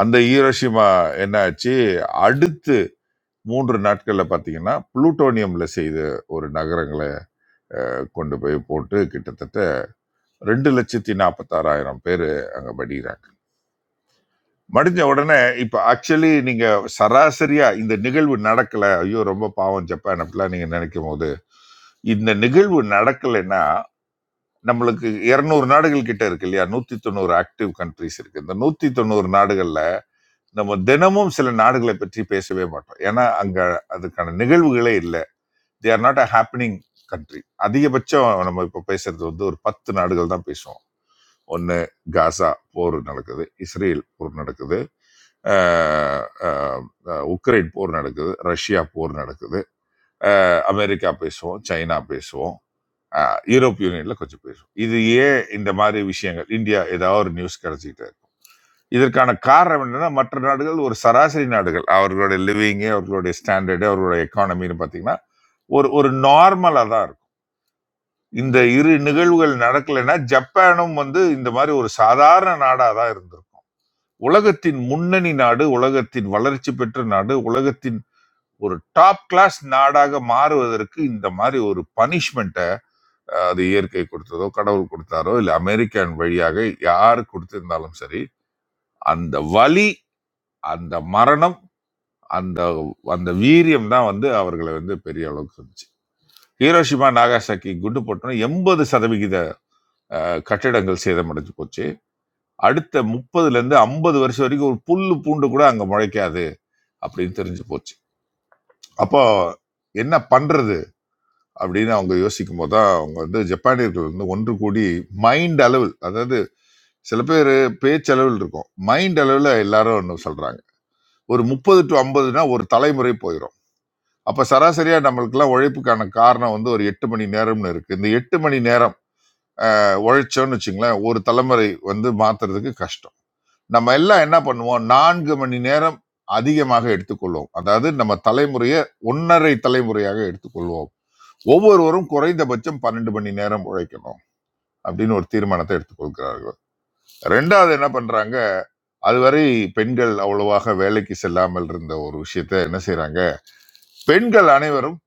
S10: அந்த ஹீரோஷிமா என்னாச்சு அடுத்து மூன்று நாட்கள்ல பாத்தீங்கன்னா புளூட்டோனியம்ல செய்த ஒரு நகரங்களை கொண்டு போய் போட்டு கிட்டத்தட்ட ரெண்டு லட்சத்தி நாற்பத்தாறாயிரம் பேர் அங்க படிக்கிறாங்க மடிஞ்ச உடனே இப்ப ஆக்சுவலி நீங்க சராசரியா இந்த நிகழ்வு நடக்கல ஐயோ ரொம்ப பாவம் ஜப்பான் அப்படிலாம் நீங்க நினைக்கும் போது இந்த நிகழ்வு நடக்கலைன்னா நம்மளுக்கு இருநூறு நாடுகள் கிட்ட இருக்கு இல்லையா நூத்தி தொண்ணூறு ஆக்டிவ் கண்ட்ரிஸ் இருக்கு இந்த நூத்தி தொண்ணூறு நாடுகள்ல நம்ம தினமும் சில நாடுகளை பற்றி பேசவே மாட்டோம் ஏன்னா அங்க அதுக்கான நிகழ்வுகளே இல்லை they are not a happening country அதிகபட்சம் நம்ம இப்போ பேசுறது வந்து ஒரு பத்து நாடுகள் தான் பேசுவோம் ஒன்னு காசா போர் நடக்குது இஸ்ரேல் போர் நடக்குது அஹ் அஹ் அஹ் உக்ரைன் போர் நடக்குது ரஷ்யா போர் நடக்குது அஹ் அமெரிக்கா பேசுவோம் சைனா பேசுவோம் அஹ் யூரோப் யூனியன்ல கொஞ்சம் பேசுவோம் இது ஏன் இந்த மாதிரி விஷயங்கள் இந்தியா ஏதாவது ஒரு நியூஸ் கிடைச்சிட்டு இருக்கு. இதற்கான காரணம் என்னன்னா மற்ற நாடுகள் ஒரு சராசரி நாடுகள் அவர்களுடைய லிவிங்கு அவர்களுடைய ஸ்டாண்டர்டு அவர்களுடைய எக்கானமின்னு பார்த்தீங்கன்னா ஒரு ஒரு நார்மலாக தான் இருக்கும் இந்த இரு நிகழ்வுகள் நடக்கலைன்னா ஜப்பானும் வந்து இந்த மாதிரி ஒரு சாதாரண நாடாக தான் இருந்திருக்கும் உலகத்தின் முன்னணி நாடு உலகத்தின் வளர்ச்சி பெற்ற நாடு உலகத்தின் ஒரு டாப் கிளாஸ் நாடாக மாறுவதற்கு இந்த மாதிரி ஒரு பனிஷ்மெண்ட்டை அது இயற்கை கொடுத்ததோ கடவுள் கொடுத்தாரோ இல்லை அமெரிக்கன் வழியாக யார் கொடுத்திருந்தாலும் சரி அந்த வலி அந்த மரணம் அந்த அந்த வீரியம் தான் வந்து அவர்களை வந்து பெரிய அளவுக்கு இருந்துச்சு ஹீரோஷிமா நாகாசாக்கி குண்டு போட்டோம் எண்பது சதவிகித அஹ், கட்டிடங்கள் சேதமடைஞ்சு போச்சு அடுத்த முப்பதுல இருந்து ஐம்பது வருஷம் வரைக்கும் ஒரு புல்லு பூண்டு கூட அங்க முளைக்காது அப்படின்னு தெரிஞ்சு போச்சு அப்போ என்ன பண்றது அப்படின்னு அவங்க யோசிக்கும் போது தான் அவங்க வந்து ஜப்பானியர்கள் வந்து ஒன்று கூடி மைண்ட் அளவில் அதாவது சில பேர் பேச்சளவில் இருக்கும் மைண்ட் அளவில் எல்லாரும் ஒன்று சொல்கிறாங்க ஒரு முப்பது டு ஐம்பதுனா ஒரு தலைமுறை போயிடும் அப்போ சராசரியாக நம்மளுக்கெல்லாம் உழைப்புக்கான காரணம் வந்து ஒரு எட்டு மணி நேரம்னு இருக்குது இந்த எட்டு மணி நேரம் அஹ், உழைச்சோம்னு வச்சுங்களேன் ஒரு தலைமுறை வந்து மாற்றுறதுக்கு கஷ்டம் நம்ம எல்லாம் என்ன பண்ணுவோம் நான்கு மணி நேரம் அதிகமாக எடுத்துக்கொள்வோம் அதாவது நம்ம தலைமுறையை ஒன்றரை தலைமுறையாக எடுத்துக்கொள்வோம் ஒவ்வொருவரும் குறைந்தபட்சம் பன்னெண்டு மணி நேரம் உழைக்கணும் அப்படின்னு ஒரு தீர்மானத்தை எடுத்துக்கொள்கிறார்கள் ரெண்டாவது என்ன பண்றாங்க அதுவரை பெண்கள் அவ்வளவாக வேலைக்கு செல்லாமல் இருந்த ஒரு விஷயத்தை என்ன செய்றாங்க பெண்கள் அனைவரும்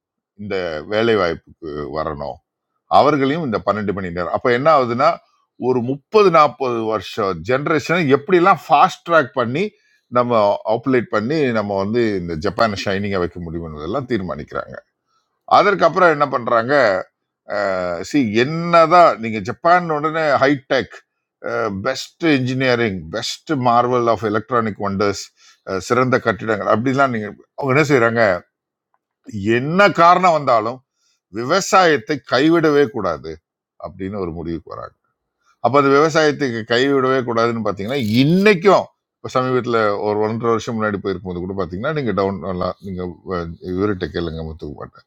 S10: இந்த வேலை வாய்ப்புக்கு வரணும் அவர்களையும் இந்த பன்னெண்டு மணி நேரம் அப்ப என்ன ஆகுதுன்னா ஒரு முப்பது நாற்பது வருஷம் ஜென்ரேஷனை எப்படிலாம் ஃபாஸ்ட் ட்ராக் பண்ணி நம்ம ஆப்ரேட் பண்ணி நம்ம வந்து இந்த ஜப்பானை ஷைனிங்கா வைக்க முடியும் என்பதெல்லாம் தீர்மானிக்கிறாங்க அதற்கப்புறம் என்ன பண்றாங்க சி என்னதான் நீங்க ஜப்பான் உடனே hi-tech best engineering best marvel of electronic wonders சிறந்த கட்டிடங்கள் அப்படிலாம் நீங்க அவங்க என்ன செய்றாங்க என்ன காரணம் வந்தாலும் விவசாயத்தை கைவிடவே கூடாது அப்படின்னு ஒரு முடிவுக்கு வராங்க அப்ப அது விவசாயத்துக்கு கைவிடவே கூடாதுன்னு பாத்தீங்கன்னா இன்னைக்கும் இப்ப சமீபத்துல ஒரு ஒன்றரை வருஷம் முன்னாடி போயிருக்கும்போது கூட பாத்தீங்கன்னா நீங்க டவுன் நீங்க அஹ், இவர்கிட்ட கேளுங்க முத்துக்குப்பாட்ட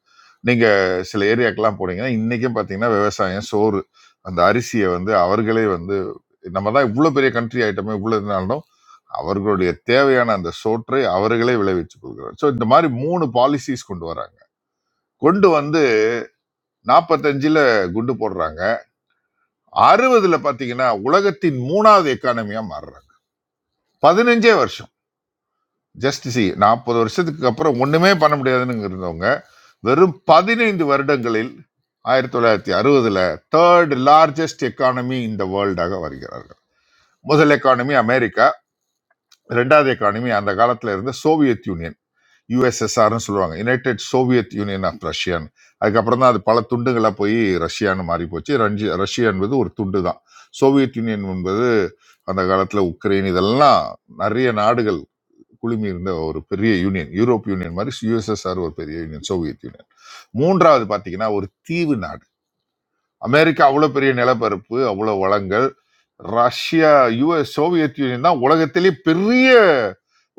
S10: நீங்க சில ஏரியாக்கெல்லாம் போனீங்கன்னா இன்னைக்கும் பாத்தீங்கன்னா விவசாயம் சோறு அந்த அரிசியை வந்து அவர்களே வந்து நம்ம தான் இவ்வளோ பெரிய கண்ட்ரி ஐட்டமே இவ்வளோ இருந்தாலும் அவர்களுடைய தேவையான அந்த சோற்றை அவர்களே விளைவிச்சுக் கொள்கிறார் ஸோ இந்த மாதிரி மூணு பாலிசிஸ் கொண்டு வராங்க கொண்டு வந்து நாற்பத்தஞ்சில் குண்டு போடுறாங்க அறுபதுல பாத்தீங்கன்னா உலகத்தின் மூணாவது எக்கானமியா மாறுறாங்க பதினஞ்சே வருஷம் ஜஸ்ட் சி நாற்பது வருஷத்துக்கு அப்புறம் ஒண்ணுமே பண்ண முடியாதுன்னு இருந்தவங்க வெறும் பதினைந்து வருடங்களில் ஆயிரத்தி தொள்ளாயிரத்தி அறுபதுல தேர்ட் லார்ஜஸ்ட் எக்கானமி இந்த வேர்ல்டாக வருகிறார்கள் முதல் எக்கானமி அமெரிக்கா ரெண்டாவது எக்கானமி அந்த காலத்துல இருந்த சோவியத் யூனியன் யூஎஸ்எஸ்ஆர்னு சொல்லுவாங்க யுனைடெட் சோவியத் யூனியன் ஆஃப் ரஷ்யான்னு அதுக்கப்புறம் தான் அது பல துண்டுகளாக போய் ரஷ்யான்னு மாறி போச்சு ரஞ்சி ரஷ்யா என்பது ஒரு துண்டு தான் சோவியத் யூனியன் என்பது அந்த காலத்துல உக்ரைன் இதெல்லாம் நிறைய நாடுகள் குழுமி இருந்த ஒரு பெரிய யூனியன் யூரோப் யூனியன் மாதிரி யுஎஸ்எஸ்ஆர் ஒரு பெரிய யூனியன் சோவியத் யூனியன் மூன்றாவது பார்த்தீங்கன்னா ஒரு தீவு நாடு அமெரிக்கா அவ்வளோ பெரிய நிலப்பரப்பு அவ்வளோ வளங்கள் ரஷ்யா யுஎஸ் சோவியத் யூனியன் தான் உலகத்திலே பெரிய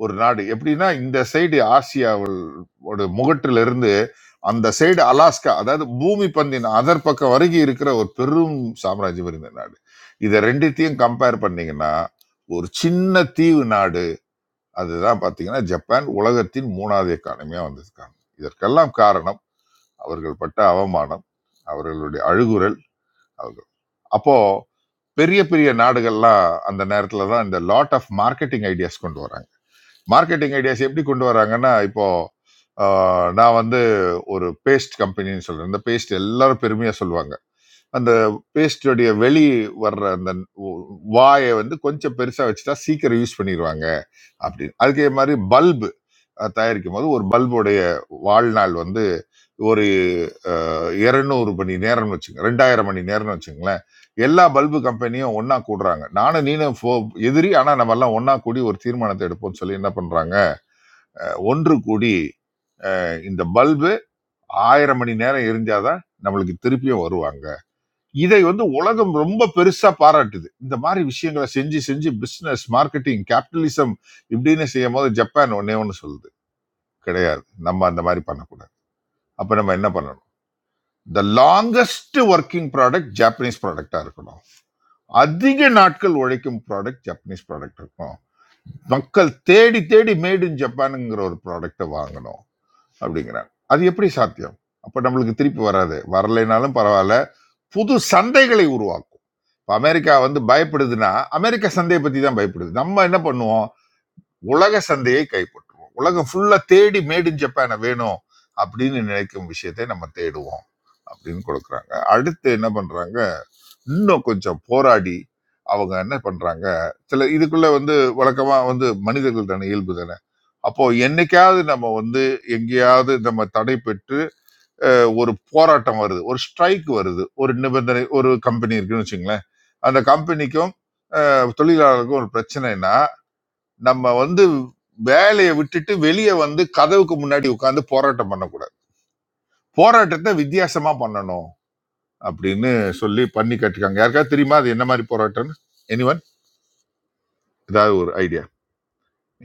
S10: ஒரு நாடு எப்படின்னா இந்த சைடு ஆசியாவோட முகட்டிலிருந்து அந்த சைடு அலாஸ்கா அதாவது பூமி பந்தின் அதர் பக்கம் வரைக்கும் இருக்கிற ஒரு பெரும் சாம்ராஜ்யம் இருந்த நாடு இதை ரெண்டுத்தையும் கம்பேர் பண்ணீங்கன்னா ஒரு சின்ன தீவு நாடு அதுதான் பார்த்தீங்கன்னா ஜப்பான் உலகத்தின் மூணாவது எக்கானமியாக வந்திருக்காங்க இதற்கெல்லாம் காரணம் அவர்கள் பட்ட அவமானம் அவர்களுடைய அழுகுரல் அவர்கள் அப்போ பெரிய பெரிய நாடுகள்லாம் அந்த நேரத்தில் தான் இந்த லாட் ஆஃப் மார்க்கெட்டிங் ஐடியாஸ் கொண்டு வராங்க மார்க்கெட்டிங் ஐடியாஸ் எப்படி கொண்டு வராங்கன்னா இப்போ ஆஹ், நான் வந்து ஒரு பேஸ்ட் கம்பெனின்னு சொல்றேன் இந்த பேஸ்ட் எல்லாரும் பெருமையா சொல்லுவாங்க அந்த பேஸ்டுடைய வெளி வர்ற அந்த வாயை வந்து கொஞ்சம் பெருசா வச்சுட்டா சீக்கிரம் யூஸ் பண்ணிடுவாங்க அப்படின்னு அதே மாதிரி பல்பு அஹ், தயாரிக்கும் போது ஒரு பல்புடைய வாழ்நாள் வந்து ஒரு இருநூறு மணி நேரம்னு வச்சுங்க ரெண்டாயிரம் மணி நேரம்னு வச்சுங்களேன் எல்லா பல்பு கம்பெனியும் ஒண்ணா கூடுறாங்க நானும் நீனும் ஃபோ- எதிரி ஆனா நம்ம எல்லாம் ஒண்ணா கூடி ஒரு தீர்மானத்தை எடுப்போம்னு சொல்லி என்ன பண்றாங்க ஒன்று கூடி அஹ், இந்த பல்பு ஆயிரம் மணி நேரம் எரிஞ்சாதான் நம்மளுக்கு திருப்பியும் வருவாங்க இதை வந்து உலகம் ரொம்ப பெருசா பாராட்டுது இந்த மாதிரி விஷயங்களை செஞ்சு செஞ்சு பிசினஸ் மார்க்கெட்டிங் கேபிட்டலிசம் இப்படின்னு செய்யும் போது ஜப்பான் ஒன்னே ஒன்று சொல்லுது கிடையாது நம்ம அந்த மாதிரி பண்ணக்கூடாது அப்ப நம்ம என்ன பண்ணலாம் the longest working product Japanese ப்ராடக்டாக இருக்கணும் அதிக நாட்கள் உழைக்கும் ப்ராடக்ட் ஜாப்பனீஸ் ப்ராடக்ட் இருக்கணும் மக்கள் தேடி தேடி மேட் இன் ஜப்பானுங்கிற ஒரு ப்ராடக்டை வாங்கணும் அப்படிங்கிறாங்க அது எப்படி சாத்தியம் அப்போ நம்மளுக்கு திருப்பி வராது வரலைனாலும் பரவாயில்ல புது சந்தைகளை உருவாக்கும் இப்போ அமெரிக்கா வந்து பயப்படுதுன்னா அமெரிக்க சந்தையை பற்றி தான் பயப்படுது நம்ம என்ன பண்ணுவோம் உலக சந்தையை கைப்பற்றுவோம் உலகம் ஃபுல்லாக தேடி மேட் இன் ஜப்பானை வேணும் அப்படின்னு நினைக்கும் விஷயத்தை நம்ம தேடுவோம் அப்படின்னு கொடுக்குறாங்க அடுத்து என்ன பண்றாங்க இன்னும் கொஞ்சம் போராடி அவங்க என்ன பண்றாங்க சில இதுக்குள்ள வந்து வழக்கமா வந்து மனிதர்கள் தானே இயல்பு தானே அப்போ என்னைக்காவது நம்ம வந்து எங்கேயாவது நம்ம தடை பெற்று ஒரு போராட்டம் வருது ஒரு ஸ்ட்ரைக் வருது ஒரு நிபந்தனை ஒரு கம்பெனி இருக்குன்னு வச்சுங்களேன் அந்த கம்பெனிக்கும் அஹ், தொழிலாளருக்கும் ஒரு பிரச்சனைனா நம்ம வந்து வேலையை விட்டுட்டு வெளியே வந்து கதவுக்கு முன்னாடி உட்காந்து போராட்டம் பண்ணக்கூடாது போராட்டத்தை வித்தியாசமா பண்ணணும் அப்படின்னு சொல்லி பண்ணி கட்டிருக்காங்க யாருக்காவது தெரியுமா அது என்ன மாதிரி போராட்டம்னு எனிவன் ஏதாவது ஒரு ஐடியா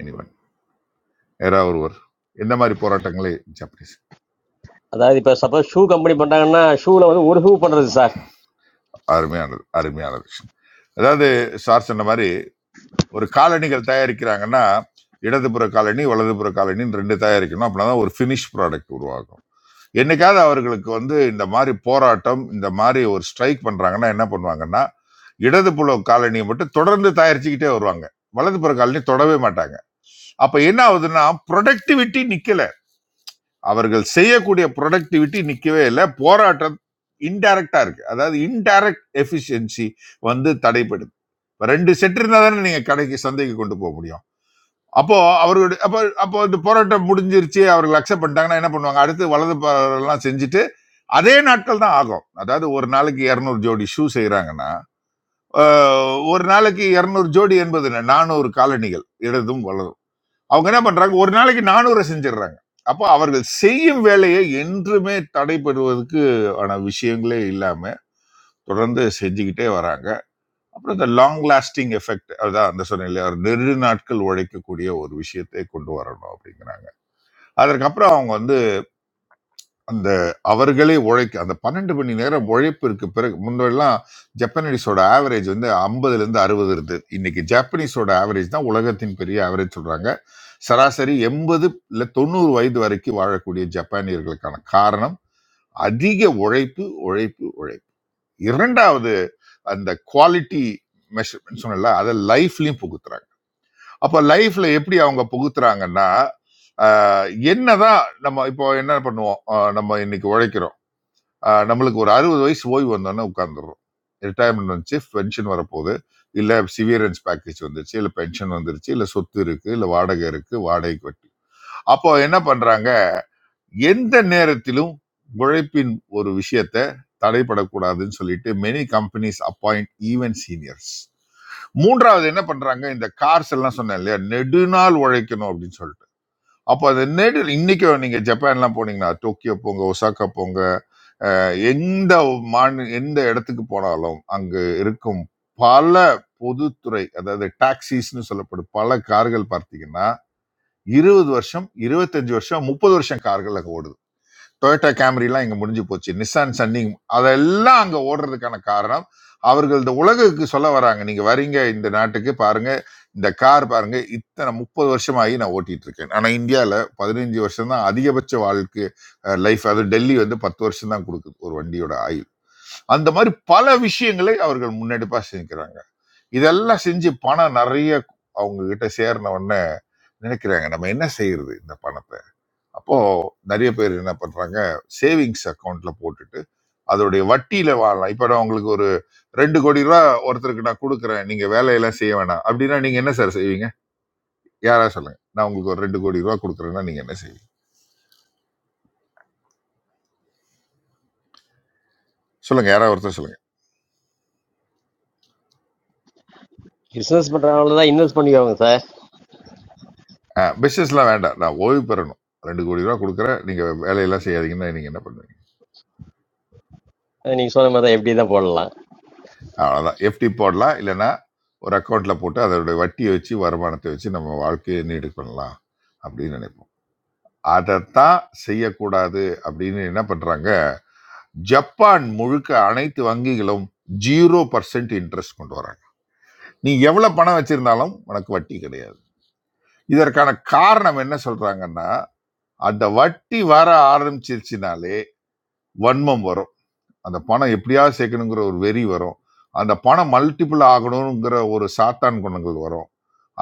S10: எனிவன் யாராவது ஒருவர் இந்த மாதிரி போராட்டங்களே ஜப்பனீஸ்
S15: அதாவது இப்போ சப்போஸ் ஷூ கம்பெனி பண்றாங்கன்னா ஷூல வந்து ஒரு ஷூ பண்றது சார்
S10: அருமையானது அருமையான விஷயம் அதாவது சார் சொன்ன மாதிரி ஒரு காலணிகள் தயாரிக்கிறாங்கன்னா இடதுபுற காலனி வலதுபுற காலனின்னு ரெண்டு தயாரிக்கணும் அப்படின்னா தான் ஒரு ஃபினிஷ் ப்ராடக்ட் உருவாகும் என்னைக்காவது அவர்களுக்கு வந்து இந்த மாதிரி போராட்டம் இந்த மாதிரி ஒரு ஸ்ட்ரைக் பண்றாங்கன்னா என்ன பண்ணுவாங்கன்னா இடதுபுற காலனியை மட்டும் தொடர்ந்து தயாரிச்சுக்கிட்டே வருவாங்க வலதுபுற காலனி தொடவே மாட்டாங்க அப்ப என்ன ஆகுதுன்னா ப்ரொடக்டிவிட்டி நிக்கல அவர்கள் செய்யக்கூடிய ப்ரொடக்டிவிட்டி நிற்கவே இல்லை போராட்டம் இன்டைரக்டா இருக்கு அதாவது இன்டைரக்ட் எஃபிஷியன்சி வந்து தடைப்படுது இப்ப ரெண்டு செட் இருந்தா தானே நீங்க கடைக்கு சந்தைக்கு கொண்டு போக முடியும் அப்போ அவர்களுடைய அப்போ அப்போ இந்த போராட்டம் முடிஞ்சிருச்சு அவர்கள் அக்செப்ட் பண்ணிட்டாங்கன்னா என்ன பண்ணுவாங்க அடுத்து வலது பாரம் எல்லாம் செஞ்சுட்டு அதே நாட்கள் தான் ஆகும் அதாவது ஒரு நாளைக்கு இரநூறு ஜோடி ஷூ செய்யறாங்கன்னா ஒரு நாளைக்கு இரநூறு ஜோடி என்பது என்ன? நானூறு காலணிகள் இடதும் வலதும் அவங்க என்ன பண்றாங்க ஒரு நாளைக்கு நானூறு செஞ்சிடுறாங்க அப்போ அவர்கள் செய்யும் வேலையை என்றுமே தடைபடுவதற்கு ஆன விஷயங்களே இல்லாம தொடர்ந்து செஞ்சுக்கிட்டே வராங்க அப்புறம் இந்த லாங் லாஸ்டிங் எஃபெக்ட் அதான் அந்த சொன்ன இல்லையா ஒரு நெடு நாட்கள் உழைக்கக்கூடிய ஒரு விஷயத்தை கொண்டு வரணும் அப்படிங்கிறாங்க அதற்கப்புறம் அவங்க வந்து அந்த அவர்களே உழைக்க அந்த பன்னெண்டு மணி நேரம் உழைப்பிற்கு பிறகு முன்னெல்லாம் ஜப்பானீஸோட ஆவரேஜ் வந்து ஐம்பதுல இருந்து அறுபது இருந்தது இன்னைக்கு ஜப்பானீஸோட ஆவரேஜ் தான் உலகத்தின் பெரிய ஆவரேஜ் சொல்றாங்க சராசரி எண்பது இல்ல தொண்ணூறு வயது வரைக்கும் வாழக்கூடிய ஜப்பானியர்களுக்கான காரணம் அதிக உழைப்பு உழைப்பு உழைப்பு இரண்டாவது அந்த குவாலிட்டி மெஷர்மெண்ட் சொன்னல அதை லைஃப்லயும் புகுத்துறாங்க அப்ப லைஃப்ல எப்படி அவங்க புகுத்துறாங்கன்னா ஆஹ் என்னதான் நம்ம இப்போ என்ன பண்ணுவோம் ஆஹ் நம்ம இன்னைக்கு உழைக்கிறோம் ஆஹ் நம்மளுக்கு ஒரு அறுபது வயசு ஓய்வு வந்தோன்னே உட்காந்துடுறோம் ரிட்டையர்மெண்ட் வந்துச்சு பென்ஷன் வரப்போகுது இல்லை சிவியரன்ஸ் பேக்கேஜ் வந்துருச்சு இல்லை பென்ஷன் வந்துருச்சு இல்லை சொத்து இருக்கு இல்லை வாடகை இருக்கு வாடகைக்கு வட்டி அப்போ என்ன பண்றாங்க எந்த நேரத்திலும் உழைப்பின் ஒரு விஷயத்த தடைப்படக்கூடாதுன்னு சொல்லிட்டு many companies appoint even seniors மூன்றாவது என்ன பண்றாங்க இந்த கார்ஸ் எல்லாம் சொன்னேன் இல்லையா நெடுநாள் உழைக்கணும் அப்படின்னு சொல்லிட்டு அப்போ அந்த நெடு இன்னைக்கு நீங்க ஜப்பான்லாம் போனீங்கன்னா டோக்கியோ போங்க ஒசாக்கா போங்க எந்த மாநில எந்த இடத்துக்கு போனாலும் அங்கு இருக்கும் பல பொதுத்துறை அதாவது டாக்ஸிஸ்னு சொல்லப்படும் பல கார்கள் பார்த்தீங்கன்னா இருபது வருஷம் இருபத்தஞ்சு வருஷம் முப்பது வருஷம் கார்கள் அங்கே ஓடுது டொயோட்டா கேமரிலாம் இங்கே முடிஞ்சு போச்சு நிசான் சன்னிங் அதெல்லாம் அங்கே ஓடுறதுக்கான காரணம் அவர்கள் இந்த உலகுக்கு சொல்ல வராங்க நீங்க வரீங்க இந்த நாட்டுக்கு பாருங்க இந்த கார் பாருங்க இத்தனை முப்பது வருஷமாகி நான் ஓட்டிட்டு இருக்கேன் ஆனால் இந்தியாவில் பதினஞ்சு வருஷம் தான் அதிகபட்ச வாழ்க்கை லைஃப் அது டெல்லி வந்து பத்து வருஷம் தான் கொடுக்குது ஒரு வண்டியோட ஆயுள் அந்த மாதிரி பல விஷயங்களை அவர்கள் முன்னெடுப்பா செஞ்சுக்கிறாங்க இதெல்லாம் செஞ்சு பணம் நிறைய அவங்க கிட்ட சேர்ன உடனே நினைக்கிறாங்க நம்ம என்ன செய்யறது இந்த பணத்தை அப்போ நிறைய பேர் என்ன பண்றாங்க சேவிங்ஸ் அக்கௌண்ட்ல போட்டுட்டு அதோடைய வட்டியில வாழலாம் இப்ப நான் உங்களுக்கு ஒரு ரெண்டு கோடி ரூபா ஒருத்தருக்கு நான் கொடுக்குறேன் நீங்க வேலையெல்லாம் செய்ய வேணாம் அப்படின்னா நீங்க என்ன சார் செய்வீங்க யாரா சொல்லுங்க நான் உங்களுக்கு ஒரு ரெண்டு கோடி ரூபா கொடுக்குறேன்னா நீங்க என்ன செய்வீங்க சொல்லுங்க யாராவது ஒருத்தர் சொல்லுங்க
S15: பிசினஸ் பண்றவங்கள தான் இன்வெஸ்ட் பண்ணிக்கோங்க சார்
S10: பிசினஸ்லாம் வேண்டாம் நான் ஓய்வு பெறணும் ரெண்டு கோடி ரூபா கொடுக்குறேன் நீங்க வேலையெல்லாம் செய்யாதீங்கன்னா நீங்க என்ன பண்ணுவீங்க
S15: நீங்க சொன்ன மாதிரி தான் எப்படி தான் போடலாம்
S10: அவ்வளோதான் எஃப்டி போடலாம் இல்லைன்னா ஒரு அக்கௌண்ட்டில் போட்டு அதோடைய வட்டியை வச்சு வருமானத்தை வச்சு நம்ம வாழ்க்கையை நீடு பண்ணலாம் அப்படின்னு நினைப்போம் அதைத்தான் செய்யக்கூடாது அப்படின்னு என்ன பண்ணுறாங்க ஜப்பான் முழுக்க அனைத்து வங்கிகளும் ஜீரோ பர்சன்ட் இன்ட்ரெஸ்ட் கொண்டு வராங்க நீ எவ்வளோ பணம் வச்சிருந்தாலும் உனக்கு வட்டி கிடையாது இதற்கான காரணம் என்ன சொல்கிறாங்கன்னா அந்த வட்டி வர ஆரம்பிச்சிருச்சுனாலே வன்மம் வரும் அந்த பணம் எப்படியாவது சேர்க்கணுங்கிற ஒரு வெறி வரும் அந்த பணம் மல்டிபிள் ஆகணுங்கிற ஒரு சாத்தான் குணங்கள் வரும்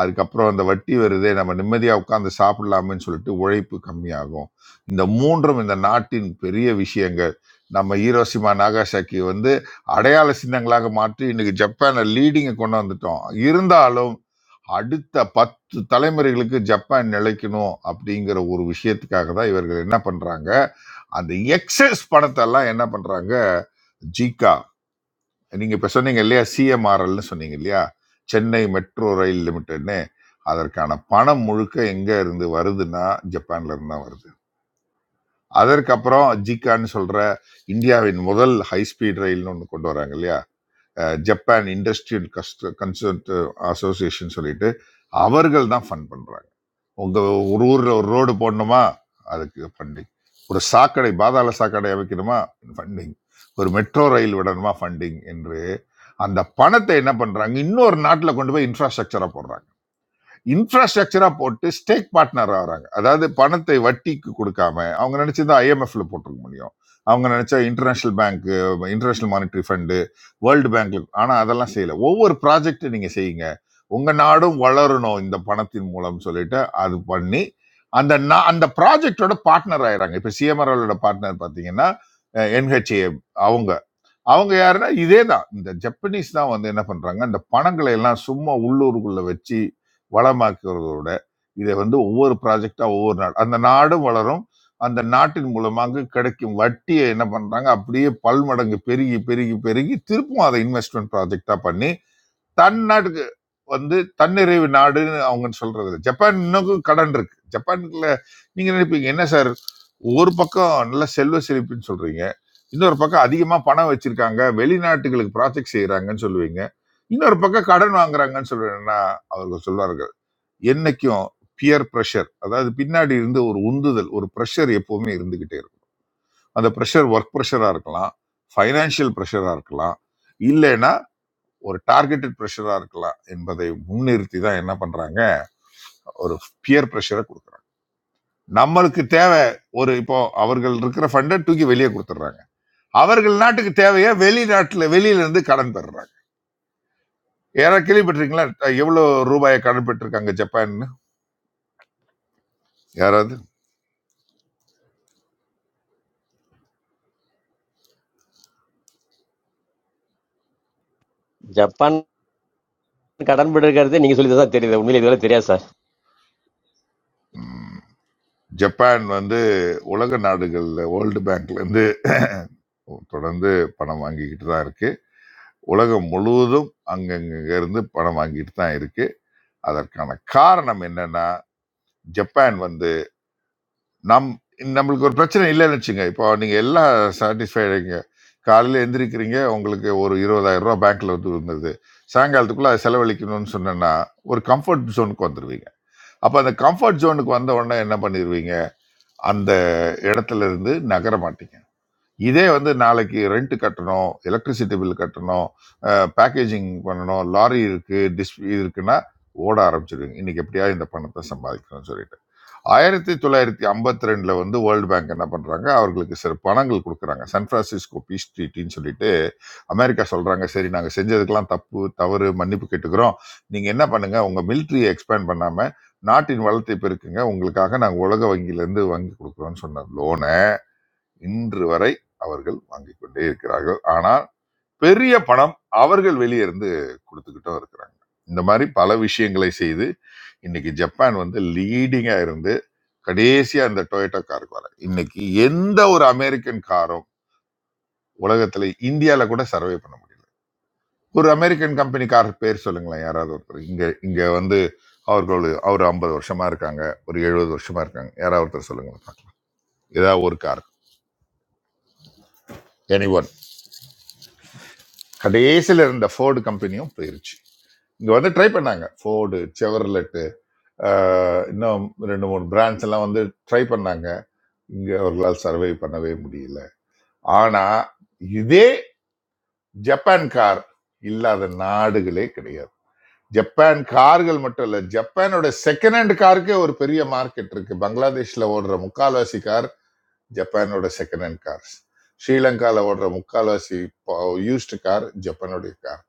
S10: அதுக்கப்புறம் அந்த வட்டி வருதே நம்ம நிம்மதியாக உட்காந்து சாப்பிடலாமேன்னு சொல்லிட்டு உழைப்பு கம்மியாகும் இந்த மூன்றும் இந்த நாட்டின் பெரிய விஷயங்கள் நம்ம ஈரோசிமா நாகாசாக்கி வந்து அடையாள சின்னங்களாக மாற்றி இன்னைக்கு ஜப்பானை லீடிங்கை கொண்டு வந்துட்டோம் இருந்தாலும் அடுத்த பத்து தலைமுறைகளுக்கு ஜப்பான் நிலைக்கணும் அப்படிங்கிற ஒரு விஷயத்துக்காக தான் இவர்கள் என்ன பண்றாங்க அந்த எக்ஸஸ் பணத்தெல்லாம் என்ன பண்றாங்க ஜிகா நீங்க இப்ப சொன்னீங்க இல்லையா சிஎம்ஆர்எல்னு சொன்னீங்க இல்லையா சென்னை மெட்ரோ ரயில் லிமிடெட்னு அதற்கான பணம் முழுக்க எங்க இருந்து வருதுன்னா ஜப்பான்ல இருந்து தான் வருது அதற்கப்புறம் ஜிகான்னு சொல்ற இந்தியாவின் முதல் ஹை ஸ்பீட் ரயில்னு ஒன்று கொண்டு வராங்க இல்லையா அஹ் ஜப்பான் இண்டஸ்ட்ரியல் கஸ்ட் கன்சர்ட் அசோசியேஷன் சொல்லிட்டு அவர்கள் தான் ஃபண்ட் பண்றாங்க உங்கள் ஒரு ஊரில் ஒரு ரோடு போடணுமா அதுக்கு ஃபண்டிங் ஒரு சாக்கடை பாதாள சாக்கடை அமைக்கணுமா ஃபண்டிங் ஒரு மெட்ரோ ரயில் விடணுமா ஃபண்டிங் என்று அந்த பணத்தை என்ன பண்ணுறாங்க இன்னொரு நாட்டில் கொண்டு போய் இன்ஃப்ராஸ்ட்ரக்சராக போடுறாங்க இன்ஃப்ராஸ்ட்ரக்சரா போட்டு ஸ்டேக் பார்ட்னர் ஆகிறாங்க அதாவது பணத்தை வட்டிக்கு கொடுக்காம அவங்க நினைச்சதா ஐஎம்எஃப்ல போட்டிருக்க முடியும் அவங்க நினைச்சா international bank international monetary fund world bank ஆனா அதெல்லாம் செய்யல ஒவ்வொரு ப்ராஜெக்ட் நீங்க செய்யுங்க உங்க நாடும் வளரணும் இந்த பணத்தின் மூலம் சொல்லிட்டு அது பண்ணி அந்த நா- அந்த ப்ராஜெக்டோட பார்ட்னர் ஆயிறாங்க இப்ப சிஎம்ஆர்ஓட பார்ட்னர் பாத்தீங்கன்னா என்ஹெச்ஏ அவங்க அவங்க யாருன்னா இதே தான் இந்த ஜப்பனீஸ் தான் வந்து என்ன பண்றாங்க அந்த பணங்களை எல்லாம் சும்மா உள்ளூருக்குள்ள வச்சு வளமாக்குறதோட இதை வந்து ஒவ்வொரு ப்ராஜெக்டா ஒவ்வொரு நாடு அந்த நாடும் வளரும் அந்த நாட்டின் மூலமாக கிடைக்கும் வட்டியை என்ன பண்றாங்க அப்படியே பல்மடங்கு பெருகி பெருகி பெருகி திருப்பும் அதை இன்வெஸ்ட்மெண்ட் ப்ராஜெக்டா பண்ணி தன் நாட்டுக்கு வந்து தன்னிறைவு நாடுன்னு அவங்க சொல்றது ஜப்பான் இன்னும் கடன் இருக்கு ஜப்பான்ல நீங்க நினைப்பீங்க என்ன சார் ஒரு பக்கம் நல்ல செல்வ செழிப்புன்னு சொல்றீங்க இன்னொரு பக்கம் அதிகமா பணம் வச்சிருக்காங்க வெளிநாட்டுகளுக்கு ப்ராஜெக்ட் செய்யறாங்கன்னு சொல்லுவீங்க இன்னொரு பக்கம் கடன் வாங்குறாங்கன்னு சொல்றேன்னா அவர்கள் சொல்வார்கள் என்னைக்கும் பியர் ப்ரெஷர் அதாவது பின்னாடி இருந்து ஒரு உந்துதல் ஒரு ப்ரெஷர் எப்பவுமே இருந்துகிட்டே இருக்கும் அந்த ப்ரெஷர் ஒர்க் ப்ரெஷரா இருக்கலாம் ஃபைனான்சியல் ப்ரெஷரா இருக்கலாம் இல்லைன்னா ஒரு டார்கெட்டட் ப்ரெஷரா இருக்கலாம் என்பதை முன்னிறுத்தி தான் என்ன பண்றாங்க ஒரு பியர் ப்ரெஷரை கொடுக்குறாங்க நம்மளுக்கு தேவை ஒரு இப்போ அவர்கள் இருக்கிற ஃபண்டை தூக்கி வெளியே கொடுத்துட்றாங்க அவர்கள் நாட்டுக்கு தேவையா வெளிநாட்டுல வெளியில இருந்து கடன் பெறுறாங்க யாராவது கேள்விப்பட்டிருக்கீங்களா எவ்வளவு ரூபாயை கடன் பெற்றிருக்காங்க ஜப்பான்னு யாராவது
S15: ஜப்பான் கடன் பட்டு இருக்கிறது நீங்க சொல்லி தான் தெரியுது உண்மையில இதுவரை தெரியாது சார்
S10: ம், ஜப்பான் வந்து உலக நாடுகள்ல வேர்ல்டு பேங்க்ல இருந்து தொடர்ந்து பணம் வாங்கிக்கிட்டு தான் இருக்கு உலகம் முழுவதும் அங்கங்க இருந்து பணம் வாங்கிட்டு தான் இருக்கு அதற்கான காரணம் என்னன்னா ஜப்பான் வந்து நம் நம்மளுக்கு ஒரு பிரச்சனை இல்லைன்னு வச்சுங்க இப்போ நீங்கள் எல்லாம் சாட்டிஸ்ஃபைடுங்க காலையில் எந்திரிக்கிறீங்க உங்களுக்கு ஒரு இருபதாயிரம் ரூபா பேங்க்ல வந்து இருந்தது சாயங்காலத்துக்குள்ள அதை செலவழிக்கணும்னு சொன்னேன்னா ஒரு கம்ஃபர்ட் ஜோனுக்கு வந்துடுவீங்க அப்போ அந்த கம்ஃபர்ட் ஜோனுக்கு வந்த உடனே என்ன பண்ணிடுவீங்க அந்த இடத்துல இருந்து நகர மாட்டீங்க இதே வந்து நாளைக்கு ரெண்ட் கட்டணும் எலக்ட்ரிசிட்டி பில் கட்டணும் பேக்கேஜிங் பண்ணணும் லாரி இருக்கு டிஸ் இருக்குன்னா ஓட ஆரம்பிச்சிடுவீங்க இன்னைக்கு எப்படியாவது இந்த பணத்தை சம்பாதிக்கணும்னு சொல்லிட்டு 1952 வந்து வேர்ல்ட் பேங்க் என்ன பண்றாங்க அவர்களுக்கு சில பணங்கள் கொடுக்குறாங்க சான் பிரான்சிஸ்கோ பீஸ் ட்ரீட்டின்னு சொல்லிட்டு அமெரிக்கா சொல்றாங்க சரி நாங்க செஞ்சதுக்கெல்லாம் தப்பு தவறு மன்னிப்பு கேட்டுக்கிறோம் நீங்க என்ன பண்ணுங்க உங்க மிலிட்ரியை எக்ஸ்பேண்ட் பண்ணாம நாட்டின் வளத்தை பெருக்குங்க உங்களுக்காக நாங்க உலக வங்கியிலிருந்து வாங்கி கொடுக்குறோம்னு சொன்ன லோனை இன்று வரை அவர்கள் வாங்கி கொண்டே இருக்கிறார்கள் ஆனால் பெரிய பணம் அவர்கள் வெளியே இருந்து கொடுத்துக்கிட்டும் இருக்கிறாங்க இந்த மாதிரி பல விஷயங்களை செய்து இன்னைக்கு ஜப்பான் வந்து லீடிங்கா இருந்து கடைசியா அந்த டொயோட்டா காருக்கு வர இன்னைக்கு எந்த ஒரு அமெரிக்கன் காரும் உலகத்துல இந்தியால கூட சர்வே பண்ண முடியல ஒரு அமெரிக்கன் கம்பெனி கார் பேர் சொல்லுங்களேன் யாராவது ஒருத்தர் இங்க இங்க வந்து அவர்கள் அவர் ஐம்பது வருஷமா இருக்காங்க ஒரு எழுபது வருஷமா இருக்காங்க யாராவது ஒருத்தர் சொல்லுங்க பார்க்கலாம் ஏதாவது ஒரு கார் எனி ஒன் கடைசியில இருந்த ஃபோர்டு கம்பெனியும் போயிருச்சு இங்க வந்து ட்ரை பண்ணாங்க ஃபோர்டு செவர்லெட்டு இன்னும் ரெண்டு மூணு பிராண்ட்ஸ் எல்லாம் வந்து ட்ரை பண்ணாங்க இங்க அவர்களால் சர்வே பண்ணவே முடியல ஆனா இதே ஜப்பான் கார் இல்லாத நாடுகளே கிடையாது ஜப்பான் கார்கள் மட்டும் இல்ல ஜப்பானோட செகண்ட் ஹேண்ட் காருக்கே ஒரு பெரிய மார்க்கெட் இருக்கு பங்களாதேஷ்ல ஓடுற முக்கால்வாசி கார் ஜப்பானோட செகண்ட் ஹேண்ட் கார்ஸ் ஸ்ரீலங்கால ஓடுற முக்கால்வாசி யூஸ்டு கார் ஜப்பானுடைய கார்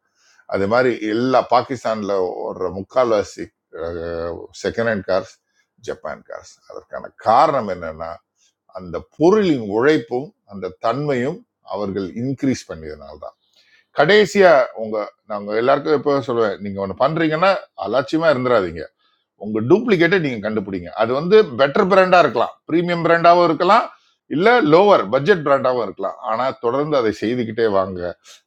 S10: அது மாதிரி எல்லா பாகிஸ்தான்ல ஓடுற முக்கால்வாசி second hand cars Japan cars அதற்கான காரணம் என்னன்னா அந்த பொருளின் உழைப்பும் அந்த தன்மையும் அவர்கள் இன்க்ரீஸ் பண்ணியதுனால தான் கடைசியா உங்க நாங்க எல்லாருக்கும் எப்போ சொல்லுவேன் நீங்க ஒன்று பண்றீங்கன்னா அலட்சியமா இருந்துடாதீங்க உங்க டூப்ளிகேட்டை நீங்க கண்டுபிடிங்க அது வந்து பெட்டர் பிராண்டா இருக்கலாம் பிரீமியம் பிராண்டாவும் இருக்கலாம் இல்ல லோவர் பட்ஜெட் பிராண்டாவும் இருக்கலாம் ஆனா தொடர்ந்து அதை செய்துக்கிட்டே வாங்க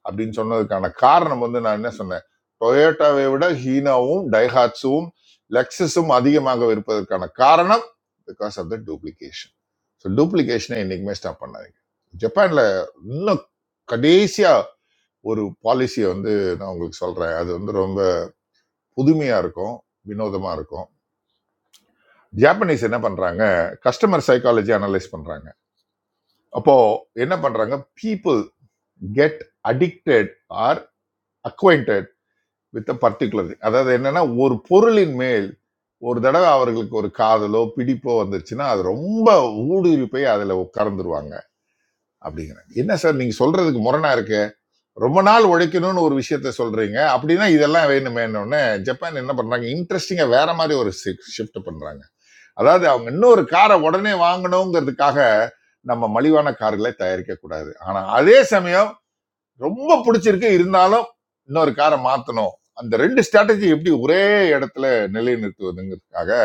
S10: அப்படின்னு சொன்னதுக்கான காரணம் வந்து நான் என்ன சொன்னேன் டொயோட்டாவை விட ஹீனாவும் டைஹாட்ஸும் லெக்ஸஸும் அதிகமாக இருப்பதற்கான காரணம் because of the duplication so டூப்ளிகேஷனை என்னைக்குமே ஸ்டாப் பண்ணாதீங்க ஜப்பான்ல இன்னும் கடைசியா ஒரு பாலிசியை வந்து நான் உங்களுக்கு சொல்றேன் அது வந்து ரொம்ப புதுமையா இருக்கும் வினோதமா இருக்கும் ஜாப்பனீஸ் என்ன பண்றாங்க கஸ்டமர் சைக்காலஜி அனலைஸ் பண்றாங்க அப்போ என்ன பண்றாங்க people get addicted or acquainted with a particular thing. அதாவது என்னன்னா ஒரு பொருளின் மேல் ஒரு தடவை அவர்களுக்கு ஒரு காதலோ பிடிப்போ வந்துருச்சுன்னா அது ரொம்ப ஊடுருவி போய் அதுல உட்கார்ந்துருவாங்க அப்படிங்கிறாங்க என்ன சார் நீங்க சொல்றதுக்கு முரணா இருக்கு ரொம்ப நாள் உழைக்கணும்னு ஒரு விஷயத்த சொல்றீங்க அப்படின்னா இதெல்லாம் வேணுமேன்னு உடனே ஜப்பான் என்ன பண்றாங்க இன்ட்ரெஸ்டிங்கா வேற மாதிரி ஒரு ஷிஃப்ட் பண்றாங்க அதாவது அவங்க இன்னொரு காரை உடனே வாங்கணுங்கிறதுக்காக நம்ம மலிவான கார்களை தயாரிக்க கூடாது ஆனா அதே சமயம் ரொம்ப பிடிச்சிருக்கு இருந்தாலும் இன்னொரு காரை மாத்தணும் அந்த ரெண்டு ஸ்ட்ராட்டஜி எப்படி ஒரே இடத்துல நிலைநிறுத்துவதுங்கிறதுக்காக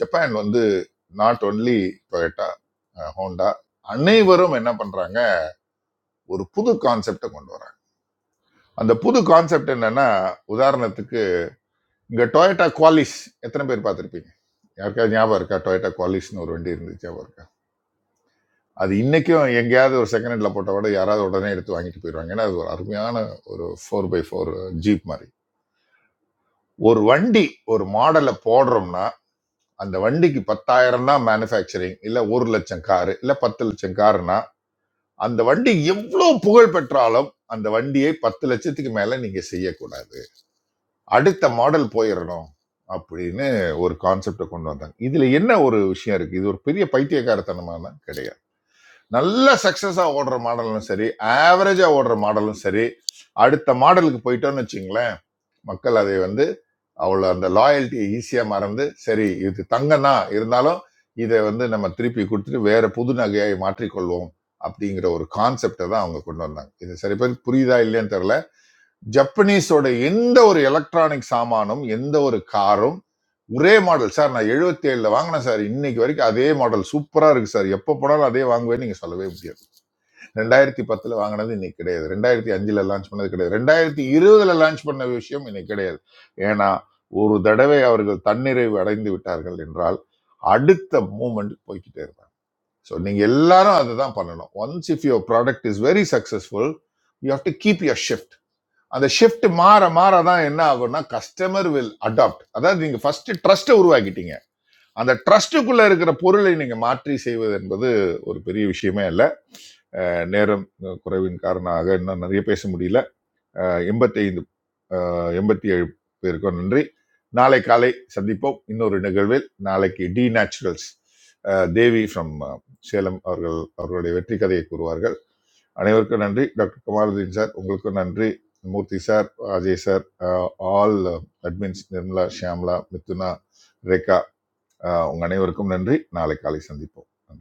S10: ஜப்பான் வந்து நாட் ஒன்லி டொயட்டா ஹோண்டா அனைவரும் என்ன பண்றாங்க ஒரு புது கான்செப்டை கொண்டு வராங்க அந்த புது கான்செப்ட் என்னன்னா உதாரணத்துக்கு இங்க டொயட்டா குவாலிஸ் எத்தனை பேர் பார்த்திருப்பீங்க யாருக்காவது ஞாபகம் இருக்கா டொயட்டா குவாலிஸ்னு ஒரு வண்டி இருந்துச்சு ஞாபகம் இருக்கா? அது இன்றைக்கும் எங்கேயாவது ஒரு செகண்ட் ஹேண்டில் போட்ட விட யாராவது உடனே எடுத்து வாங்கிட்டு போயிடுவாங்க ஏன்னா அது ஒரு அருமையான ஒரு ஃபோர் பை ஃபோர் ஜீப் மாதிரி ஒரு வண்டி ஒரு மாடலை போடுறோம்னா அந்த வண்டிக்கு பத்தாயிரம் தான் மேனுஃபேக்சரிங் இல்லை ஒரு லட்சம் காரு இல்லை பத்து லட்சம் காருனா அந்த வண்டி எவ்வளோ புகழ் பெற்றாலும் அந்த வண்டியை பத்து லட்சத்துக்கு மேலே நீங்கள் செய்யக்கூடாது அடுத்த மாடல் போயிடணும் அப்படின்னு ஒரு கான்செப்டை கொண்டு வந்தாங்க இதில் என்ன ஒரு விஷயம் இருக்குது இது ஒரு பெரிய பைத்தியக்காரத்தனமான கிடையாது நல்ல சக்சஸாக ஓடுற மாடலும் சரி ஆவரேஜாக ஓடுற மாடலும் சரி அடுத்த மாடலுக்கு போயிட்டோம்னு வச்சுங்களேன் மக்கள் அதை வந்து அவ்வளோ அந்த லாயல்ட்டியை ஈஸியாக மறந்து சரி இது தங்கம் தான் இருந்தாலும் இதை வந்து நம்ம திருப்பி கொடுத்துட்டு வேற புது நகையை மாற்றிக்கொள்வோம் அப்படிங்கிற ஒரு கான்செப்டை தான் அவங்க கொண்டு வந்தாங்க இது சரி பேர் புரியுதா இல்லையான்னு தெரியல ஜப்பனீஸோட எந்த ஒரு எலக்ட்ரானிக் சாமானும் எந்த ஒரு காரும் ஒரே மாடல் சார் நான் 77 ஏழுல வாங்கினேன் சார் இன்னைக்கு வரைக்கும் அதே மாடல் சூப்பரா இருக்கு சார் எப்போ போனாலும் அதே வாங்குவேன்னு நீங்க சொல்லவே முடியாது ரெண்டாயிரத்தி பத்துல வாங்கினது இன்னைக்கு கிடையாது ரெண்டாயிரத்தி அஞ்சுல லான்ச் பண்ணது கிடையாது ரெண்டாயிரத்தி இருபதுல லான்ச் பண்ண விஷயம் இன்னைக்கு கிடையாது ஏன்னா ஒரு தடவை அவர்கள் தன்னிறைவு அடைந்து விட்டார்கள் என்றால் அடுத்த மூமெண்ட் போய்க்கிட்டே இருப்பாங்க ஸோ நீங்க எல்லாரும் அதை தான் பண்ணணும் once if your product is very successful you have to keep your shift அந்த ஷிஃப்ட் மாற மாற தான் என்ன ஆகும்னா கஸ்டமர் வில் அடாப்ட் அதாவது நீங்க ஃபர்ஸ்ட் ட்ரஸ்ட்டை உருவாக்கிட்டீங்க அந்த ட்ரஸ்ட்டுக்குள்ள இருக்கிற பொருளை நீங்க மாற்றி செய்வது என்பது ஒரு பெரிய விஷயமே இல்லை நேரம் அஹ், குறைவின் காரணமாக இன்னும் நிறைய பேச முடியல எண்பத்தைந்து எண்பத்தி ஏழு பேருக்கும் நன்றி நாளை காலை சந்திப்போம் இன்னொரு நிகழ்வில் நாளைக்கு T naturals Devi from Salem அவர்கள் அவர்களுடைய வெற்றி கதையை கூறுவார்கள் அனைவருக்கும் நன்றி டாக்டர் குமாரதீன் சார் உங்களுக்கும் நன்றி Murthy sir Ajay sir all admins Nirmala Shyamala Mithuna Rekha அஹ், உங்க அனைவருக்கும் நன்றி நாளை காலை சந்திப்போம் நன்றி